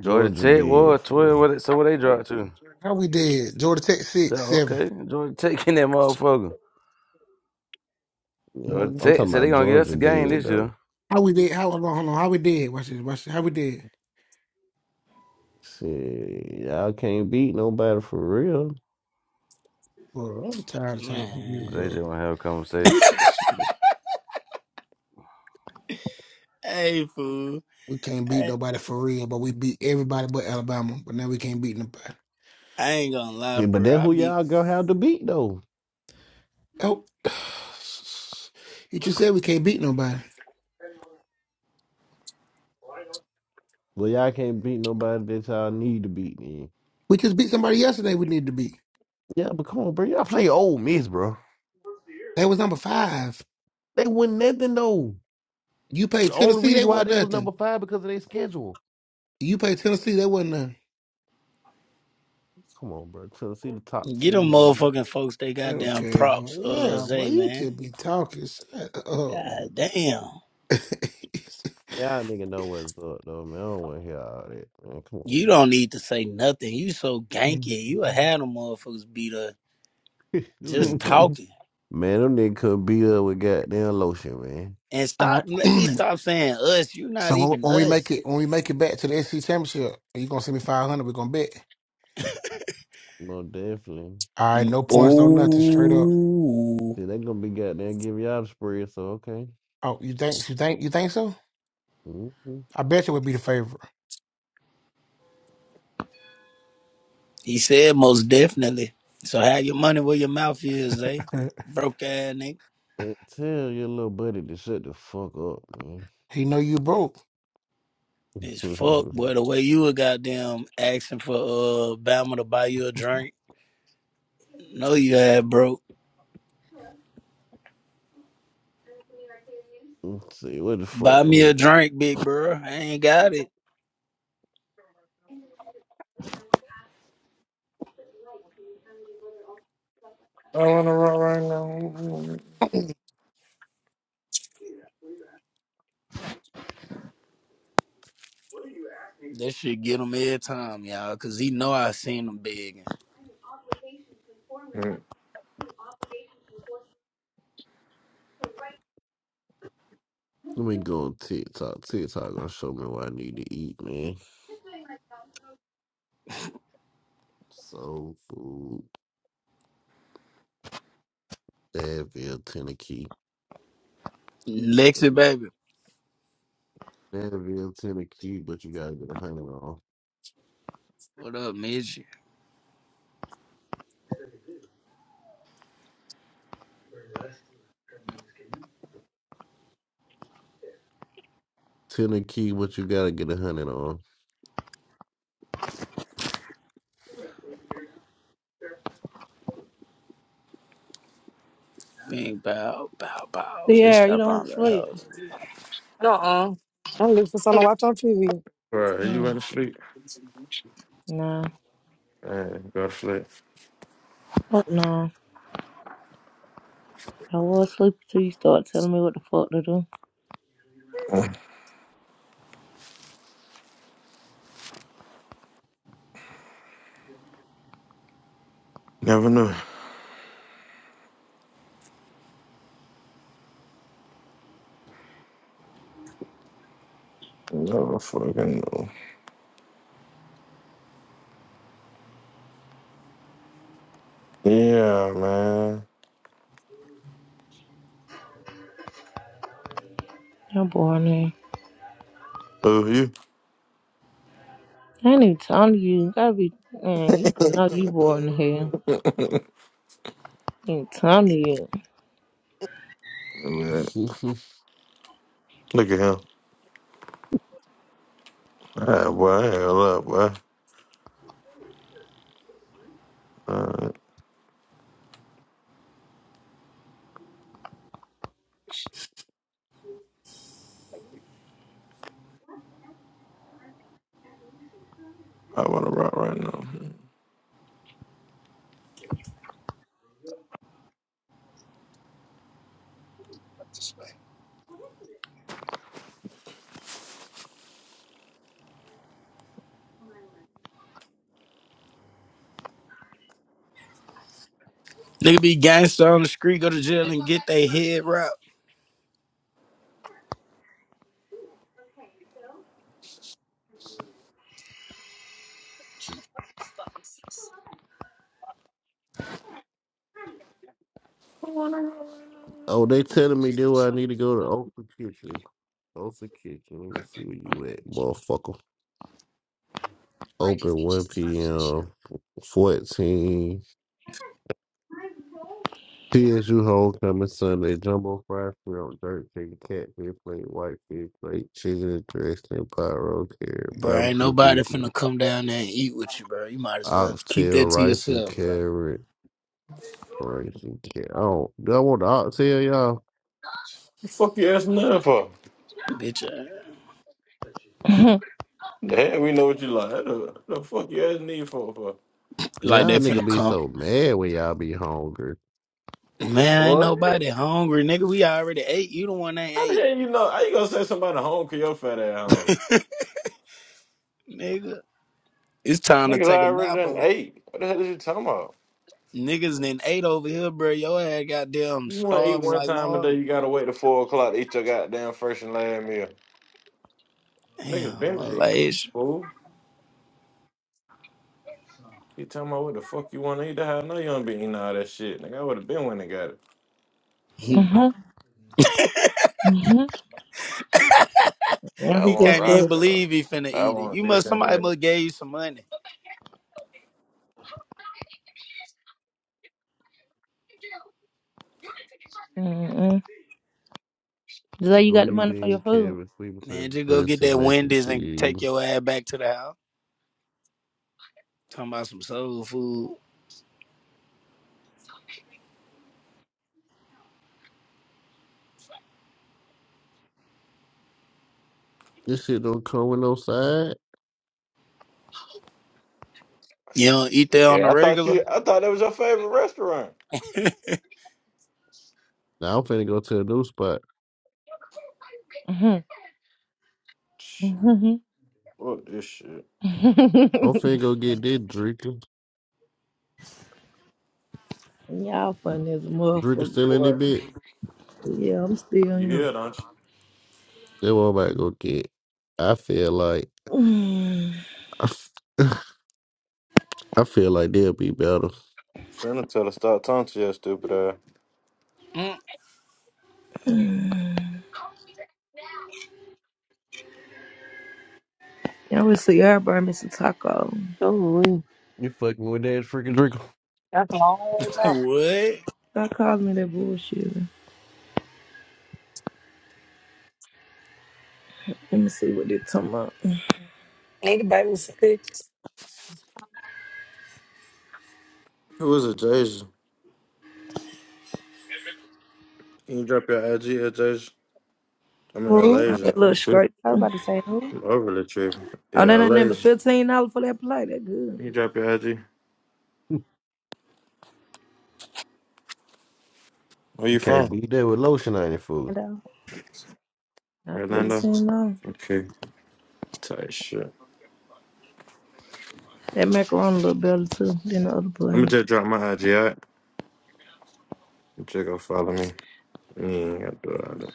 Speaker 11: Georgia
Speaker 15: Georgia
Speaker 11: Tech
Speaker 15: dead,
Speaker 11: was
Speaker 15: fool.
Speaker 11: twelve. What it, so what they dropped to?
Speaker 18: How we did? Georgia Tech
Speaker 11: So
Speaker 18: six, seven.
Speaker 11: okay, Georgia Tech in that motherfucker.
Speaker 15: Yeah,
Speaker 11: Georgia
Speaker 15: I'm
Speaker 11: Tech said
Speaker 15: talking
Speaker 11: so they
Speaker 15: about
Speaker 11: gonna get us
Speaker 15: Georgia
Speaker 11: a game
Speaker 15: dead
Speaker 11: this
Speaker 15: though.
Speaker 11: year.
Speaker 18: How we did? How hold on? Hold on. How we did? Watch this. Watch this. How we did?
Speaker 15: See, y'all can't beat nobody for real.
Speaker 18: Bro, I'm tired of talking to you,
Speaker 16: Man.
Speaker 11: JJ
Speaker 18: bro.
Speaker 11: wanna have a conversation.
Speaker 18: You just
Speaker 16: Hey, fool.
Speaker 18: we can't beat
Speaker 16: Hey,
Speaker 18: nobody for real, but we beat everybody but Alabama. But now we can't beat nobody.
Speaker 16: I ain't gonna lie,
Speaker 15: See, but
Speaker 16: bro.
Speaker 15: then
Speaker 16: I
Speaker 15: who
Speaker 16: be
Speaker 15: y'all gonna have to beat though?
Speaker 18: Oh, you just said we can't beat nobody.
Speaker 15: Well, y'all can't beat nobody that y'all need to beat then.
Speaker 18: We just beat somebody yesterday. We need to beat.
Speaker 15: Yeah, but come on, bro. Y'all play Ole miss, bro.
Speaker 18: That was number five.
Speaker 15: They win nothing though.
Speaker 18: You
Speaker 15: The
Speaker 18: played
Speaker 15: only
Speaker 18: Tennessee. They
Speaker 15: reason why
Speaker 18: wasn't
Speaker 15: they was
Speaker 18: nothing.
Speaker 15: number five because of their schedule.
Speaker 18: You played Tennessee. They wasn't nothing.
Speaker 15: Come on, bro. Tennessee the top
Speaker 16: Get them
Speaker 15: team. and
Speaker 16: motherfucking folks they goddamn
Speaker 18: Okay, bro.
Speaker 16: props, uh,
Speaker 18: Yeah, bro.
Speaker 16: Zay,
Speaker 18: You
Speaker 16: man.
Speaker 18: just be talking. Shut up, bro.
Speaker 16: God damn.
Speaker 15: Y'all nigga know what's up though, man. I don't wanna hear all that, man. Come
Speaker 16: You
Speaker 15: on.
Speaker 16: don't need to say nothing. You so ganky. You a had them motherfuckers beat up
Speaker 15: Man. you
Speaker 16: just
Speaker 15: nigga can't
Speaker 16: talking.
Speaker 15: Man, them niggas could beat up with goddamn lotion, man.
Speaker 16: And
Speaker 18: All
Speaker 16: stop,
Speaker 18: right.
Speaker 16: let me stop saying us. You're not
Speaker 18: So when,
Speaker 16: even
Speaker 18: when we make
Speaker 16: us.
Speaker 18: it, when we make it back to the SC championship, you gonna send me five hundred. We gonna bet.
Speaker 15: Well, definitely.
Speaker 18: All right,
Speaker 16: Mm,
Speaker 18: no points, no nothing, straight up.
Speaker 16: Ooh.
Speaker 15: See, they gonna be goddamn giving y'all the spread, so okay.
Speaker 18: Oh, you think you think you think so?
Speaker 15: Mm-hmm.
Speaker 18: I bet you would be the favorite.
Speaker 16: He said most definitely. So have your money where your mouth is, Zay. Broke ass nigga.
Speaker 15: Man, tell your little buddy to shut the fuck up, man.
Speaker 18: he know you broke.
Speaker 16: It's fuck, boy. The way you were goddamn asking for uh Bama to buy you a drink. No, you had broke.
Speaker 15: Let's see, what the fuck?
Speaker 16: Buy
Speaker 15: Let
Speaker 16: me
Speaker 15: me
Speaker 16: a
Speaker 15: go.
Speaker 16: drink, big bro. I ain't got it.
Speaker 6: I wanna rock right now.
Speaker 16: That shit get him every time, y'all, cause he know I seen him begging.
Speaker 6: Mm.
Speaker 15: Let me go on TikTok. TikTok gonna show me what I need to eat, man. Soul food, Advil, Tennessee. Look
Speaker 16: Lexi,
Speaker 15: at
Speaker 16: baby.
Speaker 15: Advil, Tennessee, but you gotta get a hundred on.
Speaker 16: What up, Mitch?
Speaker 15: Tennessee, but you gotta get a hundred
Speaker 16: Bing, bow, bow, bow.
Speaker 3: Yeah,
Speaker 16: Bitch,
Speaker 3: you
Speaker 16: I
Speaker 3: don't want to
Speaker 16: found that
Speaker 3: sleep.
Speaker 16: hoe.
Speaker 2: uh-uh. I'm looking for something to watch on TV.
Speaker 6: Bro, you
Speaker 3: Mm,
Speaker 6: went to sleep?
Speaker 3: nah.
Speaker 6: Man, go to sleep.
Speaker 3: Fuck nah. I was sleepy till you start telling me what the fuck to do.
Speaker 6: Never knew. Never fucking know. Yeah, man.
Speaker 3: You're boring here.
Speaker 6: Who you?
Speaker 3: I ain't even talking to you. Gotta be, man, you can know you boring here. Ain't talking to you.
Speaker 6: Man,
Speaker 15: on.
Speaker 6: Look at him. Ah, boy, hell up, boy. Uh, I want to rock right now.
Speaker 16: Nigga be gangster on the street, go to jail and get they head wrapped.
Speaker 15: Oh, they telling me do I need to go to Open Kitchen. Open Kitchen. Let me see where you at, motherfucker. Open 1 p.m. 14. TSU Homecoming Sunday. Jumbo fried shrimp, dirt chicken, catfish plate, white fish plate, chicken and dressing, pot roast carrot,
Speaker 16: Bro, ain't
Speaker 15: barbecue
Speaker 16: nobody
Speaker 15: beef,
Speaker 16: finna come down there and eat with you, bro. You might as well keep
Speaker 15: oxtail,
Speaker 16: that to
Speaker 15: rice and
Speaker 16: yourself, bro.
Speaker 15: carrot, rice and carrot. Oh, do I want the oxtail, y'all?
Speaker 6: The fuck you asking that for?
Speaker 16: Bitch, ass.
Speaker 6: The hell, we know what you like. The, the fuck you asking me for? For
Speaker 16: like they
Speaker 15: Y'all nigga
Speaker 16: finna
Speaker 15: be
Speaker 16: come.
Speaker 15: so mad when y'all be hungry.
Speaker 16: Man, ain't
Speaker 6: what?
Speaker 16: nobody hungry, nigga. We already ate. You the one that ain't
Speaker 6: How the
Speaker 16: ate,
Speaker 6: hell you know? How you gonna say somebody home? Cause your fat ass home.
Speaker 16: nigga. It's time to
Speaker 6: Niggas
Speaker 16: take a
Speaker 6: already
Speaker 16: nap
Speaker 6: done ate. What the hell is you talking about?
Speaker 16: Niggas then ate over here, bro. Your ass goddamn
Speaker 6: You want to eat
Speaker 16: starving
Speaker 6: one
Speaker 16: like
Speaker 6: time a day?
Speaker 16: Marvin.
Speaker 6: You gotta wait till four o'clock to eat your goddamn first and last meal. Niggas
Speaker 16: Damn, I
Speaker 6: been
Speaker 16: was like,
Speaker 6: ate.
Speaker 16: it's-
Speaker 6: Fool. You talking about what the fuck you want to eat? I know you don't be eating all that shit. Nigga, I would have been when they got it.
Speaker 16: he
Speaker 3: Uh-huh. Mm-hmm.
Speaker 6: But
Speaker 3: Yeah,
Speaker 6: I
Speaker 3: he
Speaker 6: want
Speaker 3: just
Speaker 16: can't even
Speaker 3: slept.
Speaker 6: Roscoe.
Speaker 16: believe he finna
Speaker 6: I
Speaker 16: eat it.
Speaker 6: want
Speaker 16: You must,
Speaker 6: this and
Speaker 16: somebody
Speaker 6: that.
Speaker 16: must gave you some money.
Speaker 3: Mm-mm. Is that you got the
Speaker 15: Green
Speaker 3: money for your
Speaker 15: bean,
Speaker 3: food?
Speaker 15: carrots, sweet potato,
Speaker 16: Man, just go get
Speaker 15: dressing,
Speaker 16: that
Speaker 15: mac and
Speaker 16: Wendy's and
Speaker 15: cheese.
Speaker 16: take your ass back to the house. Talking about some soul food.
Speaker 15: This shit don't come with no side.
Speaker 16: You don't eat that on
Speaker 6: Yeah,
Speaker 16: the
Speaker 6: I thought
Speaker 16: regular?
Speaker 6: you. I thought that was your favorite restaurant.
Speaker 15: Now I'm finna go to a new spot.
Speaker 3: Mm-hmm.
Speaker 6: Shit,
Speaker 3: Mm-hmm.
Speaker 6: what this shit?
Speaker 15: I'm finna go get this drinker.
Speaker 3: Y'all funny as a
Speaker 15: Drinker
Speaker 3: motherfucker,
Speaker 15: still in it,
Speaker 3: boy.
Speaker 15: bitch.
Speaker 3: Yeah, I'm still
Speaker 6: You
Speaker 3: here.
Speaker 6: here, don't you?
Speaker 15: That's what I'm about to go get. I feel like
Speaker 3: Mm.
Speaker 15: I feel like they'll be better.
Speaker 6: Finna tell her stop talking to your stupid ass.
Speaker 16: Mm,
Speaker 3: Y'all would see everybody missing taco.
Speaker 2: Oh, we-
Speaker 15: You fucking with that freaking drinker.
Speaker 2: that's a long way.
Speaker 16: what?
Speaker 3: Stop calling me that bullshit. Let me see what they talking about.
Speaker 2: Need a baby some pictures.
Speaker 6: Who is it, Jason? Can you drop your IG at Jason? I mean,
Speaker 21: Who?
Speaker 3: I got a
Speaker 6: Alasia.
Speaker 3: little
Speaker 6: I'm sick.
Speaker 3: scrape.
Speaker 21: I was
Speaker 3: Oh,
Speaker 21: about to say who?
Speaker 6: I'm overly tripping.
Speaker 3: that
Speaker 6: Yeah,
Speaker 3: ain't number
Speaker 6: Alasia.
Speaker 3: fifteen dollars for that plate. That good.
Speaker 6: Can you drop your IG? Where you
Speaker 15: Can't
Speaker 6: from?
Speaker 15: beat that with lotion on your food.
Speaker 21: Though.
Speaker 3: Not
Speaker 21: Man,
Speaker 6: Orlando.
Speaker 3: fifteen dollars.
Speaker 6: Okay. Tight shit.
Speaker 3: That macaroni a little better too than the other
Speaker 6: I'm gonna
Speaker 3: plate.
Speaker 6: just drop my IG out. You just go follow me. You ain't got to do all that.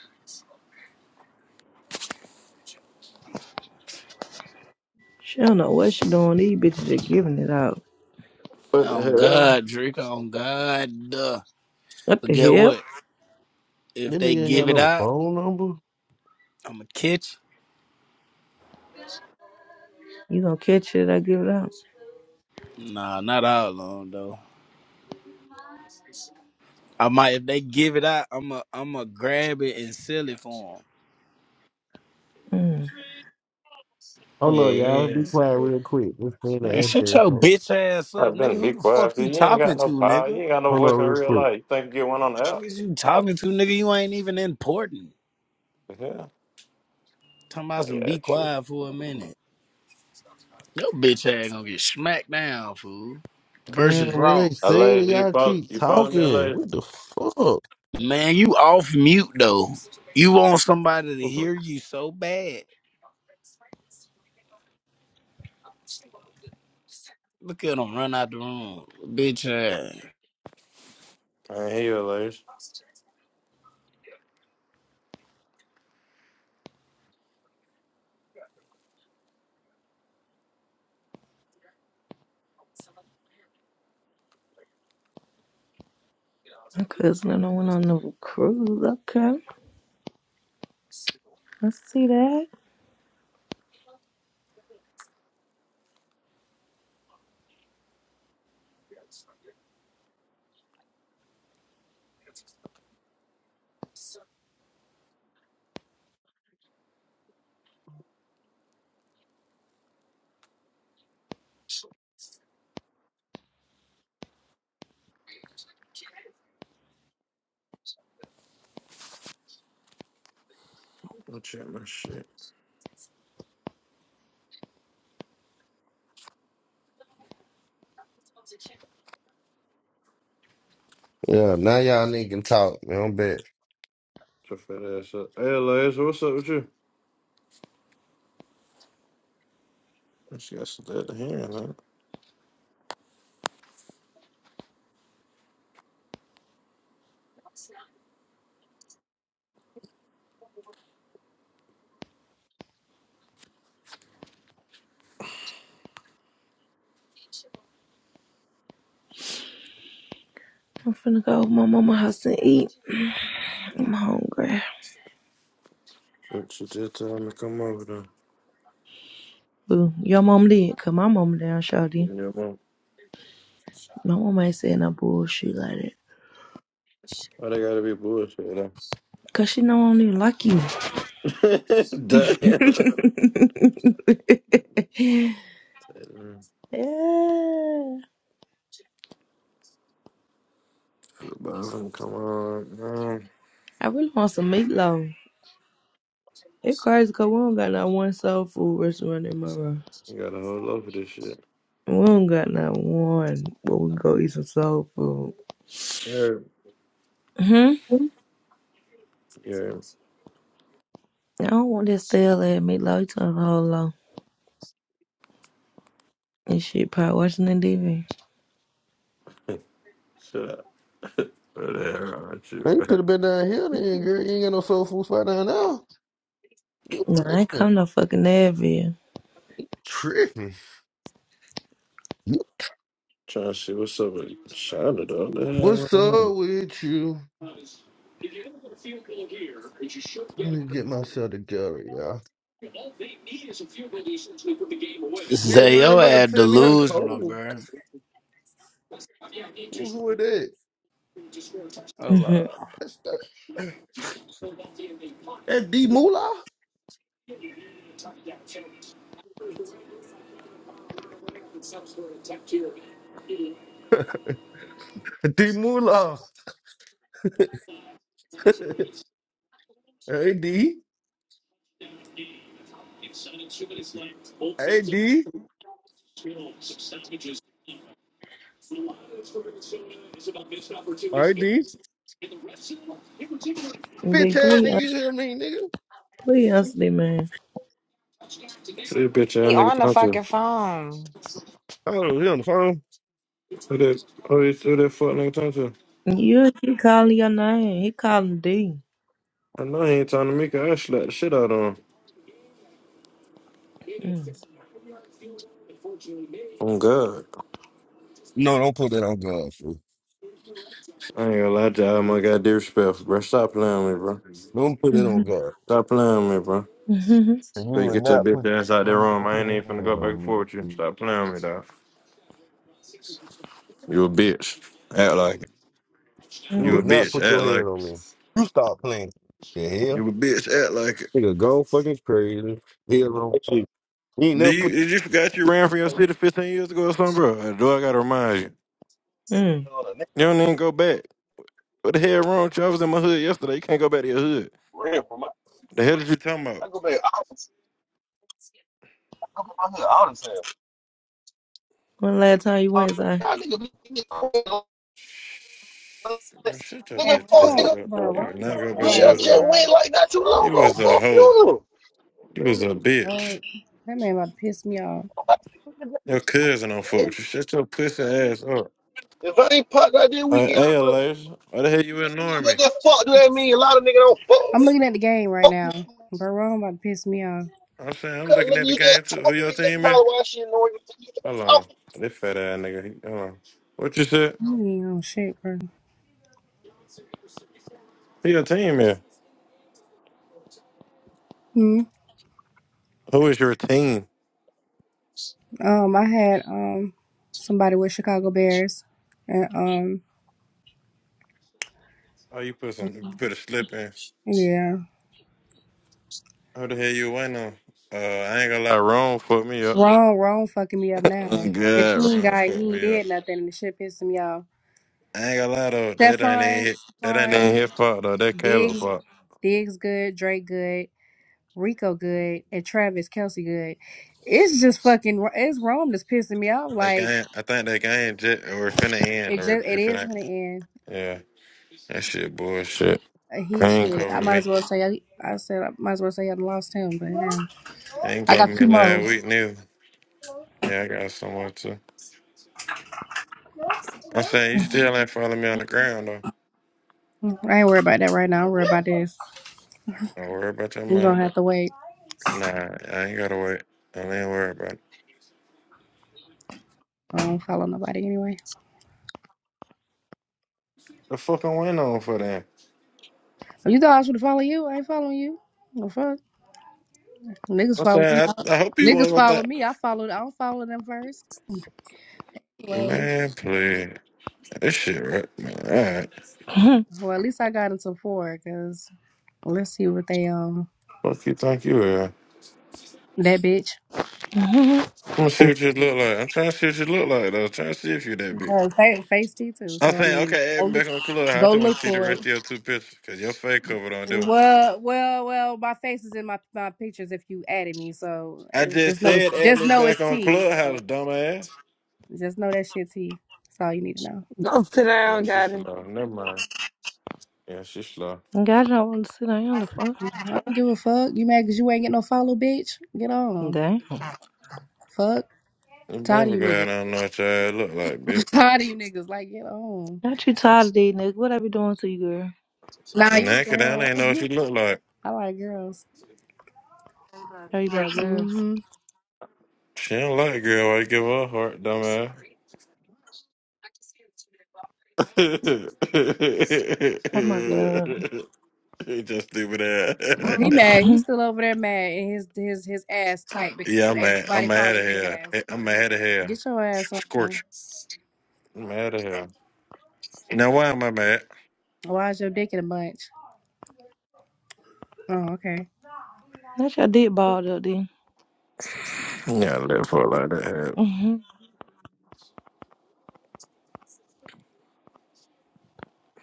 Speaker 3: She don't know what she doing. These bitches just giving it out.
Speaker 6: What the
Speaker 16: On
Speaker 6: hell?
Speaker 16: God, Drake, on God. Duh.
Speaker 3: What
Speaker 16: But
Speaker 3: the
Speaker 16: get
Speaker 3: hell?
Speaker 16: what? If
Speaker 15: This
Speaker 16: they
Speaker 15: nigga ain't
Speaker 16: give
Speaker 15: got
Speaker 16: it
Speaker 15: no
Speaker 16: out,
Speaker 15: phone number.
Speaker 16: I'ma catch
Speaker 3: You gonna catch it? I give it out.
Speaker 16: you. Nah, not all of 'em, though. I might if they give it out, I'm a I'm a grab it and sell it for
Speaker 3: Mm.
Speaker 16: them.
Speaker 15: Hold
Speaker 16: Yeah,
Speaker 15: on, y'all.
Speaker 16: yeah.
Speaker 15: Be quiet real quick. This ain't
Speaker 16: Man,
Speaker 15: an
Speaker 16: shut
Speaker 15: actor.
Speaker 16: your
Speaker 15: Hold
Speaker 16: bitch ass
Speaker 6: I
Speaker 16: up, nigga.
Speaker 6: done
Speaker 16: Who
Speaker 6: be
Speaker 16: the fuck
Speaker 6: quiet, cause
Speaker 16: you
Speaker 6: you ain't
Speaker 16: talking
Speaker 6: got no
Speaker 16: to,
Speaker 6: power.
Speaker 16: nigga?
Speaker 6: You ain't got no
Speaker 15: on
Speaker 6: voice in
Speaker 15: real
Speaker 6: real
Speaker 15: quick.
Speaker 6: life. You think you get one on the
Speaker 16: Fuck
Speaker 6: app?
Speaker 16: is you talking to, nigga? You ain't even important.
Speaker 6: Yeah,
Speaker 16: Talking about some
Speaker 6: yeah,
Speaker 16: be
Speaker 6: true.
Speaker 16: quiet for a minute. Your bitch ass gonna get smacked down, fool.
Speaker 15: Damn,
Speaker 16: Versus
Speaker 15: when they
Speaker 16: Raw.
Speaker 15: say it,
Speaker 6: Alays, you
Speaker 15: y'all
Speaker 6: follow,
Speaker 15: keep
Speaker 6: you follow me,
Speaker 15: talking.
Speaker 6: Alays?
Speaker 15: What the fuck?
Speaker 16: Man, you off mute though. You want somebody to hear you so bad. Look at them run out the room, bitch ass.
Speaker 6: I ain't hear you, Alays.
Speaker 3: My cousin and I went on a cruise. Okay, I see that.
Speaker 6: I'll check my shit.
Speaker 15: Yeah, now y'all niggas can talk, man. I'm back.
Speaker 6: Your fat ass up. Hey, Alays, what's up with you? She got some dead to hear, man.
Speaker 3: I'm finna go to my mama house and eat. I'm hungry.
Speaker 6: She she just told me to come over there.
Speaker 3: Boo, your mom did, cause my mama down shawty.
Speaker 6: Yeah, man.
Speaker 3: My mama ain't saying no bullshit like that,
Speaker 6: Why they gotta be bullshit, though?
Speaker 3: cause she know I don't even like you.
Speaker 6: Damn. Feel
Speaker 3: yeah.
Speaker 6: bad for them. Come on, man.
Speaker 3: I really want some meatloaf. It crazy because we don't got not one soul food restaurant in Monroe.
Speaker 6: You got a whole lot of this shit.
Speaker 3: We don't got not one where we can go eat some soul food.
Speaker 6: Yeah.
Speaker 3: hmm
Speaker 6: Yeah.
Speaker 3: I don't want that stale ass meatloaf. You talking a whole lot. And shit, probably watching the TV.
Speaker 6: Shut up. What the hell wrong with
Speaker 15: Man,
Speaker 6: you?
Speaker 15: you should have been down here then, girl. You ain't got no soul food spot down there. You
Speaker 3: No, I ain't
Speaker 15: playing.
Speaker 3: come no fucking Advil.
Speaker 15: Tripping. You-
Speaker 6: Trying to see what's up with Shonda, though. What the hell
Speaker 15: What's
Speaker 6: going on?
Speaker 15: up with you? Let me get myself together, y'all. Shit,
Speaker 16: Say
Speaker 15: why ain't
Speaker 16: your
Speaker 15: nobody
Speaker 16: ass
Speaker 15: tell me how
Speaker 16: delusional,
Speaker 15: cold?
Speaker 16: bruh.
Speaker 15: Who who it is?
Speaker 3: Mm-hmm.
Speaker 16: Hello.
Speaker 15: That's that, that D Moolah? D Moolah. hey, D. Hey, D. Hey, D.
Speaker 3: D,
Speaker 15: Bitch ass nigga,
Speaker 3: please,
Speaker 15: you hear me, nigga?
Speaker 3: please answer me, man.
Speaker 6: Who that bitch ass
Speaker 4: He
Speaker 6: nigga
Speaker 4: on the
Speaker 6: talk to?
Speaker 4: fucking phone.
Speaker 15: Oh, he on the phone?
Speaker 6: Who that, who that, who that fuck nigga talk to?
Speaker 3: You keep calling your name. He calling D.
Speaker 6: I know he ain't talking to me, cause I slapped the shit out on him.
Speaker 3: Mm.
Speaker 6: Oh, God.
Speaker 15: No, don't put that on God, fool.
Speaker 6: I ain't gonna lie to you. I'm gonna got disrespectful, bro. Stop playing with me, bro.
Speaker 15: Don't put that
Speaker 3: Mm-hmm.
Speaker 15: on God.
Speaker 6: Stop playing with me, bro.
Speaker 3: Mm-hmm.
Speaker 15: And
Speaker 6: But
Speaker 15: you
Speaker 6: you
Speaker 15: would
Speaker 6: get your
Speaker 15: not
Speaker 6: bitch
Speaker 15: put
Speaker 6: ass out there
Speaker 15: someone
Speaker 6: room. I ain't even finna go
Speaker 15: hand
Speaker 6: back and
Speaker 15: on
Speaker 6: forth with you.
Speaker 15: me.
Speaker 6: Stop playing with me, dog. You a bitch. Act like it.
Speaker 15: You
Speaker 3: Mm-hmm.
Speaker 6: You a
Speaker 15: would not
Speaker 6: bitch.
Speaker 15: put
Speaker 6: Act
Speaker 15: your
Speaker 6: like
Speaker 15: hand on me.
Speaker 6: it.
Speaker 15: You stop playing. The hell?
Speaker 6: You a bitch. Act like it.
Speaker 15: Nigga, go fucking crazy. Hell on shit. You ain't
Speaker 6: Do
Speaker 15: never
Speaker 6: you
Speaker 15: put.
Speaker 6: did you forgot you ran for your
Speaker 15: nigga
Speaker 6: city fifteen years ago or something, bro? Uh, Do I gotta remind you?
Speaker 3: mm
Speaker 6: You don't even go back. What the hell wrong with you? I was in my hood yesterday. You can't go back to your hood.
Speaker 15: Ran from my,
Speaker 6: The hell did you talking about?
Speaker 15: I go back. I was-
Speaker 3: When last time you went, Si?
Speaker 6: Bro, shut your
Speaker 21: That's
Speaker 6: bitch ass
Speaker 21: what Rob, I
Speaker 6: up.
Speaker 21: bro,
Speaker 6: You did not go
Speaker 21: thought.
Speaker 6: back to
Speaker 21: Rob
Speaker 6: your
Speaker 21: is ass,
Speaker 6: hood.
Speaker 21: bro.
Speaker 6: You was a hoe. You was a bitch.
Speaker 21: Man, That man about to piss me off.
Speaker 6: Your cousin on not fuck with you. Shut your pussy ass up. Hey, hey Elias, why the hell you ignoring me?
Speaker 21: I'm looking at the game right now. Bro, Ron about to piss me off.
Speaker 6: I'm saying I'm looking at the game too. Who your team is? Hold on. This fat ass nigga. he- Hold on. What you said?
Speaker 21: You ain't on shit, bro.
Speaker 6: Who your team is?
Speaker 21: Hmm.
Speaker 6: Who is your team?
Speaker 21: Um, I had um somebody with Chicago Bears, and um,
Speaker 6: Oh, you put some, you put a slip in.
Speaker 21: yeah,
Speaker 6: Who the hell you waiting on? Uh, I ain't gonna lie. Wrong fucked me up.
Speaker 21: Ron, Ron fucking me up now.
Speaker 6: I'm
Speaker 21: If
Speaker 6: Good.
Speaker 21: he ain't
Speaker 6: Wrong
Speaker 21: got,
Speaker 6: fucked
Speaker 21: he ain't
Speaker 6: me up.
Speaker 21: did nothing, and the shit pissing me off.
Speaker 6: I ain't gonna lie though. That ain't even
Speaker 21: Stephon,
Speaker 6: hit. That ain't even
Speaker 21: Stephon,
Speaker 6: his fault though. That Caleb
Speaker 21: Diggs,
Speaker 6: fault.
Speaker 21: Diggs good, Drake good. Rico Good and Travis Kelsey Good. It's just fucking. It's Rome that's pissing me off.
Speaker 6: That
Speaker 21: Like
Speaker 6: game. I think that game jet or finna end
Speaker 21: it
Speaker 6: or
Speaker 21: just. It
Speaker 6: if it
Speaker 21: is
Speaker 6: ain't.
Speaker 21: gonna end.
Speaker 6: Yeah. That shit bullshit.
Speaker 21: Uh, He
Speaker 6: They ain't
Speaker 21: shit. I
Speaker 6: cover
Speaker 21: might
Speaker 6: me.
Speaker 21: as well say. I, I said I might as well say I lost him, but yeah.
Speaker 6: They ain't
Speaker 21: I
Speaker 6: cover
Speaker 21: got
Speaker 6: me
Speaker 21: two more.
Speaker 6: last week neither. Yeah, I got someone too. I'm saying you still ain't follow me on the ground though.
Speaker 21: Mm, I ain't worried about that right now. I'm worried about this.
Speaker 6: Don't worry about your
Speaker 21: We
Speaker 6: money.
Speaker 21: gonna
Speaker 6: Though.
Speaker 21: have to wait.
Speaker 6: Nah, I ain't gotta wait. I ain't worried about it.
Speaker 21: I don't follow nobody anyway.
Speaker 6: The fuck I went on for that?
Speaker 21: You thought I was gonna follow you? I ain't following you. The fuck? Niggas
Speaker 6: I
Speaker 21: follow me.
Speaker 6: said, I, I hope you
Speaker 21: Niggas
Speaker 6: went with
Speaker 21: follow
Speaker 6: that.
Speaker 21: me. I followed. I don't follow them first. Well,
Speaker 6: Man, play it. this shit right, man. All right.
Speaker 21: well, at least I got into four. Cause let's see what they um.
Speaker 6: Fuck you, think you are. I'm
Speaker 21: That bitch.
Speaker 3: God,
Speaker 6: gonna see what you look like. I'm trying to see what you look like, though. I'm trying to see if you that big.
Speaker 21: Uh, fa- face T too.
Speaker 6: I'm
Speaker 21: So I
Speaker 6: saying,
Speaker 21: mean,
Speaker 6: okay,
Speaker 21: go
Speaker 6: add me
Speaker 21: look,
Speaker 6: back on Clubhouse. I
Speaker 21: go
Speaker 6: just want
Speaker 21: look
Speaker 6: to see the
Speaker 21: for
Speaker 6: rest of
Speaker 21: it.
Speaker 6: your two pictures because your face covered on that one.
Speaker 21: Well, well, well. My face is in my my pictures. If you added me, so
Speaker 6: I
Speaker 21: it's
Speaker 6: just
Speaker 21: just know it's
Speaker 6: said, add
Speaker 21: just
Speaker 6: me
Speaker 21: know
Speaker 6: back
Speaker 21: it's
Speaker 6: on
Speaker 21: T. So
Speaker 6: Clubhouse, dumbass.
Speaker 21: just know that shit T. That's all you need to know.
Speaker 2: Go sit
Speaker 6: Yeah,
Speaker 2: down,
Speaker 6: she
Speaker 2: got it.
Speaker 6: slow. Never mind. Yeah, she slow.
Speaker 3: y'all want to sit down the fuck.
Speaker 21: I don't give a fuck. You mad because you ain't get no follow, bitch? Get on.
Speaker 3: Damn.
Speaker 21: Fuck.
Speaker 6: This
Speaker 21: Tired of
Speaker 6: baby
Speaker 21: you
Speaker 6: girl, I
Speaker 21: niggas.
Speaker 6: don't know what your ass look like, bitch.
Speaker 21: Tired of you niggas. Like get on.
Speaker 3: Not you tired of these niggas. What I be doing to you, girl?
Speaker 21: Nah, you
Speaker 6: Naked, I don't
Speaker 21: girl.
Speaker 6: even know what she look like.
Speaker 21: I like girls.
Speaker 3: How you like girls?
Speaker 21: hmm
Speaker 6: She don't like girl. I give her a heart, dumbass.
Speaker 3: Oh my god.
Speaker 6: You Just stupid ass.
Speaker 21: He mad. He's still over there mad and his his his ass tight
Speaker 6: yeah,
Speaker 21: because
Speaker 6: I'm
Speaker 21: ain't
Speaker 6: mad. I'm
Speaker 21: nobody
Speaker 6: mad at
Speaker 21: following his
Speaker 6: here.
Speaker 21: ass.
Speaker 6: I'm mad at here.
Speaker 21: Get your ass on.
Speaker 6: Scorch. I'm mad at here. Now why am I mad?
Speaker 21: Why is your dick in a bunch? Oh, okay.
Speaker 3: Not your dick balled up then.
Speaker 6: Yeah, let for like that. hell.
Speaker 3: Mhm.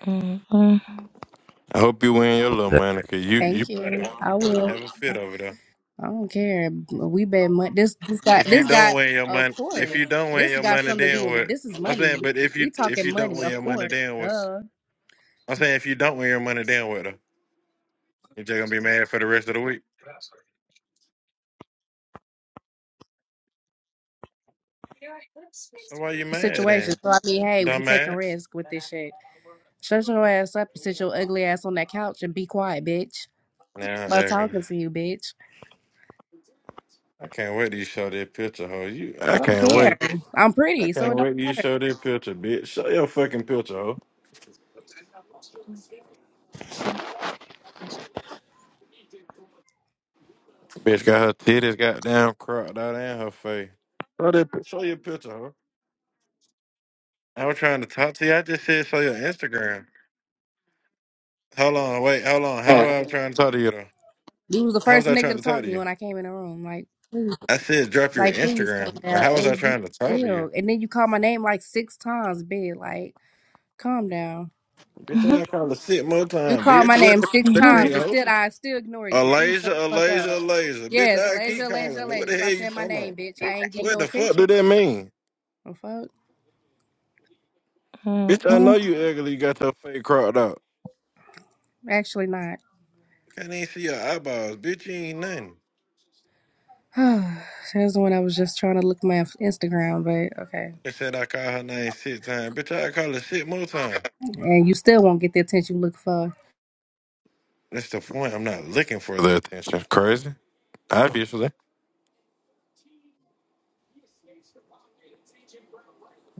Speaker 3: Mhm.
Speaker 6: I hope you win your little
Speaker 22: That
Speaker 6: money, cause you you
Speaker 21: Thank you.
Speaker 6: you about to, you
Speaker 21: I
Speaker 6: about to
Speaker 21: will.
Speaker 6: have a fit over there.
Speaker 21: I don't care. We bet money. This this guy
Speaker 6: If you
Speaker 21: this
Speaker 6: don't
Speaker 21: guy
Speaker 6: win your
Speaker 21: of
Speaker 6: money,
Speaker 21: course.
Speaker 6: if you don't win
Speaker 21: This
Speaker 6: your
Speaker 21: got
Speaker 6: money,
Speaker 21: something to
Speaker 6: then
Speaker 21: do with
Speaker 6: what?
Speaker 21: this is
Speaker 6: I'm saying,
Speaker 21: money.
Speaker 6: but if you
Speaker 21: We
Speaker 6: if you
Speaker 21: talking
Speaker 6: don't
Speaker 21: money,
Speaker 6: win
Speaker 21: of
Speaker 6: your money,
Speaker 21: course.
Speaker 6: then what?
Speaker 21: Duh.
Speaker 6: I'm saying, if you don't win your money, then what? You just gonna be mad for the rest of the week. So why you mad
Speaker 21: Situation.
Speaker 6: then,
Speaker 21: So I mean, hey, we taking
Speaker 6: dumbass?
Speaker 21: risk with this shit. Shut your ass up and sit your ugly ass on that couch and be quiet, bitch.
Speaker 6: Now
Speaker 21: I'm not
Speaker 6: acting.
Speaker 21: talking to you, bitch.
Speaker 6: I can't wait till you show that picture, ho. You, I
Speaker 21: I don't
Speaker 6: can't wait.
Speaker 21: care. I'm
Speaker 6: I
Speaker 21: pretty, so
Speaker 6: can't
Speaker 21: it don't.
Speaker 6: wait till you show that picture, bitch. Show your fucking picture, ho. Bitch got her titties goddamn cropped out and her face. Show that. pi- Show your picture, ho. I was trying to talk to you. I just said show your Instagram. Hold on, wait, hold on. How was I trying to talk to you though?
Speaker 21: You was the
Speaker 6: How was
Speaker 21: first
Speaker 6: I
Speaker 21: nigga
Speaker 6: trying
Speaker 21: to
Speaker 6: to talk
Speaker 21: talk to
Speaker 6: to
Speaker 21: me
Speaker 6: you?
Speaker 21: when I came in the room. Like, please,
Speaker 6: I said drop your
Speaker 21: like, please calm
Speaker 6: Instagram, but
Speaker 21: down.
Speaker 6: how was I
Speaker 21: And you
Speaker 6: trying to talk to you?
Speaker 21: still, and then you call my name like six times, big. Like, calm down.
Speaker 6: Bitch, I call her sit more
Speaker 21: You
Speaker 6: time,
Speaker 21: called
Speaker 6: bitch.
Speaker 21: my
Speaker 6: What
Speaker 21: name
Speaker 6: the
Speaker 21: six
Speaker 6: fuck that
Speaker 3: Mhm.
Speaker 6: mean,
Speaker 21: times, and
Speaker 6: ho?
Speaker 21: still, I still ignored you. Please shut
Speaker 6: Alasia,
Speaker 21: the fuck up.
Speaker 6: Alasia, Alasia. Bitch,
Speaker 21: Yes,
Speaker 6: I keep
Speaker 21: Alasia, Alasia,
Speaker 6: calling What
Speaker 21: Alasia.
Speaker 6: the hell
Speaker 21: Stop
Speaker 6: you
Speaker 21: saying my
Speaker 6: talking about?
Speaker 21: name, bitch. I ain't give you
Speaker 6: What
Speaker 21: no
Speaker 6: the fuck do
Speaker 21: attention.
Speaker 6: that mean?
Speaker 21: Oh fuck,
Speaker 6: Bitch, I know
Speaker 3: Mhm.
Speaker 6: you ugly. You got your face cropped out.
Speaker 21: actually not.
Speaker 6: Can't even see your eyeballs. Bitch, you ain't nothing.
Speaker 21: That's the one I was just trying to look my Instagram, but okay.
Speaker 6: They said I call her name six times. Bitch, I call her shit more time.
Speaker 21: And you still won't get the attention you look for.
Speaker 6: That's the point. I'm not looking for the attention. Crazy. Obviously.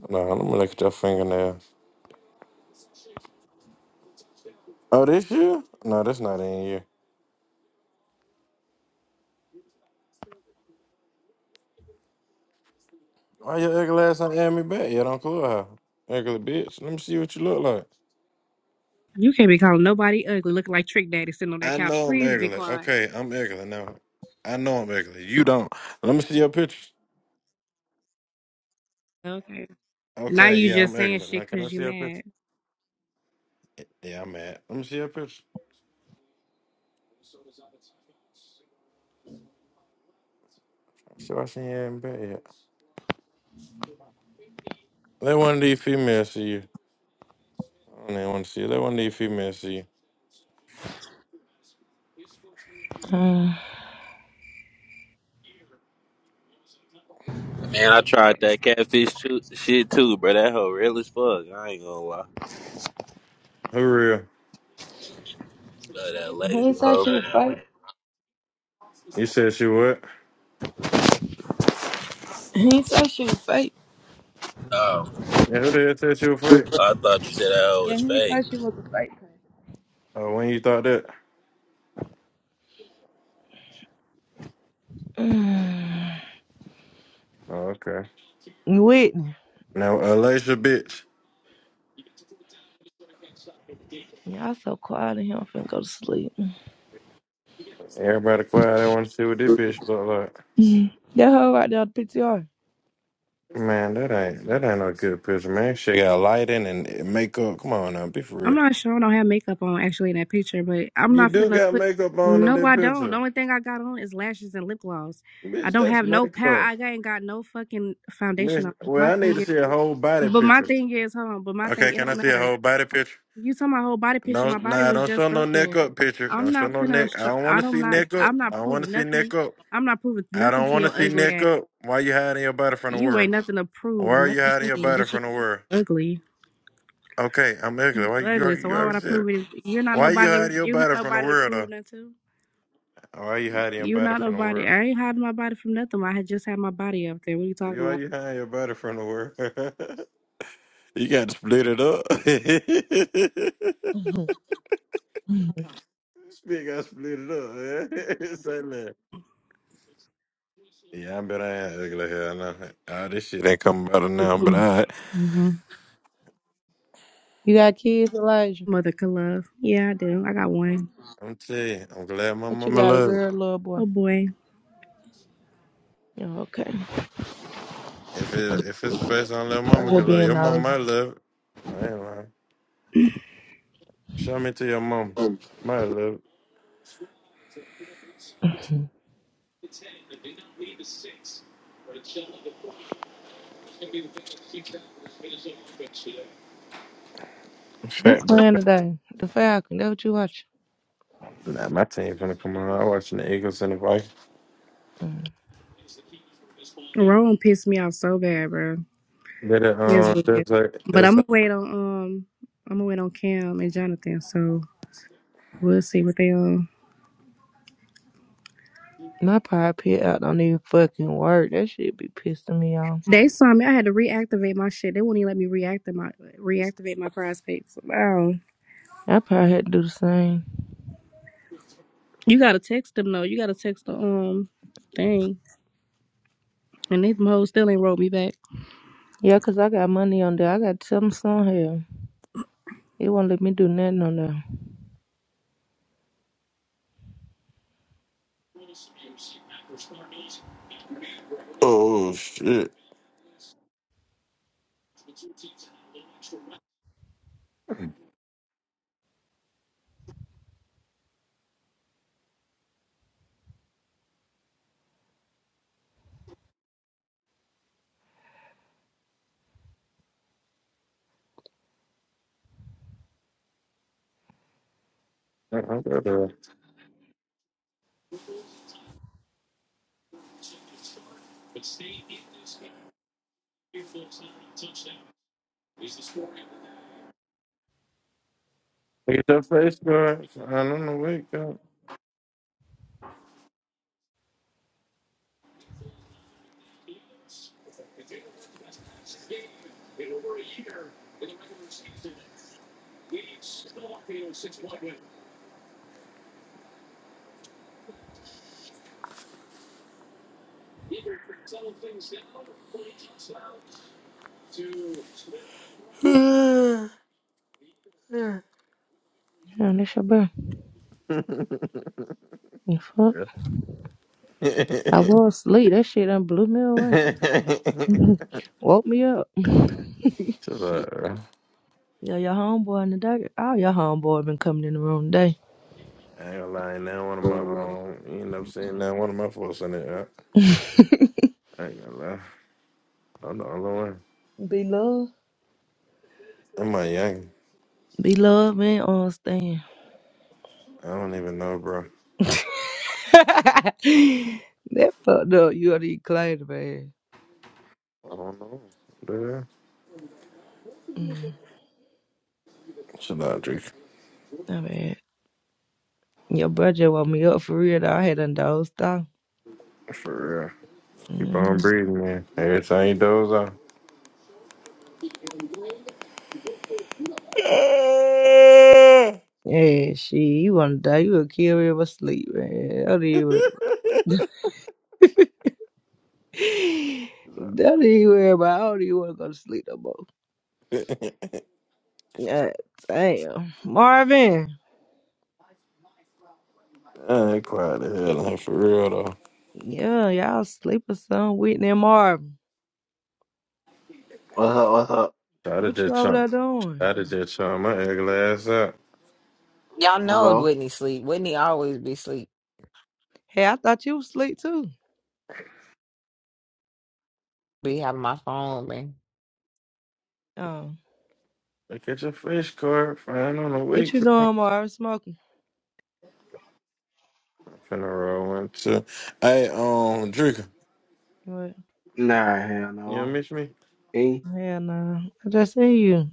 Speaker 6: No, let me look at your fingernails. Oh, this you? No, that's not in you. Why your ugly ass ain't add me back yet on Clubhouse? Ugly bitch. Let me see what you look like.
Speaker 21: You can't be calling nobody ugly, looking like Trick Daddy sitting on that
Speaker 6: I
Speaker 21: couch.
Speaker 6: know I'm
Speaker 21: Please be
Speaker 6: ugly.
Speaker 21: quiet.
Speaker 6: Okay, I'm ugly now. I know I'm ugly. You don't. Let me see your picture.
Speaker 21: Okay. Now
Speaker 6: Okay,
Speaker 21: you
Speaker 6: yeah, I'm
Speaker 21: just saying
Speaker 6: ugly. Now
Speaker 21: shit
Speaker 6: can I
Speaker 21: 'cause you
Speaker 6: see your picture?
Speaker 21: mad.
Speaker 6: Yeah, I'm mad. Let me see your picture. So I seen you add me back yet. Let one of these females see you. I don't even want to see you. Let one of these females see you.
Speaker 23: Man, I tried that catfish shoot, shit too, bro. That hoe real as fuck. I ain't gonna lie.
Speaker 6: Who real?
Speaker 23: Uh, that
Speaker 3: He
Speaker 23: lady
Speaker 3: said she
Speaker 23: hoe.
Speaker 3: was fake.
Speaker 6: You said she what?
Speaker 3: He said she was fake.
Speaker 23: Oh,
Speaker 6: Yeah, who the hell said she was fake?
Speaker 23: I thought you said that hoe
Speaker 3: Yeah,
Speaker 23: was
Speaker 3: he
Speaker 23: fake.
Speaker 3: said she was a fake.
Speaker 6: Oh, when you thought that?
Speaker 3: Mm.
Speaker 6: Oh, okay.
Speaker 3: You Whitney.
Speaker 6: Now, Alicia, bitch.
Speaker 3: Y'all so quiet in here. I'm finna go to sleep. person.
Speaker 6: Everybody quiet. I want to see what this bitch look like.
Speaker 3: That hoe right there, on the
Speaker 6: Man, that ain't that ain't no good picture, man. She got lighting and makeup. Come on now, be for
Speaker 21: I'm
Speaker 6: real.
Speaker 21: not sure. I don't have makeup on actually in that picture, but I'm
Speaker 6: You
Speaker 21: not
Speaker 6: do
Speaker 21: finna
Speaker 6: got
Speaker 21: put.
Speaker 6: makeup on in
Speaker 21: No,
Speaker 6: that
Speaker 21: I don't. The
Speaker 6: picture,
Speaker 21: only thing I got on is lashes and lip gloss. I
Speaker 6: bitch.
Speaker 21: don't
Speaker 6: That's
Speaker 21: have no power.
Speaker 6: makeup.
Speaker 21: I ain't got no fucking foundation
Speaker 6: Listen,
Speaker 21: on. But
Speaker 6: well,
Speaker 21: my
Speaker 6: I need to
Speaker 21: thing is,
Speaker 6: see a whole body
Speaker 21: but my
Speaker 6: picture.
Speaker 21: thing is, hold on. But my
Speaker 6: Okay,
Speaker 21: thing, it
Speaker 6: can I
Speaker 21: don't
Speaker 6: see a
Speaker 21: matter.
Speaker 6: whole body picture?
Speaker 21: You saw my whole body picture.
Speaker 6: No,
Speaker 21: My body
Speaker 6: nah,
Speaker 21: was
Speaker 6: don't show
Speaker 21: just
Speaker 6: no
Speaker 21: up
Speaker 6: neck
Speaker 21: there.
Speaker 6: up picture.
Speaker 21: I'm
Speaker 6: Don't show
Speaker 21: not
Speaker 6: no
Speaker 21: finna.
Speaker 6: neck. I
Speaker 21: Sh-
Speaker 6: don't want
Speaker 21: I
Speaker 6: to
Speaker 21: don't
Speaker 6: see
Speaker 21: not.
Speaker 6: neck up.
Speaker 21: I'm
Speaker 6: I
Speaker 21: not
Speaker 6: don't want to
Speaker 21: proving
Speaker 6: see neck
Speaker 21: nothing.
Speaker 6: up.
Speaker 21: I'm not proving
Speaker 6: I
Speaker 21: nothing
Speaker 6: don't
Speaker 21: to
Speaker 6: want to
Speaker 21: your
Speaker 6: see
Speaker 21: ugly
Speaker 6: neck
Speaker 21: ass.
Speaker 6: up. Why you hiding your body from the
Speaker 21: You
Speaker 6: world?
Speaker 21: ain't nothing to
Speaker 6: Why
Speaker 21: prove,
Speaker 6: are you
Speaker 21: nothing
Speaker 6: hiding
Speaker 21: to
Speaker 6: your
Speaker 21: me.
Speaker 6: body
Speaker 21: This shit
Speaker 6: from the world?
Speaker 21: ugly.
Speaker 6: Okay, I'm ugly.
Speaker 21: You
Speaker 6: Why you?
Speaker 21: ugly, so
Speaker 6: You
Speaker 21: why would
Speaker 6: already
Speaker 21: I
Speaker 6: said it.
Speaker 21: prove it? You're not
Speaker 6: Why you
Speaker 21: nobody to,
Speaker 6: hiding your
Speaker 21: you're not
Speaker 6: body from the
Speaker 21: nobody to
Speaker 6: world? Though?
Speaker 21: prove nothing to.
Speaker 6: Why you hiding your
Speaker 21: You're
Speaker 6: body
Speaker 21: not
Speaker 6: from the
Speaker 21: nobody.
Speaker 6: world?
Speaker 21: I ain't hiding my body from nothing. I had just had my body up there. What are you
Speaker 6: You-
Speaker 21: talking
Speaker 6: Why
Speaker 21: about?
Speaker 6: you hiding your body from the world? you got to split it up.
Speaker 3: PTR.
Speaker 6: Speak, I split it up. Yeah, Say that. Yeah, I bet I ain't ugly hell no. All this shit ain't coming about it now, but I.
Speaker 21: Mm-hmm.
Speaker 3: You got kids, Elijah?
Speaker 21: Mother could love. Yeah, I do. I got one.
Speaker 6: I'm tell you, I'm glad my
Speaker 3: What you
Speaker 6: mama
Speaker 3: got, a
Speaker 6: love it.
Speaker 3: girl, little boy?
Speaker 21: Oh boy.
Speaker 3: Oh, okay.
Speaker 6: If it if it's face on little
Speaker 3: I'm
Speaker 6: mama
Speaker 3: Just
Speaker 6: can love it.
Speaker 3: being
Speaker 6: your mama
Speaker 3: nosy.
Speaker 6: might love it. I ain't lying. Show me to your mama. Might love it.
Speaker 3: Who
Speaker 6: Fat
Speaker 3: playing
Speaker 6: birthday.
Speaker 3: today? The Falcon. That what you watch?
Speaker 6: Nah, my team finna come on. i watching the Eagles and the Vikings.
Speaker 3: Mm.
Speaker 21: Rowan pissed me off so bad, bro.
Speaker 6: Did it,
Speaker 21: Yes,
Speaker 6: um,
Speaker 21: wicked.
Speaker 6: there's like,
Speaker 21: But I'm
Speaker 6: there's like,
Speaker 21: gonna wait on um I'm gonna wait on Cam and Jonathan, so we'll see what they on.
Speaker 3: My pie pit out don't even fucking work. That shit be pissing me off.
Speaker 21: They saw me. I had to reactivate my shit. They wouldn't even let me reactivate my reactivate my prize So, wow.
Speaker 3: I probably had to do the same.
Speaker 21: You gotta text them though. You gotta text the um thing. And they hoes still ain't wrote me back.
Speaker 3: Yeah, 'cause I got money on there. I got to tell them some here. It won't let me do nothing on there.
Speaker 6: Oh shit. I I gotta get your face guard. I don't know, wake up.
Speaker 3: Damn, that's your bro. The fuck? I was asleep. That shit done blew me away. Woke me up.
Speaker 6: Shut up. bro.
Speaker 3: Yeah, your homeboy in the dark. All your homeboy been coming in the room today.
Speaker 6: I ain't gonna lie, now one of my, um, you end up seeing now one of my folks in it. I, I ain't gonna lie. I'm the only one.
Speaker 3: Be love.
Speaker 6: Am I young?
Speaker 3: Be love, man. Understand.
Speaker 6: I don't even know, bro.
Speaker 3: that fucked up. You already claimed, man.
Speaker 6: I don't know. Dude.
Speaker 3: Mm,
Speaker 6: Shut up, Drake.
Speaker 3: my bad. Your brother woke me up for real. Though. I had done dozed off.
Speaker 6: For real. Keep
Speaker 3: Mm-hmm.
Speaker 6: on breathing, man. Every time you doze
Speaker 3: Yeah, shit. You wanna die? You a kill me with sleep, man. Don't even worry.
Speaker 6: off. I
Speaker 3: About. Don't even worry about. I don't even wanna go to sleep no more. Yeah, damn, Marvin.
Speaker 6: ain't quiet the hell out for real though.
Speaker 3: Yeah, y'all sleep or something. Whitney and Marvin.
Speaker 20: What's up? What's up?
Speaker 6: I did
Speaker 3: What you
Speaker 6: that
Speaker 3: over
Speaker 6: chunk.
Speaker 3: there doing?
Speaker 6: I did that chunk my ugly ass up.
Speaker 4: Y'all know
Speaker 20: Hello?
Speaker 4: Whitney sleep. Whitney always be sleep.
Speaker 3: Hey, I thought you was asleep too.
Speaker 4: Be having my phone man.
Speaker 3: Oh,
Speaker 6: Look at your fish card, fine on the
Speaker 3: what
Speaker 6: week,
Speaker 3: you
Speaker 6: girl.
Speaker 3: doing, Marvin? Smoking.
Speaker 6: I'm finna roll one too. Hey, um, Drinker,
Speaker 3: What?
Speaker 20: Nah, hell
Speaker 6: you don't
Speaker 20: no.
Speaker 6: miss me?
Speaker 20: Hey?
Speaker 3: Yeah, no. I just seen you.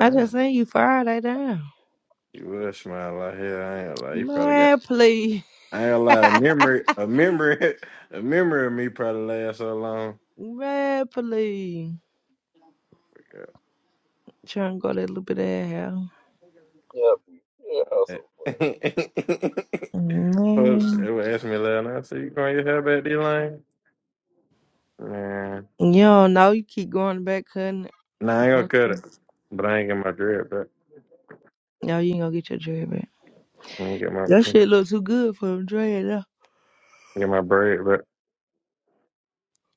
Speaker 3: I just seen you Friday down.
Speaker 6: You would smile out here. I ain't gonna lie. You probably got
Speaker 3: Man, please.
Speaker 6: I ain't gonna lie, a memory a memory a memory of me probably lasts so long.
Speaker 3: Man, please. Trying to go that little bit of that hair.
Speaker 6: Yeah. Well,
Speaker 3: Man.
Speaker 6: they would ask me last night, I said, You growing your hair back, D-Lane? Man.
Speaker 3: You don't know. You keep going back cutting it.
Speaker 6: Nah, I ain't gonna
Speaker 3: Going
Speaker 6: cut
Speaker 3: back.
Speaker 6: it. But I ain't get my dread, but
Speaker 3: No, you ain't gonna get your dread back.
Speaker 6: I'm gonna get my I'm
Speaker 3: That
Speaker 6: gonna get
Speaker 3: shit look too good for a dread now.
Speaker 6: get my braid, but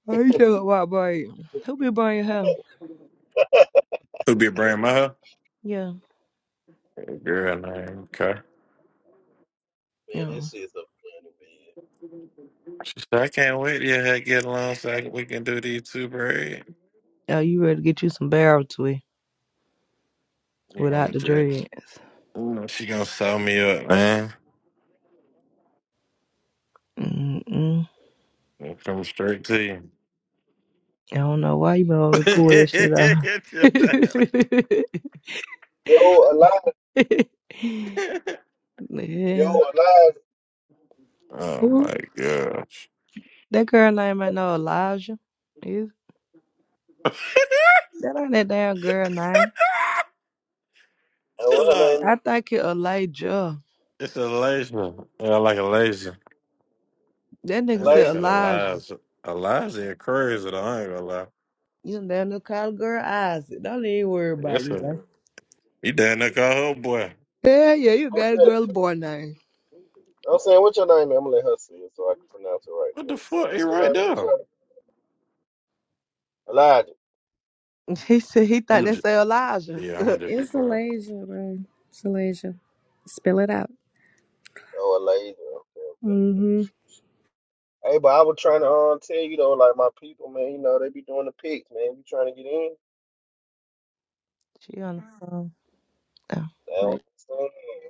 Speaker 3: Oh, you talking about braid? Who be buying your hair?
Speaker 6: Who be bringing my hair?
Speaker 3: Yeah.
Speaker 6: girl, nah, I ain't okay.
Speaker 3: No.
Speaker 6: She said, I can't wait till you get along so I can- we can do these two braid.
Speaker 3: Oh, you ready to get you some barrel twist
Speaker 6: You know, I'm
Speaker 3: without
Speaker 6: a
Speaker 3: the
Speaker 6: dread.
Speaker 3: dreads.
Speaker 6: You know, she gonna sew me up, man.
Speaker 3: Mm-mm.
Speaker 6: I'm coming straight to you.
Speaker 3: I don't know why you been holding me pull that shit out.
Speaker 6: Chill out.
Speaker 15: Yo, alive. Yo,
Speaker 3: yeah.
Speaker 15: alive.
Speaker 6: oh
Speaker 3: Who?
Speaker 6: my gosh.
Speaker 3: That girl name ain't no Elijah. Is that ain't that damn girl name?
Speaker 15: And what
Speaker 6: Chill
Speaker 15: her
Speaker 6: out.
Speaker 15: name?
Speaker 3: I think it Elijah.
Speaker 6: It's a laser. Yeah, I like a laser.
Speaker 3: That
Speaker 6: That
Speaker 3: nigga
Speaker 6: nigga
Speaker 3: said
Speaker 15: Like,
Speaker 6: said
Speaker 3: Elijah.
Speaker 6: Eliza. Eliza is crazy though, I ain't gonna lie.
Speaker 3: You done damn near call the girl Isaac. Don't even worry about
Speaker 6: Yes,
Speaker 3: it,
Speaker 6: a
Speaker 3: like.
Speaker 6: he down there call her boy.
Speaker 3: Hell yeah, you got a
Speaker 15: I'm
Speaker 3: girl boy name.
Speaker 15: saying, what's your name? I'm gonna let her see it so I can pronounce it right.
Speaker 6: What the
Speaker 15: Next time.
Speaker 6: fuck? He
Speaker 15: What's your
Speaker 6: right
Speaker 15: name? What's
Speaker 6: there.
Speaker 15: your Elijah.
Speaker 3: He said he thought
Speaker 6: I'm
Speaker 3: they
Speaker 6: just
Speaker 3: say Elijah.
Speaker 6: yeah. I'm gonna just be
Speaker 21: It's
Speaker 6: quiet.
Speaker 21: Alasia, bro. It's Alasia. Spill it out.
Speaker 15: Oh, Elijah. Okay,
Speaker 21: Mm-hmm.
Speaker 15: okay. Hey, but I was trying to um, tell you though, like my people, man, you know, they be doing the picks, man. You trying to get in?
Speaker 3: she on the phone. Oh.
Speaker 15: They don't understand.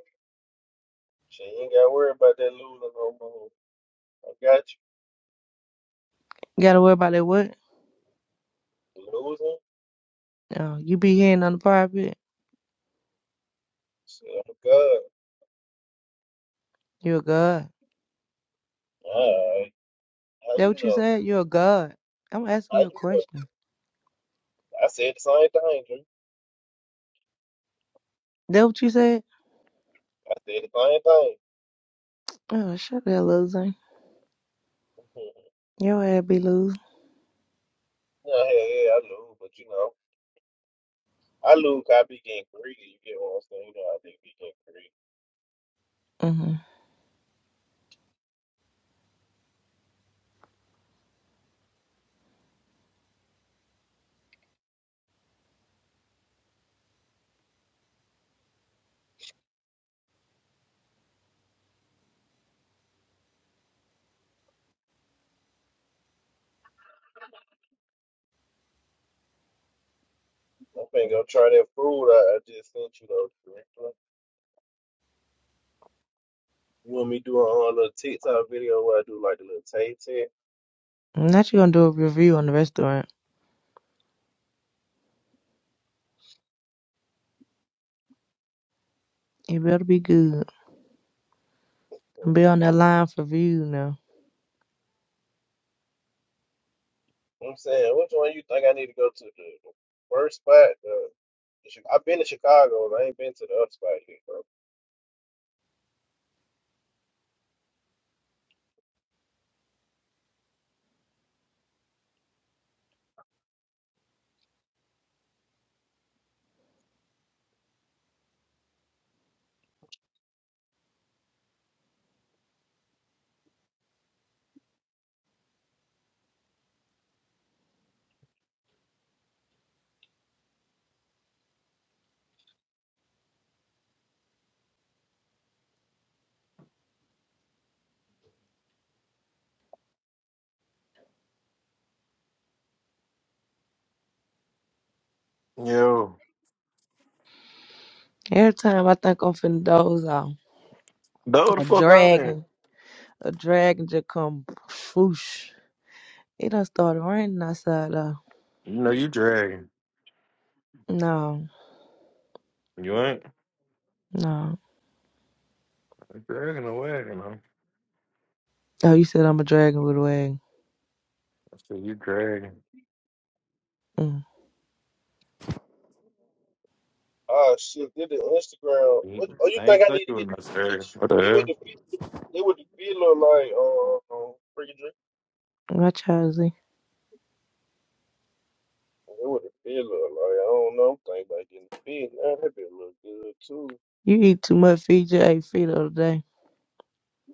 Speaker 15: Shit, you ain't gotta worry about that losing no more. I got
Speaker 3: You gotta worry about that what?
Speaker 15: you. Losing?
Speaker 3: Oh, you be hearing on the private.
Speaker 15: Shit, I'm good.
Speaker 3: You a god.
Speaker 15: Alright. How
Speaker 3: That
Speaker 15: you
Speaker 3: what you
Speaker 15: know?
Speaker 3: said? You're a god. I'm asking
Speaker 15: How
Speaker 3: you a
Speaker 15: you know?
Speaker 3: question.
Speaker 15: I said the same thing, Drew.
Speaker 3: That what you said?
Speaker 15: I said the same thing.
Speaker 3: Oh, shut that loser. Your ass be loose.
Speaker 15: yeah, yeah, yeah, I lose, but you know. I lose 'cause I be getting greedy. You get what I'm saying? You know, I think be getting greedy.
Speaker 3: Mm-hmm.
Speaker 15: I'm finna go try that food I, I just sent you, though, Drew. You want me to do a whole little TikTok video where I do like a little tay test?
Speaker 3: Not you gonna do a review on the restaurant. It better be good. I'm be on that line for view now.
Speaker 15: I'm saying, which one you think I need to go to? The the first spot? the The Chi- I've been to Chicago and I ain't been to the other spot yet, bro.
Speaker 6: Yo,
Speaker 3: Every time I think I'm finna doze off,
Speaker 6: throw the
Speaker 3: a
Speaker 6: fuck out there.
Speaker 3: dragon, a dragon just come swoosh. It done started raining outside though.
Speaker 6: You know you dragging.
Speaker 3: No,
Speaker 6: You ain't
Speaker 3: no.
Speaker 6: I'm dragging away. You know.
Speaker 3: Oh, you said I'm a dragon with a wagon.
Speaker 6: I said you dragging.
Speaker 3: Mm.
Speaker 15: Oh shit, did the Instagram. What,
Speaker 6: You-
Speaker 15: oh, you
Speaker 6: I ain't
Speaker 15: think I
Speaker 6: say
Speaker 15: need to
Speaker 6: you was
Speaker 15: get the
Speaker 6: not dragging.
Speaker 15: beach?
Speaker 6: What the
Speaker 15: It would
Speaker 6: hell?
Speaker 15: the it would the feeling like uh, uh freaking drink.
Speaker 3: My child, see,
Speaker 15: It would the feeling like I don't know. I'm thinking about getting fit. Now that bit look good too.
Speaker 3: you eat too much feed. You ate feet the other day.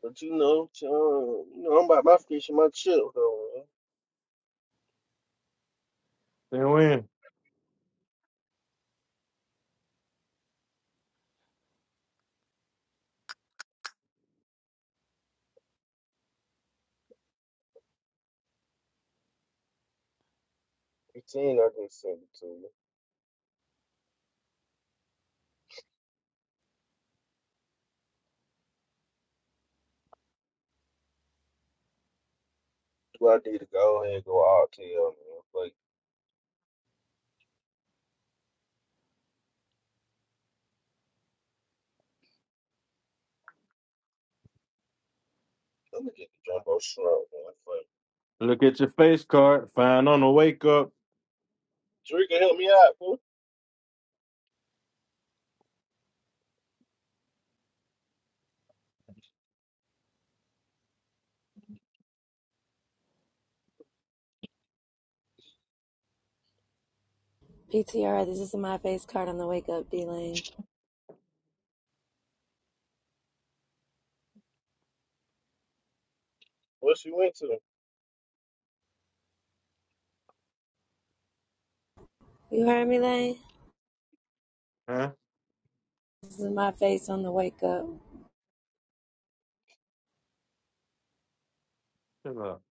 Speaker 15: But you know, child, you know, I'm about my fish and my chips though. Man.
Speaker 6: Then when
Speaker 15: Fifteen, I can send it to you. Do I need to go ahead and go all tail man? Like, I'm gonna get the jumbo shrimp man. Like,
Speaker 6: look at your face card, find on the wake up.
Speaker 15: Drake can help me out, fool.
Speaker 24: PTR, this is my face card on the wake up, D Lane.
Speaker 15: What she went to?
Speaker 24: You heard me, Lane?
Speaker 6: Huh?
Speaker 24: This is my face on the wake up.
Speaker 6: Shut up.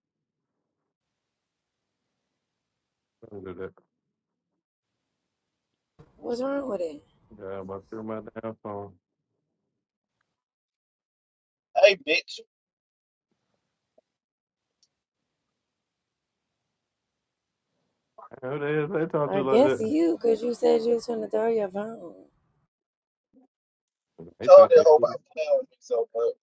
Speaker 6: Don't do that.
Speaker 24: What's wrong with it?
Speaker 6: God, I threw my damn phone.
Speaker 15: Hey, bitch, you
Speaker 6: Who the hell they talk to
Speaker 24: I
Speaker 6: you like
Speaker 24: guess
Speaker 6: that?
Speaker 24: you, 'cause you said you was going to throw your phone.
Speaker 6: They
Speaker 15: told
Speaker 6: talk
Speaker 15: that
Speaker 6: to
Speaker 15: hoe about
Speaker 6: you.
Speaker 15: playing with me so much.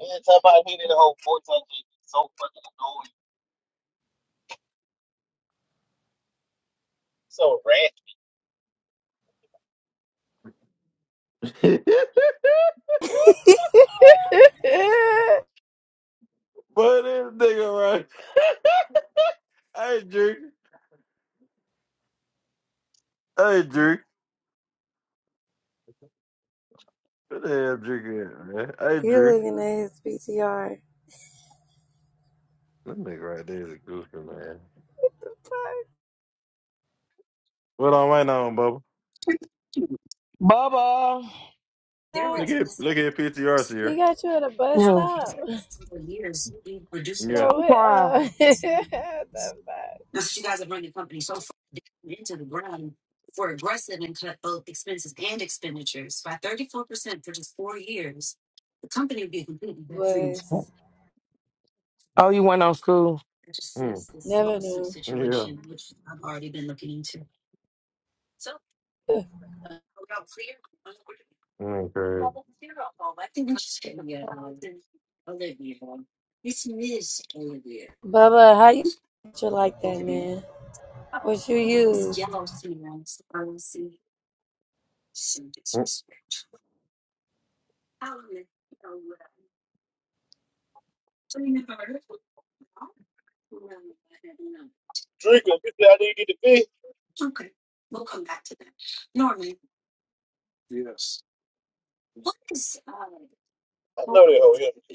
Speaker 15: Anytime I hear that whole voice, I get so fucking annoyed, so ratchet.
Speaker 6: but this nigga right. Hey Drew. Hey Drew. What the hell Drew at, man? Hey
Speaker 24: you
Speaker 6: Drew.
Speaker 24: looking at his PTR.
Speaker 6: That nigga right there is a goofy man.
Speaker 24: The fuck?
Speaker 6: What on right now, Bubba?
Speaker 2: Bubba.
Speaker 6: Look
Speaker 24: No,
Speaker 6: at look at PTR
Speaker 24: he
Speaker 6: here.
Speaker 24: got you at a bus
Speaker 2: Yeah.
Speaker 24: stop.
Speaker 6: Yeah.
Speaker 24: or what? Uh, the fuck? Was.
Speaker 2: Oh, you went on school.
Speaker 6: Mm.
Speaker 24: Never knew.
Speaker 6: Yeah. Mm, crazy.
Speaker 24: Bubba, how you you like that, man? What you used?
Speaker 6: Mm,
Speaker 15: Drinker, you say I did get to be? I know that hoe here.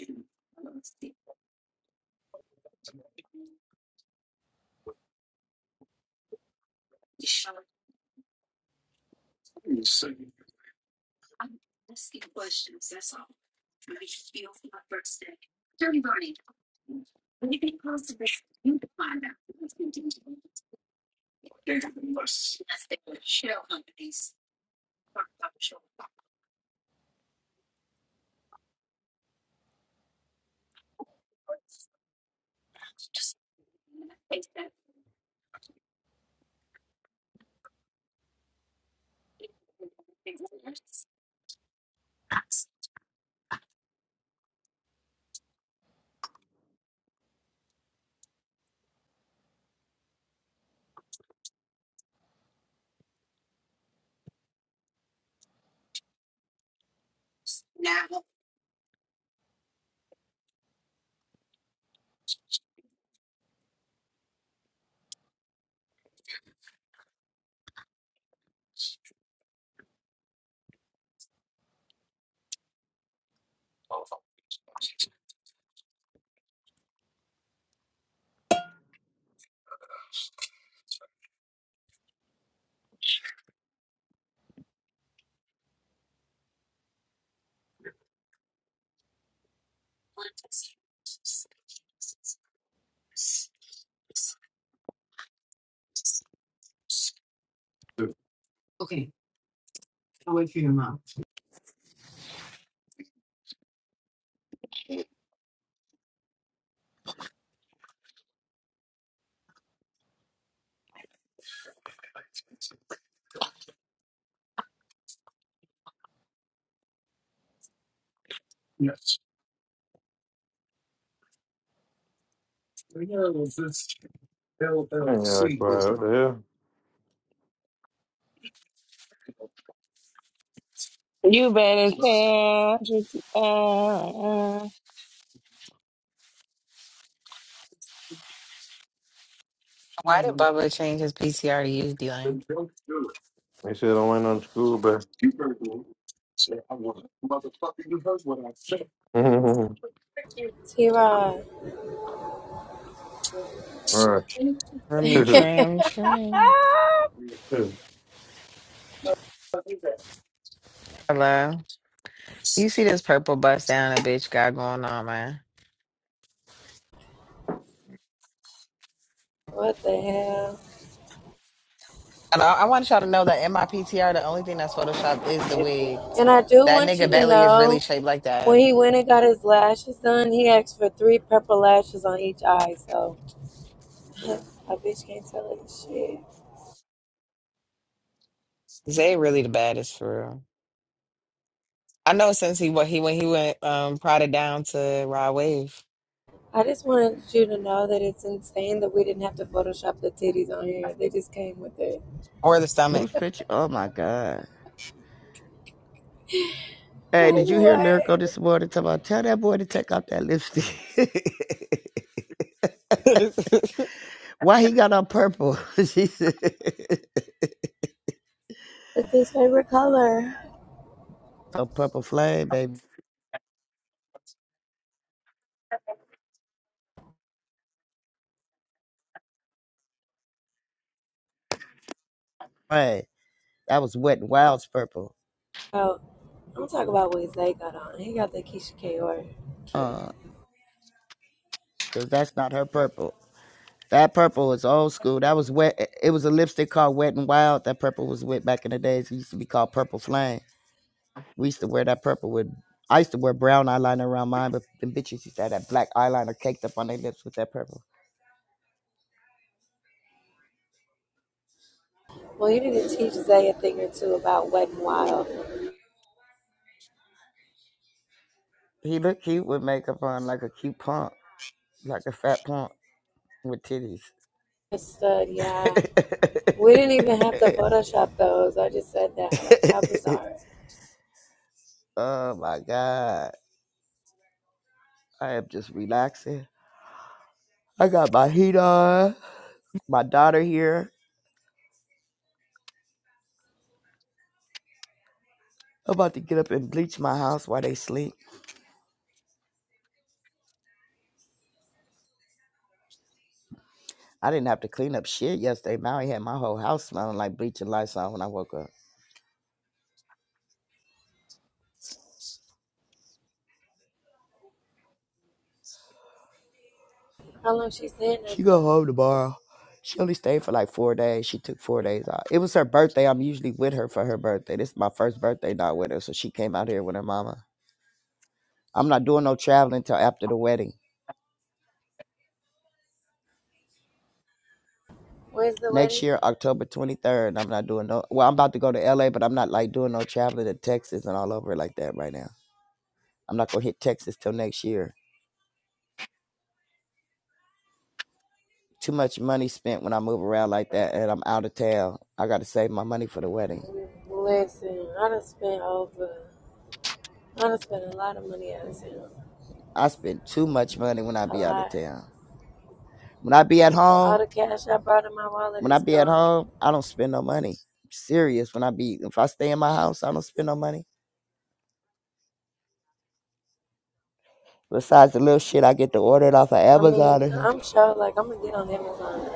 Speaker 6: I ain't got that quiet. What the hell?
Speaker 2: You better tell.
Speaker 4: Why did Bubba change his PCR to you, D-Lane?
Speaker 6: They said I went on school, but all
Speaker 24: T Rod,
Speaker 6: right.
Speaker 4: For me, trim, trim. Hello. You see this purple bust down a bitch got going on, man.
Speaker 24: what the hell?
Speaker 4: And I, I want y'all to know that in my PTR, the only thing that's photoshopped is the wig.
Speaker 24: And I do
Speaker 4: That
Speaker 24: want you
Speaker 4: nigga
Speaker 24: to
Speaker 4: belly is really
Speaker 24: know
Speaker 4: shaped like
Speaker 24: when
Speaker 4: that.
Speaker 24: he went and got his lashes done, he asked for three purple lashes on each eye. So a bitch can't tell us shit.
Speaker 4: Zay really the baddest for real. I know since he what he when he went um prodded down to Rod Wave
Speaker 24: I just wanted you to know that it's insane that we didn't have to Photoshop the titties on here. They just came with it.
Speaker 4: or the stomach.
Speaker 9: Whose picture? Oh my God. Hey,
Speaker 24: Like
Speaker 9: did you hear Lyrical
Speaker 24: what?
Speaker 9: this morning? Talking about, tell that boy to take off that lipstick. Why he got on purple? she said,
Speaker 24: It's his favorite color.
Speaker 9: "On purple flame, baby." Hey, that was Wet and Wild's purple.
Speaker 24: Oh, I'm talking about what Zay got on. He got the Keisha Kaur kid.
Speaker 9: Uh, cause that's not her purple. That purple is old school. That was wet. eh, It was a lipstick called Wet and Wild. That purple was wet back in the days. It used to be called Purple Flame. We used to wear that purple with. I used to wear brown eyeliner around mine, but the bitches used to have that black eyeliner caked up on their lips with that purple.
Speaker 24: Well, you need to teach Zay a thing or two about Wet and Wild.
Speaker 9: He looked cute with makeup on, like a cute punk, like a fat punk with titties.
Speaker 24: A stud, yeah. We didn't even have to Photoshop those. I just said that. Like, how bizarre.
Speaker 9: Oh my God. I am just relaxing. I got my heat on. My daughter here. I'm about to get up and bleach my house while they sleep. I didn't have to clean up shit yesterday. Maui had my whole house smelling like bleach and Lysol when I woke up.
Speaker 24: How long she saying that
Speaker 9: She go
Speaker 24: for?
Speaker 9: home tomorrow. She only stayed for like four days. She took four days off. It was her birthday. I'm usually with her for her birthday. This is my first birthday not with her, so she came out here with her mama. I'm not doing no traveling till after the wedding.
Speaker 24: Where's the
Speaker 9: next
Speaker 24: wedding?
Speaker 9: year, October 23rd. I'm not doing no, well, I'm about to go to LA, but I'm not like doing no traveling to Texas and all over like that right now. I'm not going to hit Texas till next year. Too much money spent when I move around like that and I'm out of town. I got to save my money for the wedding.
Speaker 24: Listen, I done spent over. I done spent a lot of money out of town.
Speaker 9: I spend too much money when I
Speaker 24: A
Speaker 9: be out of
Speaker 24: lot.
Speaker 9: town. When I be at
Speaker 24: All
Speaker 9: home,
Speaker 24: the cash I brought in my wallet
Speaker 9: when I
Speaker 24: is
Speaker 9: be at
Speaker 24: gone.
Speaker 9: home, I don't spend no money. I'm serious when I be, if I stay in my house, I don't spend no money. Besides the little shit I get to order it off of
Speaker 24: I
Speaker 9: Amazon or
Speaker 24: mean,
Speaker 9: something.
Speaker 24: I'm sure, like, I'm gonna get on Amazon.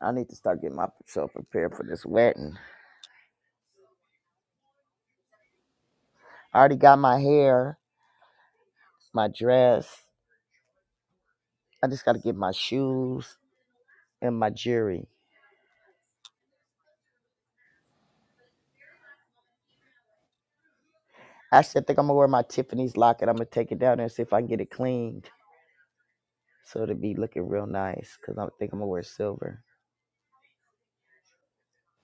Speaker 9: I need to start getting myself prepared for this wedding. I already got my hair, my dress. I just got to get my shoes and my jewelry. Actually, I think I'm gonna wear my Tiffany's locket. I'm gonna take it down there and see if I can get it cleaned so it'll be looking real nice. Cause I think I'm gonna wear silver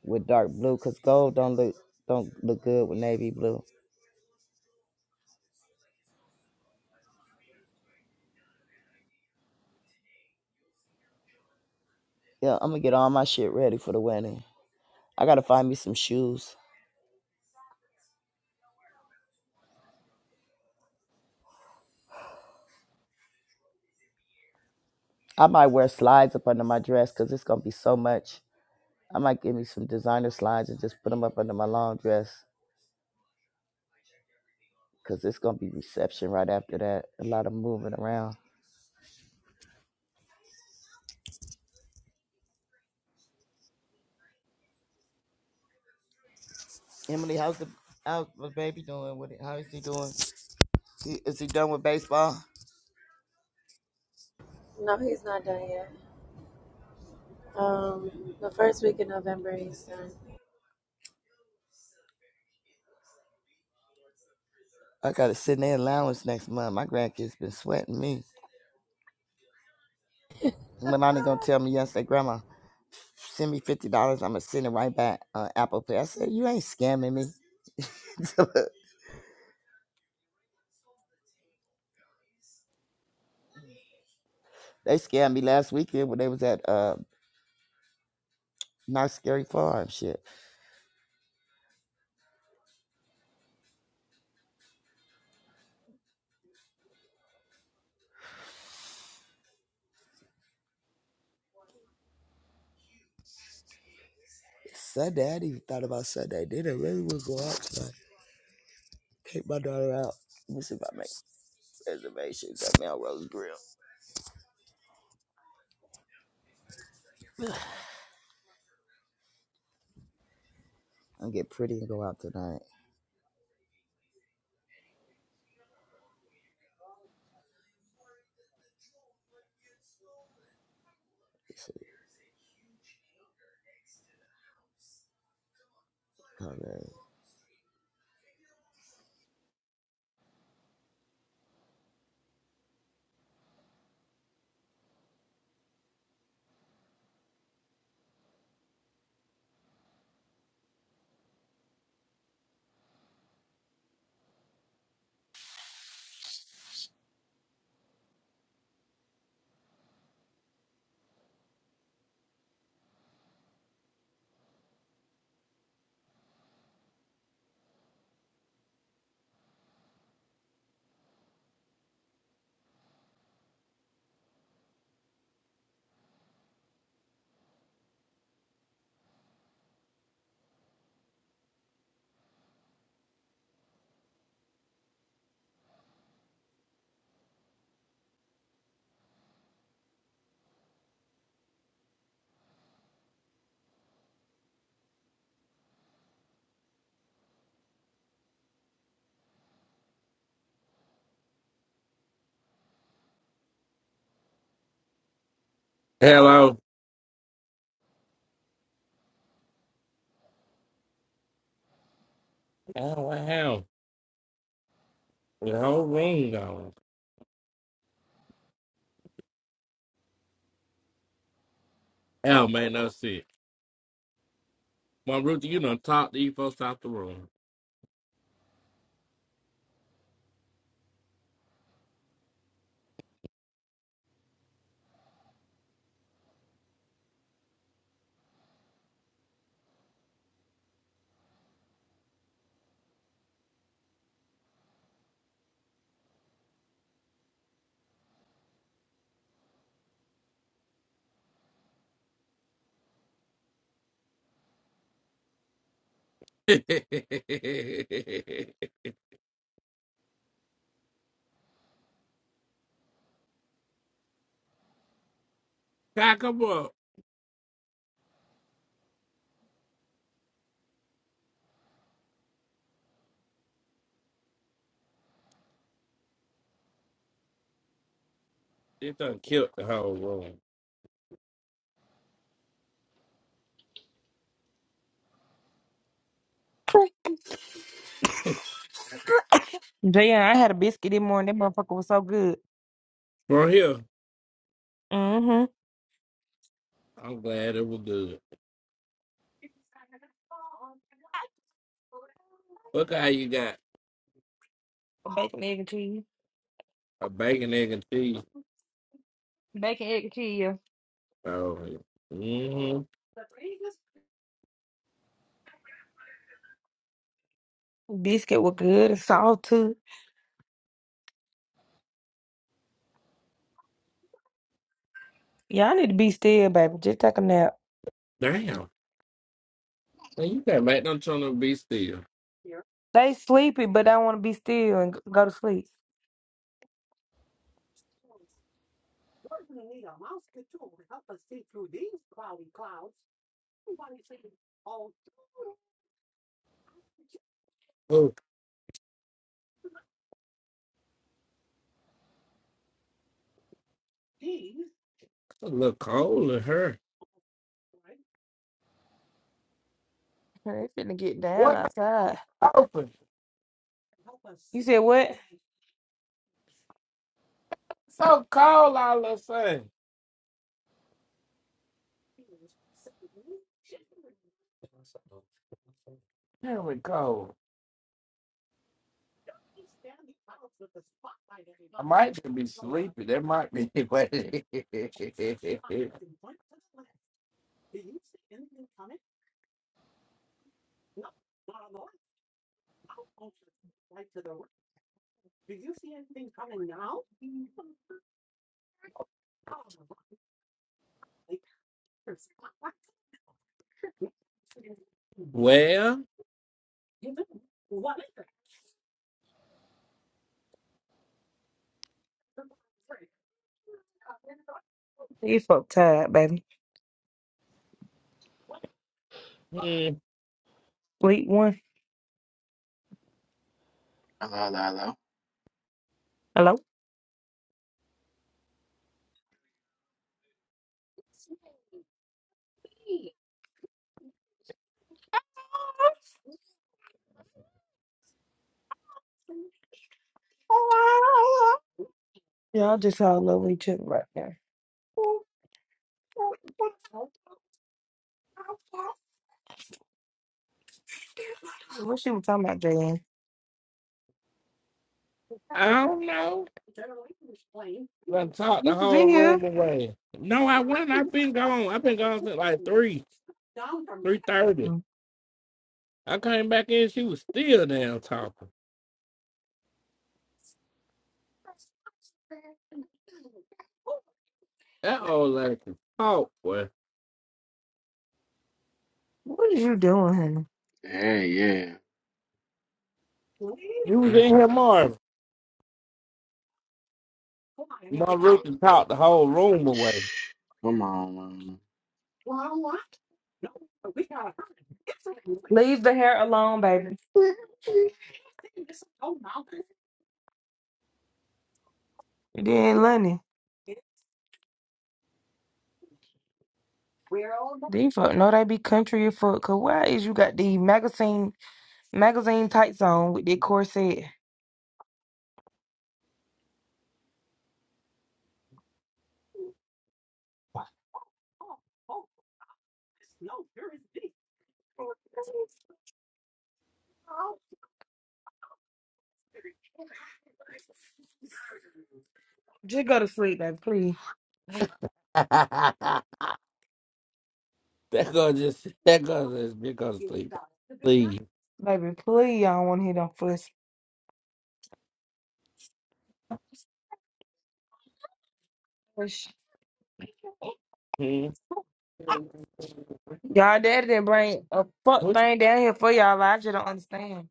Speaker 9: with dark blue. Cause gold don't look don't look good with navy blue. Yeah, I'm gonna get all my shit ready for the wedding. I gotta find me some shoes. I might wear slides up under my dress cause it's gonna be so much. I might give me some designer slides and just put them up under my long dress because it's gonna be reception right after that. A lot of moving around. Emily, how's the how's the baby doing with it? How is he doing? He, is he done with baseball?
Speaker 24: No, he's not done yet. Um, the first week of November, he's done.
Speaker 9: I gotta send their allowance next month. My grandkids been sweating me. Melanie gonna tell me yesterday, Grandma, send me fifty dollars. I'ma send it right back on uh, Apple Pay. I said, you ain't scamming me. they scammed me last weekend when they was at uh not scary farm shit. Sunday, I didn't even thought about Sunday. They Didn't really would go out tonight. Take my daughter out. Let me see if I make reservations at Melrose Grill. I'm gonna get pretty and go out tonight. Let's see. Okay.
Speaker 5: Hello. Oh, wow. The whole room gone. Oh, man, that's it. My Ruthie, you done talked these folks out the room. God, come up. It done killed the whole room.
Speaker 25: Jayon, I had a biscuit this morning. That motherfucker was so good.
Speaker 5: From here,
Speaker 25: Mm-hmm.
Speaker 5: I'm glad it was good. Look how you got
Speaker 25: Bacon, egg, and cheese.
Speaker 5: a bacon, egg, and cheese.
Speaker 25: Bacon, egg, and cheese. yeah.
Speaker 5: Oh, mm-hmm.
Speaker 25: Biscuit was good and salt too. Y'all need to be still, baby. Just take a nap.
Speaker 5: Damn. Man, you got back done trying to be still.
Speaker 25: They sleepy, but I want to be still and g- go to sleep.
Speaker 5: Oh, a little cold in her.
Speaker 25: They finna get down
Speaker 5: What?
Speaker 25: outside. You said what?
Speaker 5: So cold all of a sudden. Very cold. I might just be sleepy. That might be what it is. Well,
Speaker 25: You fuck tired, baby.
Speaker 5: hmm,
Speaker 25: Sleep one.
Speaker 20: Hello, hello, hello.
Speaker 25: Hello? Y'all just all over each other right now. What she was talking about, Jaden?
Speaker 5: I don't know. I talked the
Speaker 25: You was
Speaker 5: whole
Speaker 25: in here.
Speaker 5: room away. No, I went. I've been gone. I've been gone since like three, three thirty. I came back in. She was still down talking. That old lady can talk. Boy,
Speaker 25: What are you doing, honey?
Speaker 20: Hey, yeah.
Speaker 5: you was in here, Marvin. My rooster talked the whole room away.
Speaker 20: Shh. Come on, man.
Speaker 25: Leave the hair alone, baby. You didn't, Lenny. They fuck no, they be country as fuck. Cause why is you got the magazine magazine tights on with that corset? Just go to sleep, baby, please.
Speaker 5: that girl just, that girl just been gonna sleep. Please.
Speaker 25: Baby, please, I don't want to hear them fuss. Fuss.
Speaker 5: Hmm.
Speaker 25: Y'all daddy didn't bring a fuck
Speaker 5: What you,
Speaker 25: thing down here for y'all. like, I just don't understand.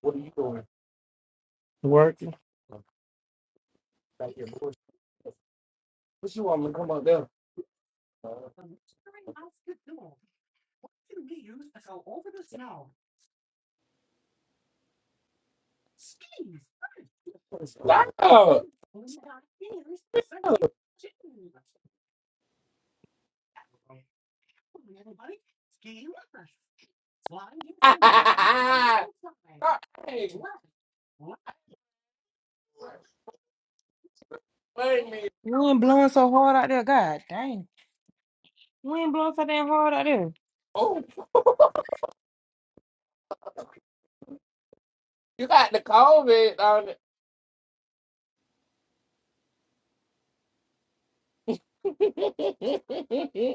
Speaker 5: what are you doing? Working. Back here, boys. What you want me to come up there? Stop! hey, wait me.
Speaker 25: You ain't blowing so hard out there, god dang. You ain't blowing so damn hard out there.
Speaker 5: Oh, you got the COVID on it.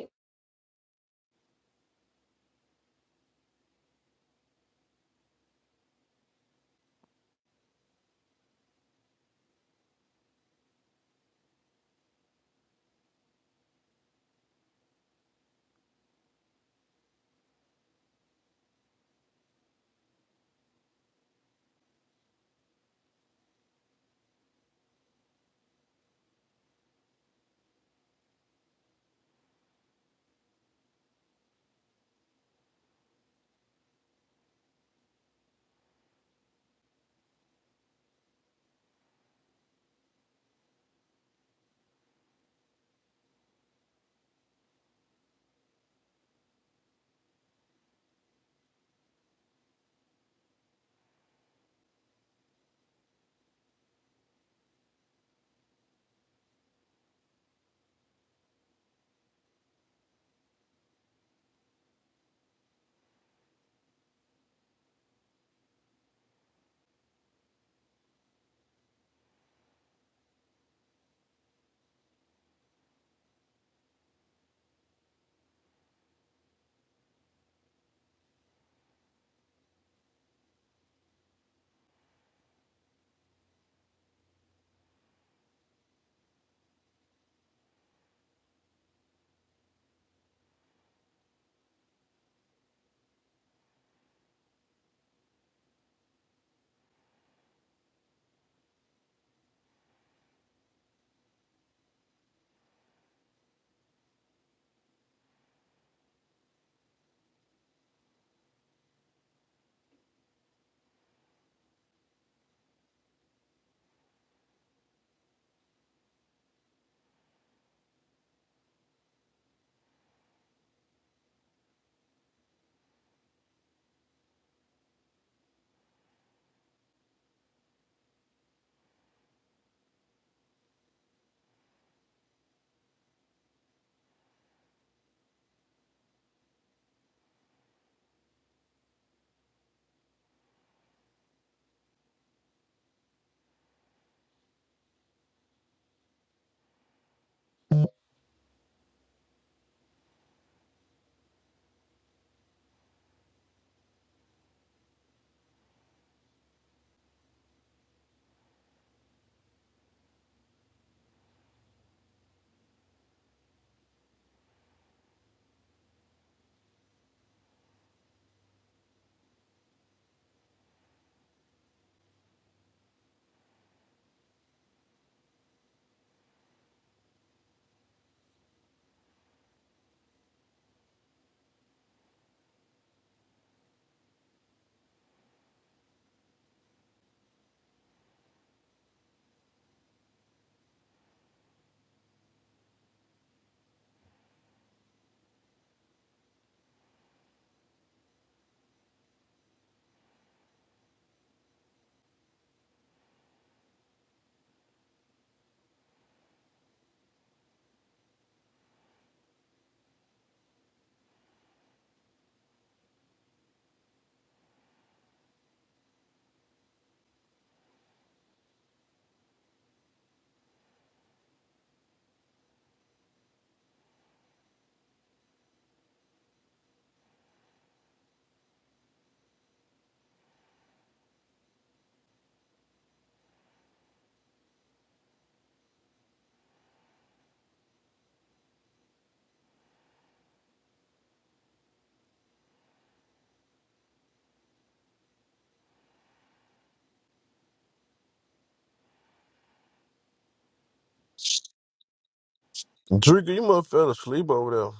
Speaker 15: Drinker, you must fell asleep over there.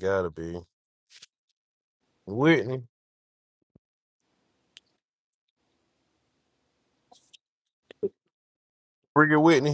Speaker 15: gotta be. Whitney. Bring it, Whitney.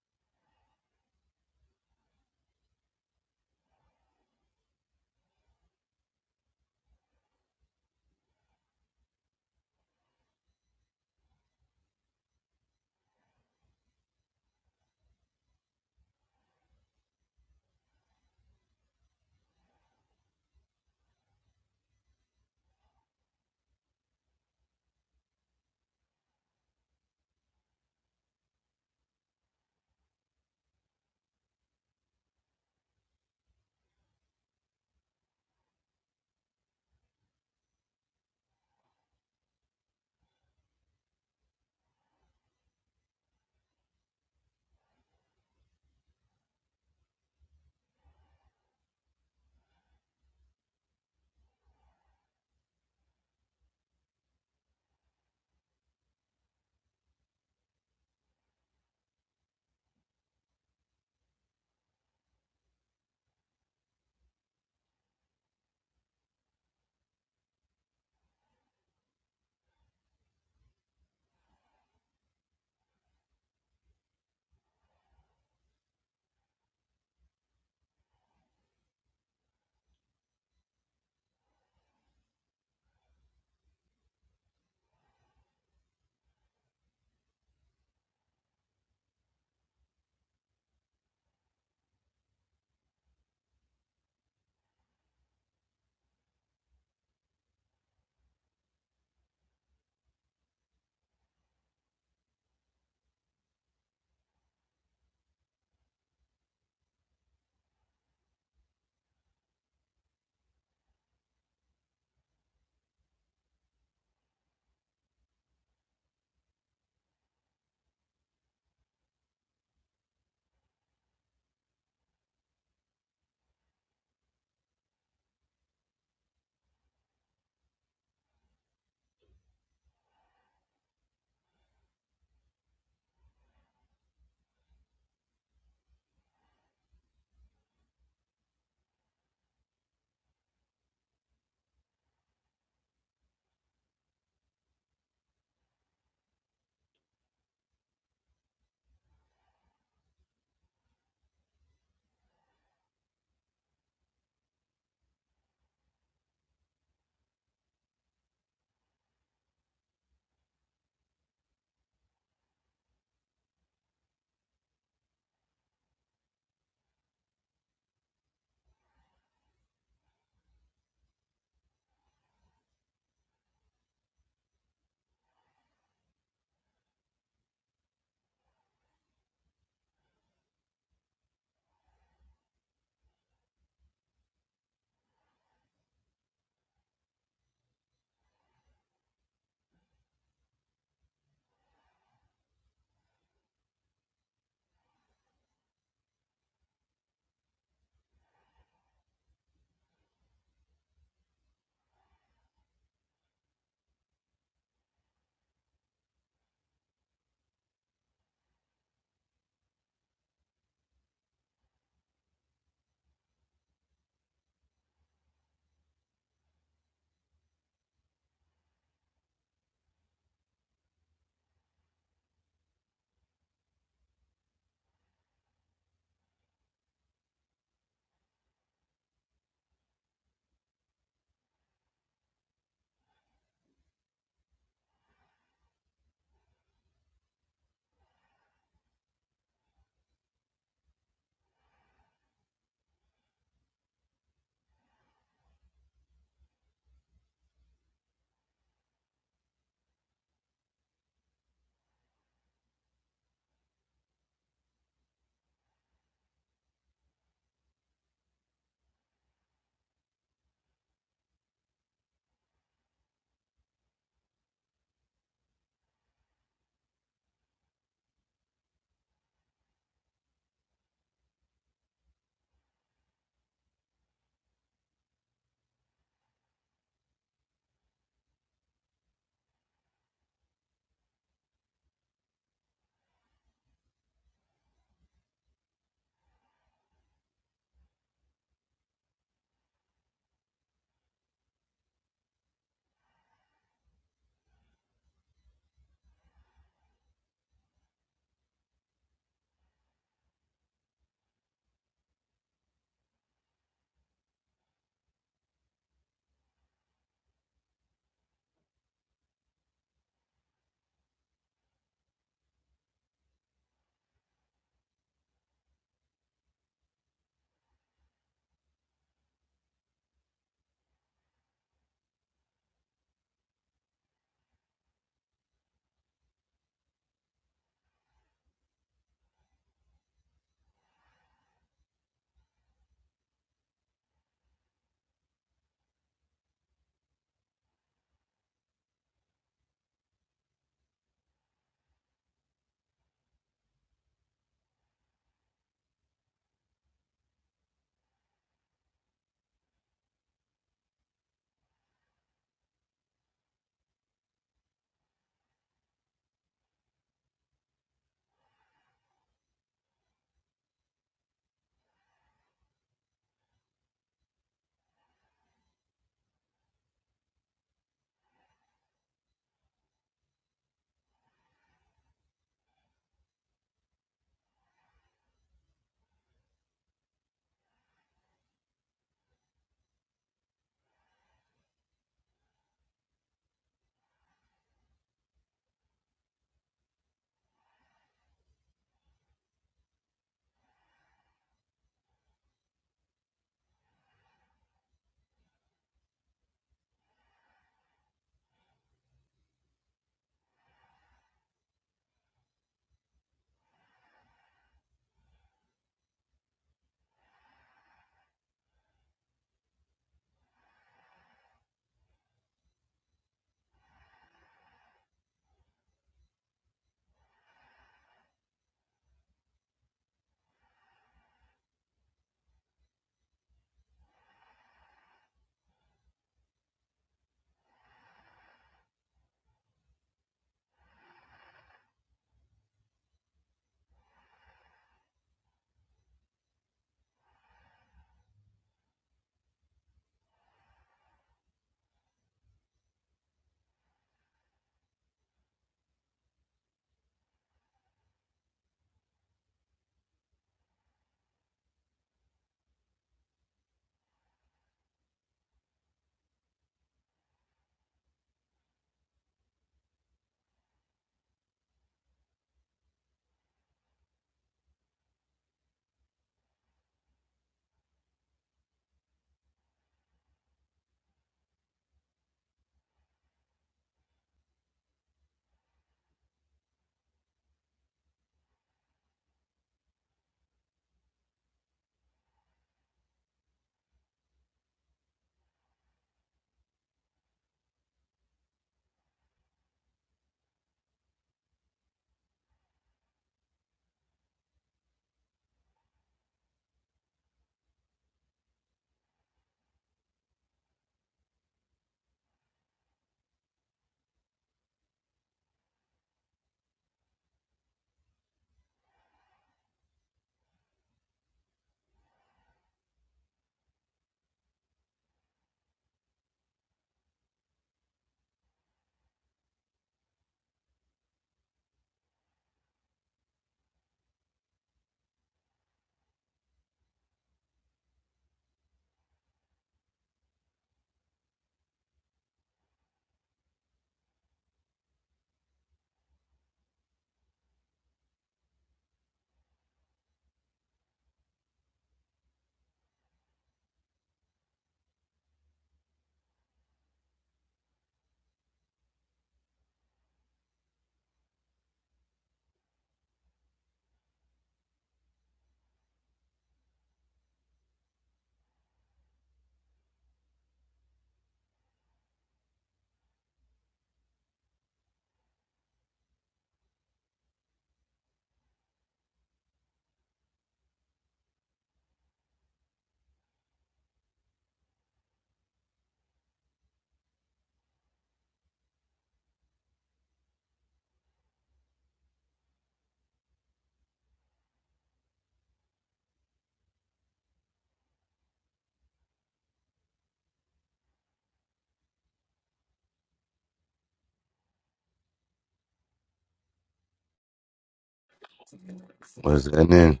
Speaker 22: was and then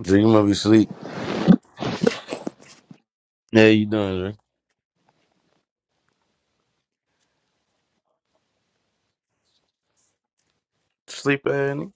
Speaker 22: Dream of you sleep. Yeah, you doing Dre? Sleep, Annie.